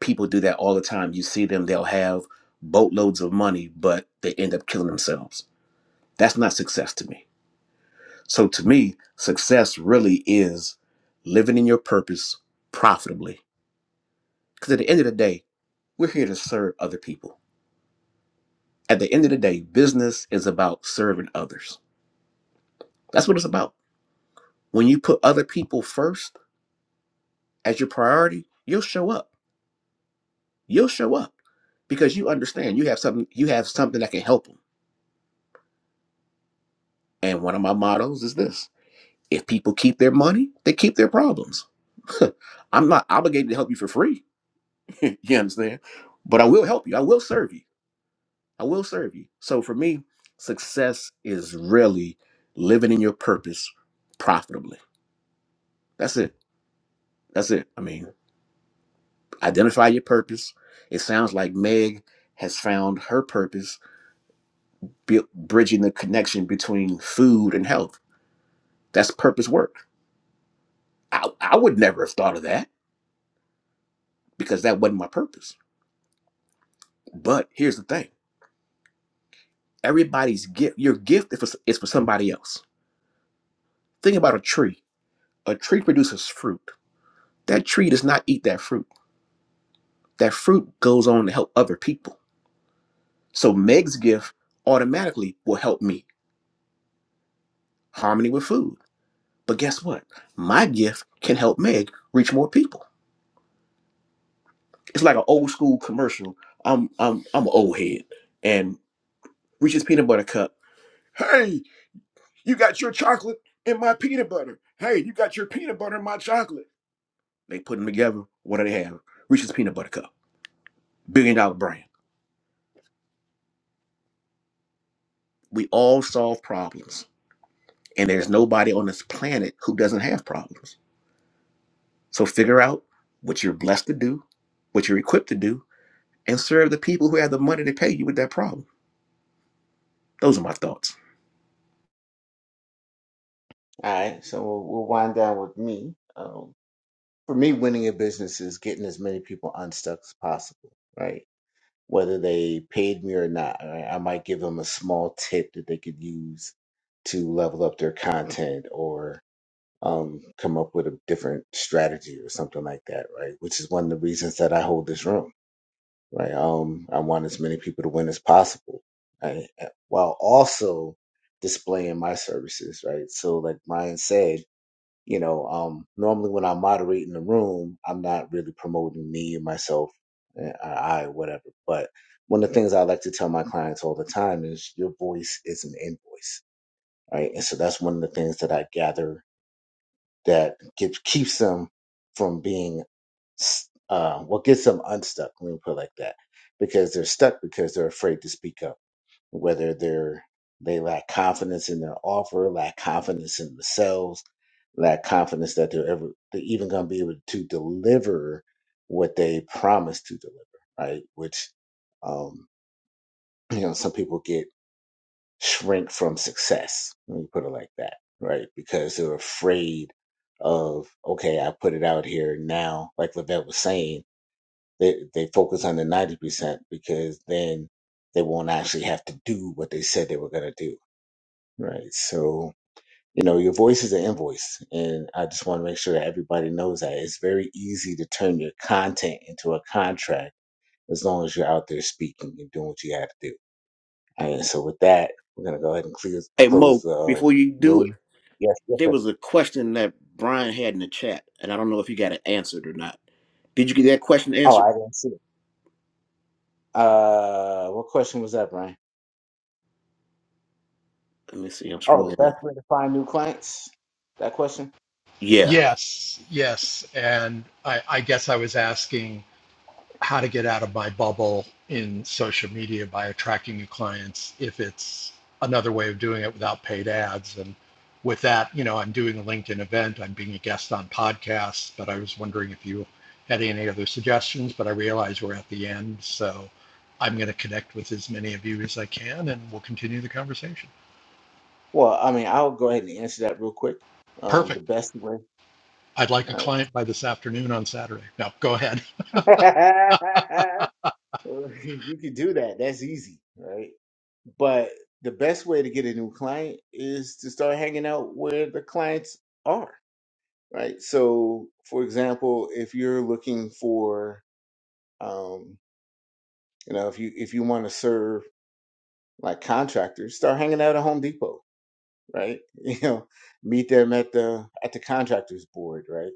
Speaker 7: people do that all the time you see them they'll have boatloads of money but they end up killing themselves that's not success to me so to me success really is living in your purpose profitably because at the end of the day we're here to serve other people at the end of the day business is about serving others that's what it's about when you put other people first as your priority you'll show up you'll show up because you understand you have something you have something that can help them and one of my mottos is this if people keep their money they keep their problems (laughs) i'm not obligated to help you for free (laughs) you understand but i will help you i will serve you i will serve you so for me success is really living in your purpose profitably that's it that's it i mean identify your purpose it sounds like meg has found her purpose bu- bridging the connection between food and health That's purpose work. I, I would never have thought of that because that wasn't my purpose. But here's the thing everybody's gift, your gift is for, is for somebody else. Think about a tree. A tree produces fruit. That tree does not eat that fruit. That fruit goes on to help other people. So Meg's gift automatically will help me. Harmony with food. But guess what? My gift can help Meg reach more people. It's like an old school commercial. I'm I'm I'm an old head and reaches peanut butter cup. Hey, You got your chocolate and my peanut butter. Hey, you got your peanut butter and my chocolate. They put them together. What do they have? Reese's Peanut Butter Cup, billion dollar brand. We all solve problems, and there's nobody on this planet who doesn't have problems. So figure out what you're blessed to do, what you're equipped to do, and serve the people who have the money to pay you with that problem. Those are my thoughts.
Speaker 1: All right, so we'll, we'll wind down with me. Um, for me, winning in business is getting as many people unstuck as possible, right? Whether they paid me or not, right? I might give them a small tip that they could use to level up their content or um, come up with a different strategy or something like that, right? Which is one of the reasons that I hold this room, right? Um, I want as many people to win as possible, right? Uh, While also displaying my services, right? So, like Ryan said, you know, um, normally when I'm moderating the room, I'm not really promoting me and myself, and I, I whatever. But one of the things I like to tell my clients all the time is your voice is an invoice, right? And so that's one of the things that I gather that gets, keeps them from being, uh, what gets them unstuck, let me put it like that, because they're stuck because they're afraid to speak up, whether they're, they lack confidence in their offer, lack confidence in themselves, lack confidence that they're ever, they're even going to be able to deliver what they promise to deliver, right? Which, um, (clears throat) you know, some people get shrink from success. Let me put it like that, right? Because they're afraid of, okay, I put it out here now, like Lavette was saying, they, they focus on the 90% because then they won't actually have to do what they said they were going to do, right? So, you know, your voice is an invoice. And I just want to make sure that everybody knows that it's very easy to turn your content into a contract as long as you're out there speaking and doing what you have to do. All right, so with that, we're gonna go ahead and clear,
Speaker 7: Hey,
Speaker 1: close
Speaker 7: Mo,
Speaker 1: the uh,
Speaker 7: before you do it,
Speaker 1: room. Yes, yes,
Speaker 7: there
Speaker 1: sir.
Speaker 7: was a question that Brian had in the chat, and I don't know if you got it answered or not. Did you get that question
Speaker 1: Oh,
Speaker 7: answered?
Speaker 1: I didn't see it. Uh, what question was that, Brian?
Speaker 7: Let me see. I'm
Speaker 1: Oh, the
Speaker 7: scrolling.
Speaker 1: best way to find new clients. That question.
Speaker 7: Yeah.
Speaker 8: Yes, yes. And I, I guess I was asking how to get out of my bubble in social media by attracting new clients if it's another way of doing it without paid ads and with that you know i'm doing a linkedin event i'm being a guest on podcasts but i was wondering if you had any other suggestions but i realize we're at the end so i'm going to connect with as many of you as i can and we'll continue the conversation
Speaker 1: Well, I mean, I'll go ahead and answer that real quick. Um, the
Speaker 8: perfect
Speaker 1: best way.
Speaker 8: i'd like a
Speaker 1: All
Speaker 8: client by this afternoon on saturday no go ahead
Speaker 1: right. (laughs) you can do that. That's easy, right? But the best way to get a new client is to start hanging out where the clients are, right? So, for example, if you're looking for Um, you know, if you if you want to serve like contractors, start hanging out at Home Depot, right? (laughs) You know, meet them at the at the contractors board, right?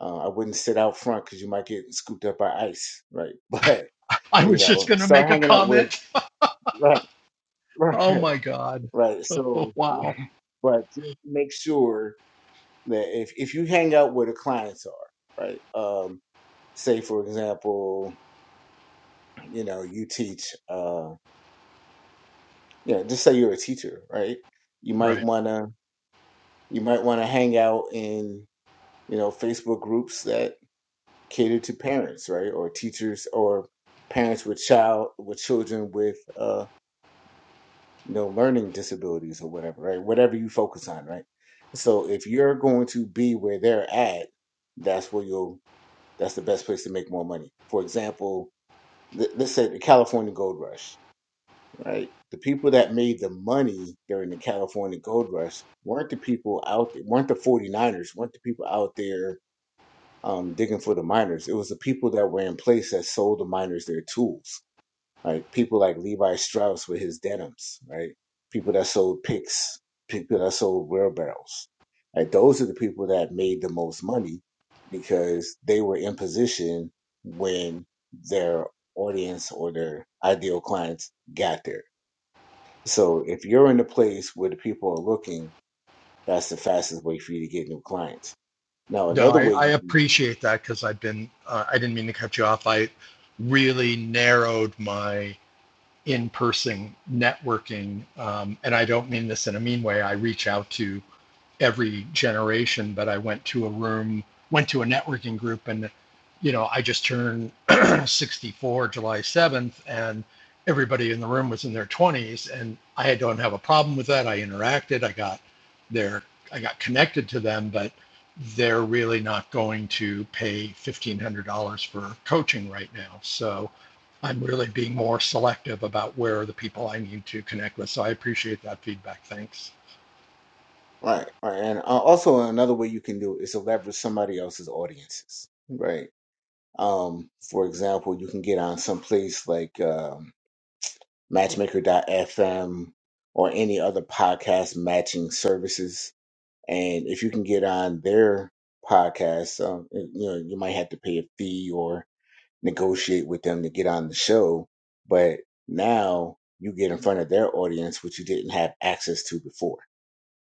Speaker 1: Uh, I wouldn't sit out front because you might get scooped up by ice, right? (laughs) But
Speaker 8: (laughs) i
Speaker 1: you
Speaker 8: was just
Speaker 1: know,
Speaker 8: going to make
Speaker 1: start
Speaker 8: a
Speaker 1: hanging out with
Speaker 8: comment
Speaker 1: right, (laughs)
Speaker 8: (laughs)
Speaker 1: right,
Speaker 8: oh my god
Speaker 1: right.
Speaker 8: (laughs)
Speaker 1: So,
Speaker 8: wow
Speaker 1: (laughs) but just make sure that if if you hang out where the clients are, right? Um, say for example, you know, you teach. Uh, Yeah, just say you're a teacher, right? You might
Speaker 8: right
Speaker 1: wanna you might wanna hang out in, you know, Facebook groups that cater to parents, right? Or teachers or parents with child with children with uh, you know, learning disabilities or whatever, right? Whatever you focus on, right? So if you're going to be where they're at, that's where you'll that's the best place to make more money. For example, th- let's say the California Gold Rush right? The people that made the money during the California gold rush weren't the people out there, weren't the 49ers, weren't the people out there um, digging for the miners. It was the people that were in place that sold the miners their tools, right? People like Levi Strauss with his denims, right? People that sold picks, people that sold wheelbarrows, right? Those are the people that made the most money because they were in position when their audience or their ideal clients got there so if you're in a place where the people are looking, that's the fastest way for you to get new clients. Now,
Speaker 8: No,
Speaker 1: another
Speaker 8: I,
Speaker 1: way
Speaker 8: I
Speaker 1: you
Speaker 8: appreciate that because I've been, uh, I didn't mean to cut you off. I really narrowed my in person networking. Um, and I don't mean this in a mean way. I reach out to every generation, but I went to a room, went to a networking group, and you know, I just turned (clears throat) 64 July 7th, and everybody in the room was in their 20s, and I don't have a problem with that. I interacted, I got their, I got connected to them, but they're really not going to pay $1,500 for coaching right now. So I'm really being more selective about where are the people I need to connect with. So I appreciate that feedback. Thanks.
Speaker 1: right, right, and uh, also another way you can do it is to leverage somebody else's audiences, right? Um, for example, you can get on some place like um, FM or any other podcast matching services, and if you can get on their podcast, um, you know, you might have to pay a fee or negotiate with them to get on the show, but now you get in front of their audience, which you didn't have access to before.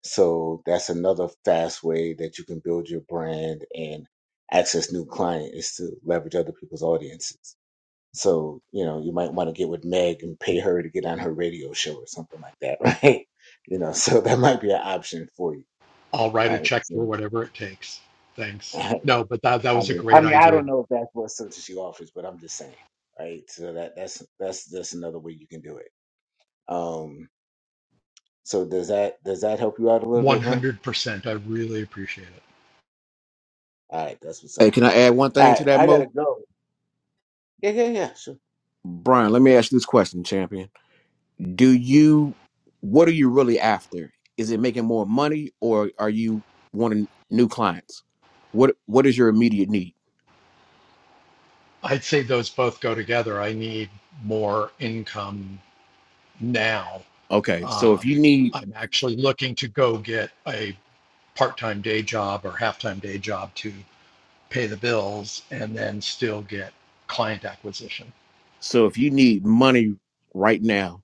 Speaker 1: So that's another fast way that you can build your brand and access new clients is to leverage other people's audiences. So, you know, you might want to get with Meg and pay her to get on her radio show or something like that, right? (laughs) You know, so that might be an option for you.
Speaker 8: I'll write a
Speaker 1: All right.
Speaker 8: check
Speaker 1: So,
Speaker 8: for whatever it takes. Thanks.
Speaker 1: (laughs)
Speaker 8: No, but that that
Speaker 1: I
Speaker 8: was a
Speaker 1: mean, I
Speaker 8: great
Speaker 1: mean, I
Speaker 8: idea.
Speaker 1: don't know if that's what certainty offers, but I'm just saying, right? So that that's that's that's another way you can do it. Um, so does that does that help you out a little bit, Brian?
Speaker 8: 100%. I really appreciate it.
Speaker 1: All right, that's what's
Speaker 7: Hey,
Speaker 1: up.
Speaker 7: can I add one
Speaker 1: All
Speaker 7: thing to
Speaker 1: right,
Speaker 7: that,
Speaker 1: I gotta
Speaker 7: Mo?
Speaker 1: go. Yeah, yeah, yeah. Sure.
Speaker 7: Brian, let me ask you this question, champion. Do you, what are you really after? Is it making more money or are you wanting new clients? What What is your immediate need?
Speaker 8: I'd say those both go together. I need more income now.
Speaker 7: Okay, so if
Speaker 8: Um,
Speaker 7: you need,
Speaker 8: I'm actually looking to go get a part-time day job or half-time day job to pay the bills and then still get client acquisition.
Speaker 7: so if you need money right now,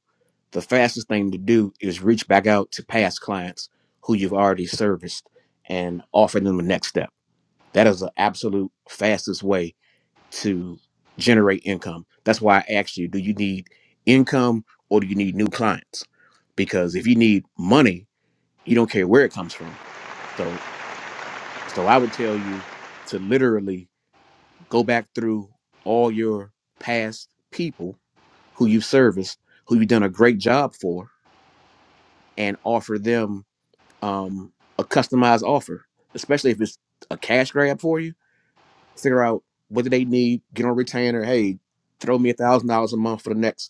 Speaker 7: the fastest thing to do is reach back out to past clients who you've already serviced and offer them the next step. That is the absolute fastest way to generate income. That's why I asked you, do you need income or do you need new clients? Because if you need money, you don't care where it comes from. So so I would tell you to literally go back through all your past people who you've serviced, who you've done a great job for, and offer them um, a customized offer, especially if it's a cash grab for you. Figure out what do they need, get on retainer. Hey, throw me a thousand dollars a month for the next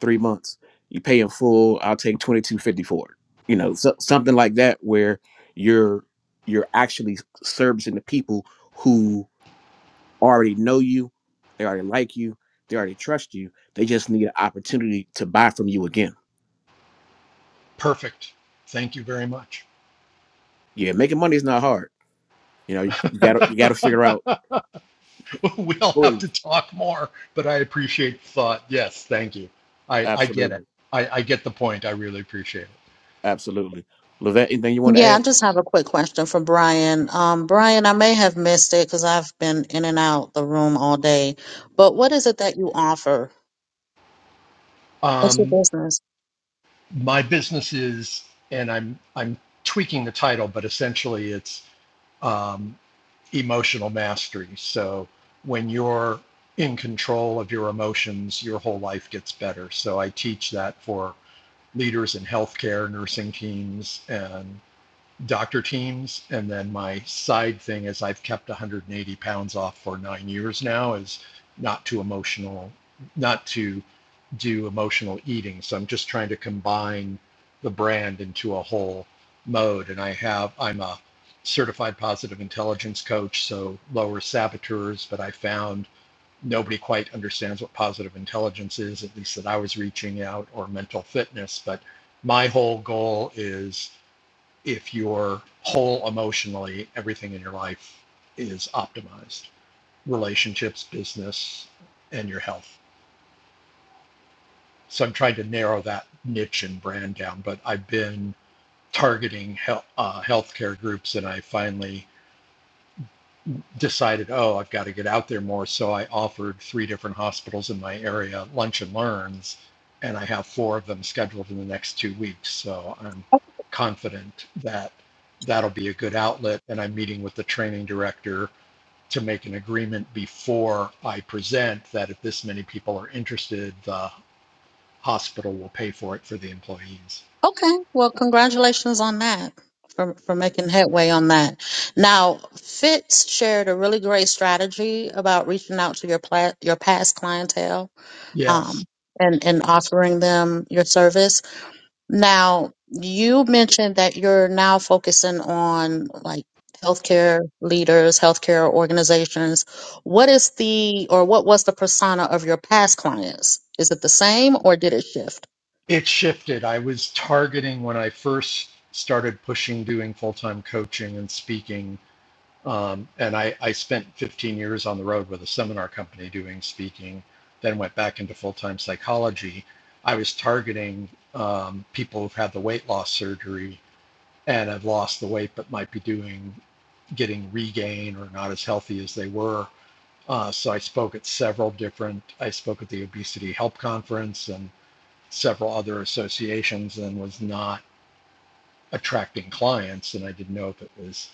Speaker 7: three months. You pay in full. I'll take twenty two fifty for it. You know, so, something like that, where you're you're actually servicing the people who already know you, they already like you, they already trust you. They just need an opportunity to buy from you again.
Speaker 8: Perfect. Thank you very much.
Speaker 7: Yeah, making money is not hard. You know, you got to you got to figure out.
Speaker 8: (laughs) we'll have to talk more, but I appreciate the thought. Yes, thank you. I, I get it.
Speaker 7: Absolutely,
Speaker 8: I, I get the point. I really appreciate it.
Speaker 7: Absolutely. Levant, anything you want to
Speaker 2: Yeah, I
Speaker 7: add?
Speaker 2: just have a quick question for Brian. Um, Brian, I may have missed it because I've been in and out the room all day, but what is it that you offer? What's your
Speaker 8: Um,
Speaker 2: business?
Speaker 8: my business is, and I'm I'm tweaking the title, but essentially it's um, emotional mastery. So when you're in control of your emotions, your whole life gets better. So I teach that for leaders in healthcare, nursing teams, and doctor teams. And then my side thing is I've kept 180 pounds off for nine years now is not too emotional, not to do emotional eating. So I'm just trying to combine the brand into a whole mode. And I have, I'm a certified positive intelligence coach, so lower saboteurs, but I found nobody quite understands what positive intelligence is, at least that I was reaching out, or mental fitness. But my whole goal is if you're whole emotionally, everything in your life is optimized relationships, business, and your health. So I'm trying to narrow that niche and brand down, but I've been targeting health, uh, healthcare groups and I finally decided, oh, I've got to get out there more. So I offered three different hospitals in my area lunch and learns, and I have four of them scheduled in the next two weeks. So I'm confident that that'll be a good outlet. And I'm meeting with the training director to make an agreement before I present that if this many people are interested, the hospital will pay for it for the employees.
Speaker 2: Okay, well, congratulations on that for, for making headway on that. Now, Fitz shared a really great strategy about reaching out to your pla- your past clientele um,
Speaker 8: Yes,
Speaker 2: and, and offering them your service. Now, you mentioned that you're now focusing on like healthcare leaders, healthcare organizations. What is the, or what was the persona of your past clients? Is it the same or did it shift?
Speaker 8: it shifted. I was targeting when I first started pushing doing full time coaching and speaking Um, and I, I spent 15 years on the road with a seminar company doing speaking, then went back into full time psychology. I was targeting um, people who've had the weight loss surgery and have lost the weight but might be doing getting regain or not as healthy as they were. Uh, so I spoke at several different, I spoke at the Obesity Help Conference and several other associations and was not attracting clients. And I didn't know if it was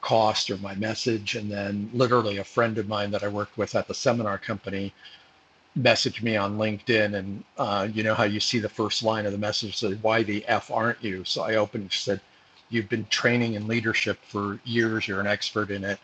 Speaker 8: cost or my message. And then literally a friend of mine that I worked with at the seminar company messaged me on LinkedIn. And uh, you know how you see the first line of the message says, Why the F aren't you? So I opened and said, You've been training in leadership for years. You're an expert in it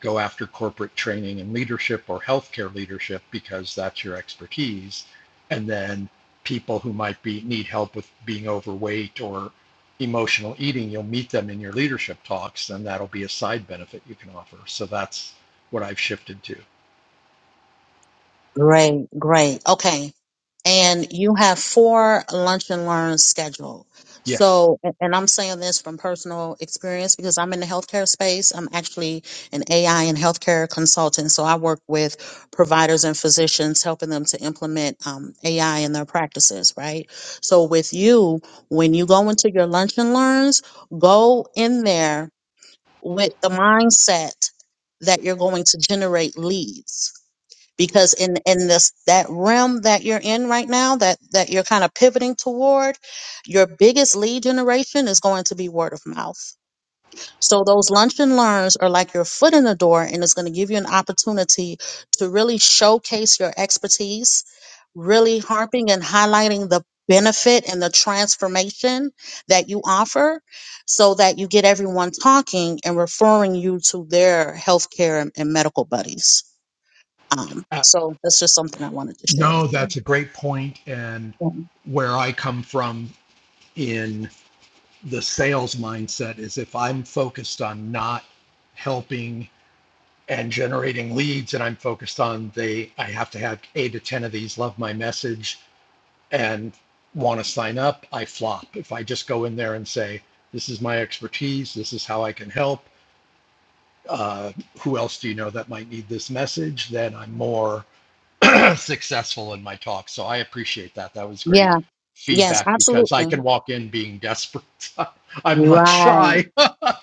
Speaker 8: go after corporate training and leadership or healthcare leadership because that's your expertise. And then people who might be need help with being overweight or emotional eating, you'll meet them in your leadership talks, and that'll be a side benefit you can offer. So that's what I've shifted to.
Speaker 2: Great, great. Okay. And you have four lunch and learns scheduled.
Speaker 8: Yes.
Speaker 2: So, a- and I'm saying this from personal experience because I'm in the healthcare space. I'm actually an AI and healthcare consultant. So I work with providers and physicians, helping them to implement um, AI in their practices, right? So with you, when you go into your lunch and learns, go in there with the mindset that you're going to generate leads because in in this that realm that you're in right now that that you're kind of pivoting toward your biggest lead generation is going to be word of mouth so those lunch and learns are like your foot in the door and it's going to give you an opportunity to really showcase your expertise really harping and highlighting the benefit and the transformation that you offer so that you get everyone talking and referring you to their healthcare and and medical buddies um,
Speaker 8: Uh,
Speaker 2: so that's just something I wanted to share
Speaker 8: no,
Speaker 2: with you.
Speaker 8: that's a great point. And
Speaker 2: Um,
Speaker 8: where I come from in the sales mindset is if I'm focused on not helping and generating leads and i'm focused on they i have to have eight to ten of these love my message and want to sign up i flop if i just go in there and say this is my expertise this is how i can help uh, who else do you know that might need this message then i'm more (clears throat) successful in my talk so i appreciate that that was great
Speaker 2: Yeah. Yes,
Speaker 8: feedback because i
Speaker 2: absolutely.
Speaker 8: can walk in being desperate (laughs) i'm not
Speaker 2: Right.
Speaker 8: shy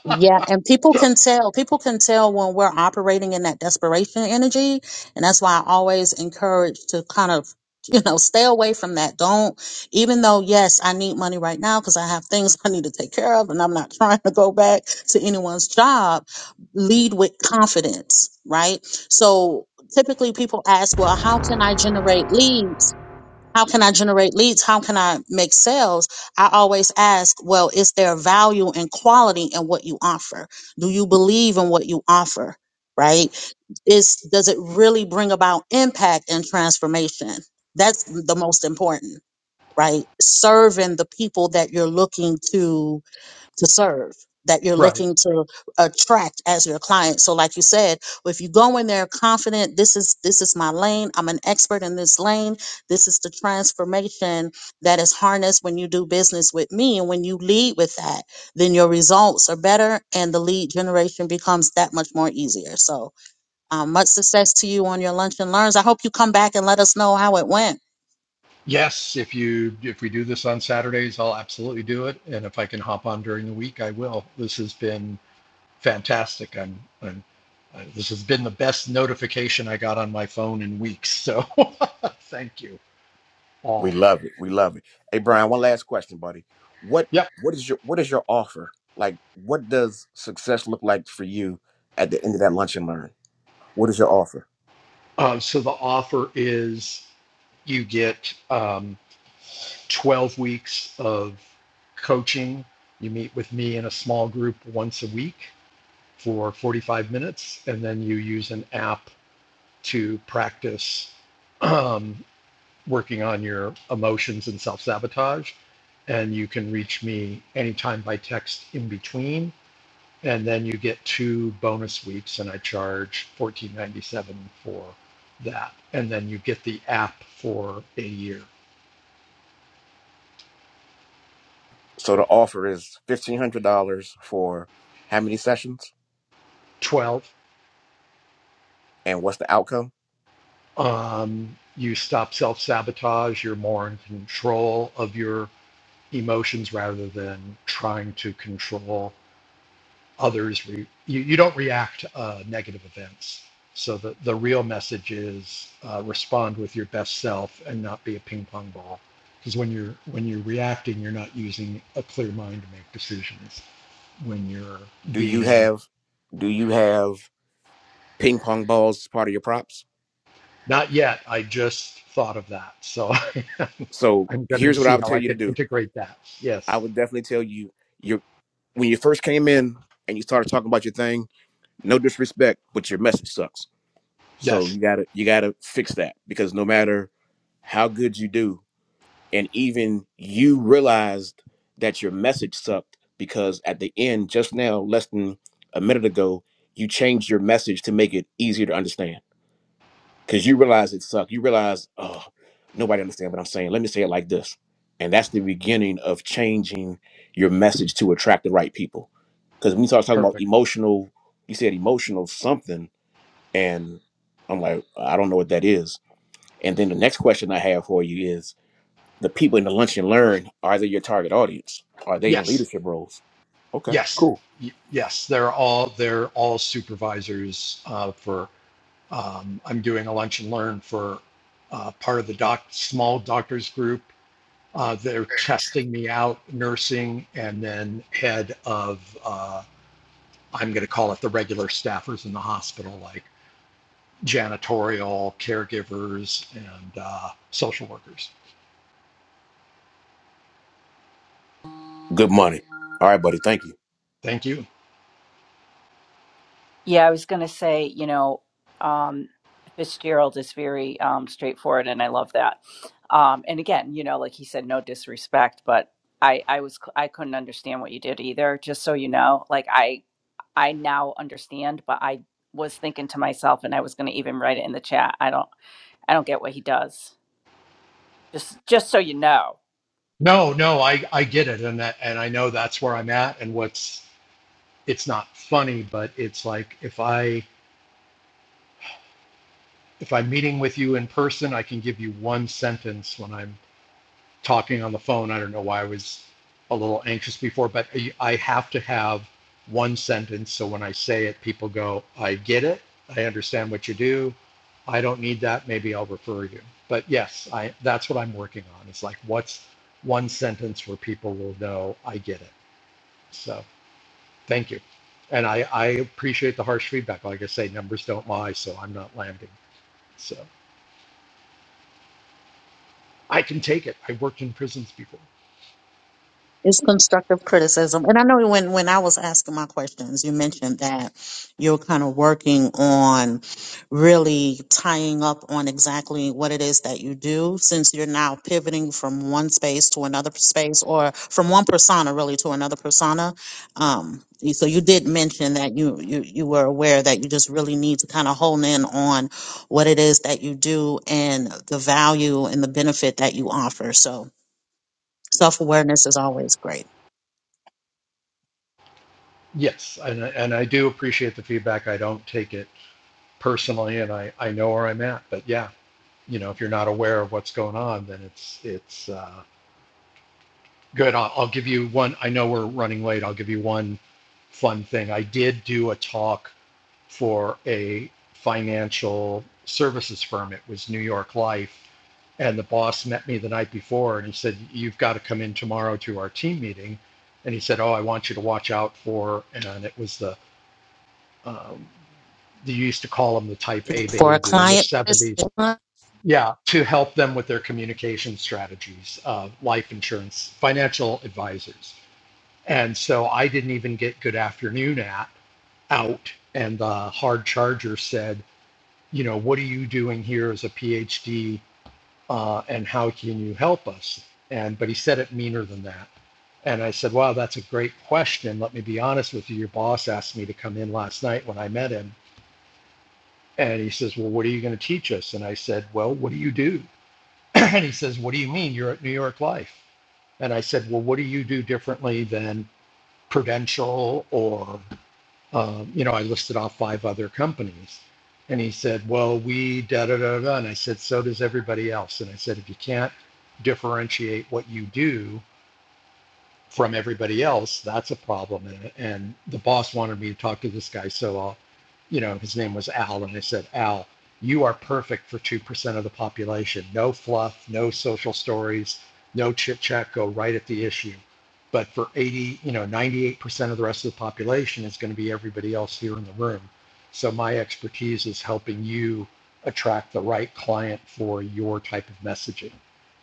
Speaker 2: Yeah. And people can tell, people can tell when we're operating in that desperation energy. And that's why I always encourage to kind of, (laughs) you know, stay away from that. Don't, even though, yes, I need money right now because I have things I need to take care of and I'm not (laughs) trying to go back to anyone's job, lead with confidence, right? So typically people ask, well, how can I generate leads? how can I generate leads? How can I make sales? I always ask, well, is there value and quality in what you offer? Do you believe in what you offer? Right? Is does it really bring about impact and transformation? That's the most important, right? Serving the people that you're looking to to serve that
Speaker 8: (laughs)
Speaker 2: you're
Speaker 8: right
Speaker 2: looking to attract as your client so like you said if you go in there confident this is this is my lane i'm an expert in this lane this is the transformation that is harnessed when you do business with me and when you lead with that then your results are better and the lead generation becomes that much more easier so um, much success to you on your lunch and learns i hope you come back and let us know how it went
Speaker 8: Yes, if you if we do this on Saturdays, I'll absolutely do it, and if I can hop on during the week, I will. This has been fantastic. I'm, I'm uh, this has been the best notification I got on my phone in weeks. So (laughs) thank you
Speaker 7: We
Speaker 8: all.
Speaker 7: love it. We love it. Hey Brian, one last question, buddy. What
Speaker 8: Yep.
Speaker 7: what is your what is your offer? Like what does success look like for you at the end of that lunch and learn? What is your offer?
Speaker 8: Uh, so the offer is you get um, 12 weeks of coaching. You meet with me in a small group once a week for 45 minutes, and then you use an app to practice um, working on your emotions and self sabotage. And you can reach me anytime by text in between. And then you get two bonus weeks, and I charge fourteen ninety seven for that. And then you get the app for a year.
Speaker 7: So the offer is fifteen hundred dollars for how many sessions?
Speaker 8: 12.
Speaker 7: And what's the outcome?
Speaker 8: Um, you stop self sabotage. You're more in control of your emotions rather than trying to control others re- you, you don't react to uh, negative events so the, the real message is uh, respond with your best self and not be a ping pong ball because when you're when you're reacting you're not using a clear mind to make decisions when you're
Speaker 7: Do you
Speaker 8: being
Speaker 7: have do you have ping pong balls is part of your props.
Speaker 8: not yet i just thought of that so (laughs)
Speaker 7: So
Speaker 8: i'm going to
Speaker 7: here's what I
Speaker 8: see
Speaker 7: would
Speaker 8: how
Speaker 7: tell
Speaker 8: i
Speaker 7: you to
Speaker 8: can
Speaker 7: do.
Speaker 8: integrate that
Speaker 7: I
Speaker 8: yes
Speaker 7: would definitely tell you your when you first came in and you started talking about your thing, no disrespect, but your message sucks. So
Speaker 8: yes
Speaker 7: you gotta you gotta fix that because no matter how good you do, and even you realized that your message sucked because at the end, just now, less than a minute ago, you changed your message to make it easier to understand. because you realize it sucked. You realize, oh, nobody understands what I'm saying. Let me say it like this. And that's the beginning of changing your message to attract the right people. Because when you start talking about
Speaker 8: perfect
Speaker 7: emotional, you said emotional something, and I'm like, I don't know what that is. And then the next question I have for you is the people in the lunch and learn, are they your target audience? Are they in
Speaker 8: yes
Speaker 7: leadership roles? Okay,
Speaker 8: yes
Speaker 7: cool.
Speaker 8: y- yes they're all they're all supervisors uh, for Um, I'm doing a lunch and learn for uh, part of the doc, small doctors group. Uh, they're testing me out, nursing, and then head of, uh, I'm going to call it the regular staffers in the hospital, like janitorial, caregivers, and uh, social workers.
Speaker 7: Good money. All right, buddy. Thank you.
Speaker 8: Thank you.
Speaker 6: Yeah, I was going to say, you know, um, Fitzgerald is very um, straightforward, and I love that. Um, and again, you know, like he said, no disrespect, but I, I was, I couldn't understand what you did either. Just so you know, like I, I now understand, but I was thinking to myself, and I was going to even write it in the chat. I don't, I don't get what he does. Just, just so you know.
Speaker 8: No, no, I, I get it. And that, and I know that's where I'm at. And what's, it's not funny, but it's like if I, if I'm meeting with you in person, I can give you one sentence when I'm talking on the phone. I don't know why I was a little anxious before, but I have to have one sentence. So when I say it, people go, I get it. I understand what you do. I don't need that. Maybe I'll refer you. But yes, I that's what I'm working on. It's like what's one sentence where people will know I get it. So thank you. And I, I appreciate the harsh feedback. Like I say, numbers don't lie, so I'm not landing. So I can take it. I worked in prisons before.
Speaker 2: It's constructive criticism. And I know when, when I was asking my questions, you mentioned that you're kind of working on really tying up on exactly what it is that you do since you're now pivoting from one space to another space or from one persona really to another persona. Um, so you did mention that you, you, you were aware that you just really need to kind of hone in on what it is that you do and the value and the benefit that you offer. So self awareness is always great
Speaker 8: Yes, and and I do appreciate the feedback. I don't take it personally, and I I know where I'm at. But yeah, you know, if you're not aware of what's going on, then it's it's uh, good. I'll, I'll give you one. I know we're running late. I'll give you one fun thing. I did do a talk for a financial services firm. It was New York Life, and the boss met me the night before, and he said, "You've got to come in tomorrow to our team meeting." And he said, "Oh, I want you to watch out for," and it was the um, they used to call them the type A
Speaker 2: for a
Speaker 8: behavior in the
Speaker 2: client. this
Speaker 8: 70s.
Speaker 2: month.
Speaker 8: Yeah, to help them with their communication strategies, uh, life insurance, financial advisors. And so I didn't even get good afternoon at out. And the hard charger said, you know, what are you doing here as a PhD uh, and how can you help us? And but he said it meaner than that. And I said, wow, that's a great question. Let me be honest with you. Your boss asked me to come in last night when I met him And he says, Well, what are you going to teach us? And I said, Well, what do you do? (clears throat) and he says, What do you mean? You're at New York Life. And I said, Well, what do you do differently than Prudential or, um, you know, I listed off five other companies. And he said, Well, we da da da da. And I said, So does everybody else. And I said, If you can't differentiate what you do, from everybody else, that's a problem. And, and the boss wanted me to talk to this guy. So, I'll, you know, his name was Al. And I said, Al, you are perfect for 2% of the population. No fluff, no social stories, no chit chat, go right at the issue. But for 80, you know, 98% of the rest of the population is going to be everybody else here in the room. So, my expertise is helping you attract the right client for your type of messaging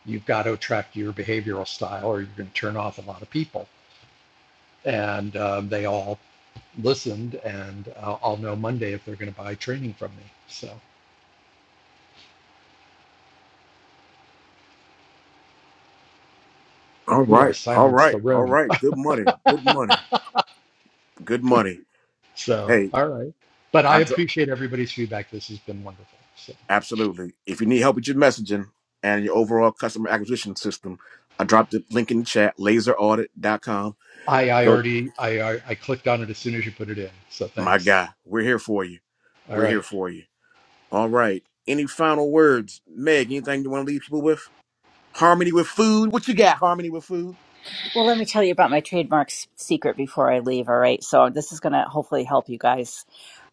Speaker 8: you've got to attract your behavioral style or you're going to turn off a lot of people. And um, they all listened, and I'll, I'll know Monday if they're going to buy training from me. So,
Speaker 7: All
Speaker 8: ooh, I
Speaker 7: right, all
Speaker 8: silenced the
Speaker 7: right, all
Speaker 8: room.
Speaker 7: right. Good money, good money, good money.
Speaker 8: So,
Speaker 7: Hey,
Speaker 8: all right. But I
Speaker 7: I dro-
Speaker 8: appreciate everybody's feedback. This has been wonderful. So,
Speaker 7: absolutely. If you need help with your messaging and your overall customer acquisition system, I dropped the link in the chat, laser audit dot com.
Speaker 8: I, I
Speaker 7: Go,
Speaker 8: already, I, I I clicked on it as soon as you put it in. So,
Speaker 7: my
Speaker 8: thanks.
Speaker 7: guy, we're here for you.
Speaker 8: All
Speaker 7: We're here
Speaker 8: right.
Speaker 7: for you. All right. Any final words, Meg? Anything you want to leave people with? Harmony with food. What you got? Harmony with food.
Speaker 6: Well, let me tell you about my trademark s- secret before I leave. All right. So, this is going to hopefully help you guys.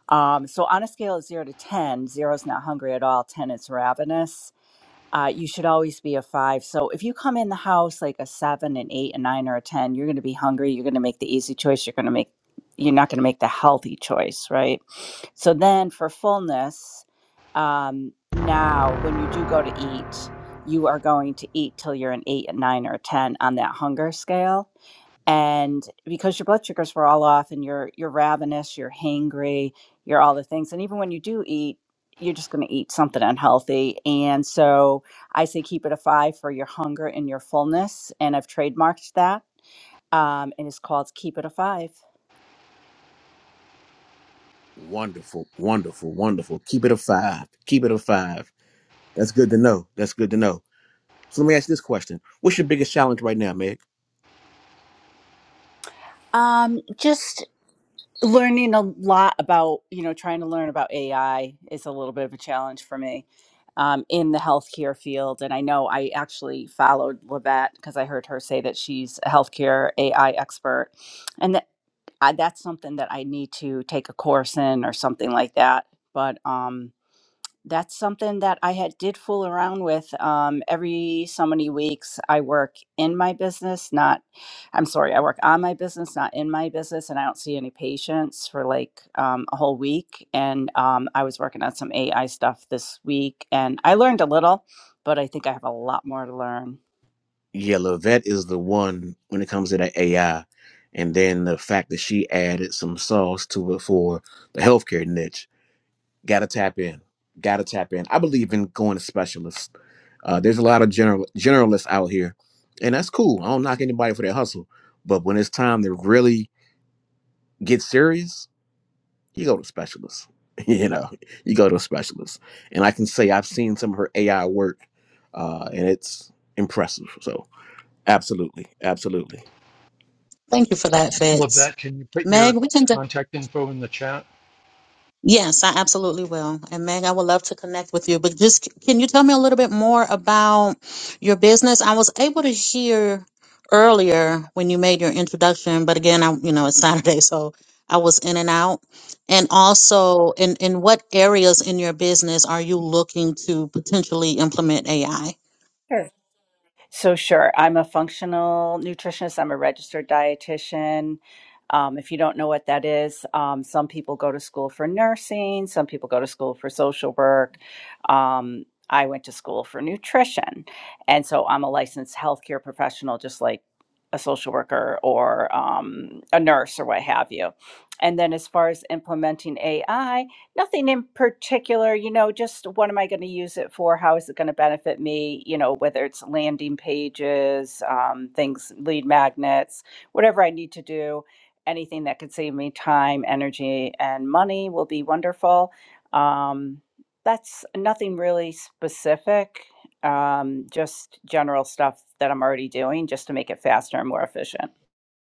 Speaker 6: Um, so, on a scale of zero to ten, zero is not hungry at all, 10 is ravenous. Uh, you should always be a five. So, if you come in the house like a seven, an eight, a nine, or a 10, you're going to be hungry. You're going to make the easy choice. You're going to make, you're not going to make the healthy choice. Right. So, then for fullness, um, now when you do go to eat, you are going to eat till you're an eight, a nine, or a 10 on that hunger scale and because your blood sugars were all off and you're you're ravenous you're hangry you're all the things and even when you do eat you're just going to eat something unhealthy and so i say keep it a five for your hunger and your fullness and i've trademarked that um, and it's called keep it a five
Speaker 7: Wonderful, wonderful, wonderful. Keep it a five. Keep it a five. That's good to know. That's good to know. So let me ask you this question: What's your biggest challenge right now, Meg?
Speaker 6: um, just learning a lot about you know trying to learn about ai is a little bit of a challenge for me um, in the healthcare field and i know i actually followed levette because i heard her say that she's a healthcare ai expert and that I, that's something that i need to take a course in or something like that but um, that's something that I had did fool around with. Um, every so many weeks, I work in my business, not, I'm sorry, I work on my business, not in my business, and I don't see any patients for like um, a whole week. And um, I was working on some AI stuff this week, and I learned a little, but I think I have a lot more to learn.
Speaker 7: yeah, Levette is the one when it comes to that AI. And then the fact that she added some sauce to it for the healthcare niche. Gotta tap in. Gotta tap in. I believe in going to specialists. Uh, there's a lot of general generalists out here, and that's cool. I don't knock anybody for their hustle. But when it's time to really get serious, you go to specialists. (laughs) you know, you go to a specialist. And I can say I've seen some of her AI work, uh, and it's impressive. So absolutely, absolutely.
Speaker 2: Thank you for that, Fitz.
Speaker 8: Lavette, can you put
Speaker 2: Meg,
Speaker 8: your
Speaker 2: we can. De-
Speaker 8: contact info in the chat?
Speaker 2: yes, I absolutely will. And Meg, I would love to connect with you. But just c- can you tell me a little bit more about your business? I was able to hear earlier when you made your introduction, but again, I you know it's (laughs) Saturday, so I was in and out. And also, in in what areas in your business are you looking to potentially implement AI?
Speaker 6: Sure. So, sure, I'm a functional nutritionist, I'm a registered dietitian. Um, if you don't know what that is, um, some people go to school for nursing, some people go to school for social work. Um, I went to school for nutrition. And so I'm a licensed healthcare professional, just like a social worker or um, a nurse or what have you. And then, as far as implementing AI, Nothing in particular, you know, just what am I going to use it for? How is it going to benefit me? You know, whether it's landing pages, um, things, lead magnets, whatever I need to do, anything that could save me time, energy, and money will be wonderful. Um, that's nothing really specific, um, just general stuff that I'm already doing just to make it faster and more efficient.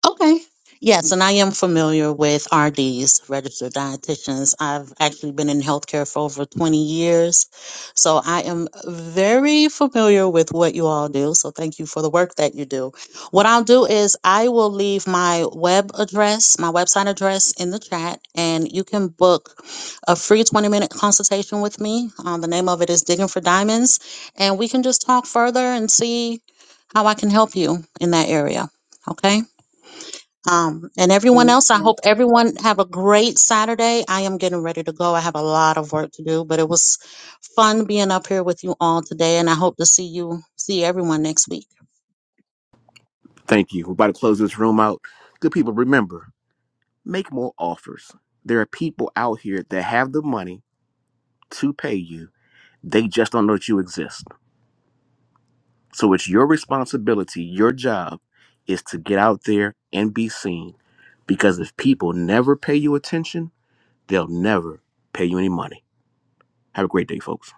Speaker 2: Okay. Yes, and I am familiar with RDs, registered dietitians. I've actually been in healthcare for over 20 years. So I am very familiar with what you all do. So thank you for the work that you do. What I'll do is I will leave my web address, my website address in the chat, and you can book a free 20 minute consultation with me. Um, the name of it is Digging for Diamonds. And we can just talk further and see how I can help you in that area. Okay. Um, and everyone
Speaker 6: Thank
Speaker 2: else, I
Speaker 6: you.
Speaker 2: hope everyone have a great Saturday. I am getting ready to go. I have a lot of work to do, but it was fun being up here with you all today, and I hope to see you, see everyone next week.
Speaker 7: Thank you. We're about to close this room out. Good people, remember, make more offers. There are people out here that have the money to pay you. They just don't know that you exist. So it's your responsibility, your job is to get out there and be seen. Because if people never pay you attention, they'll never pay you any money. Have a great day, folks.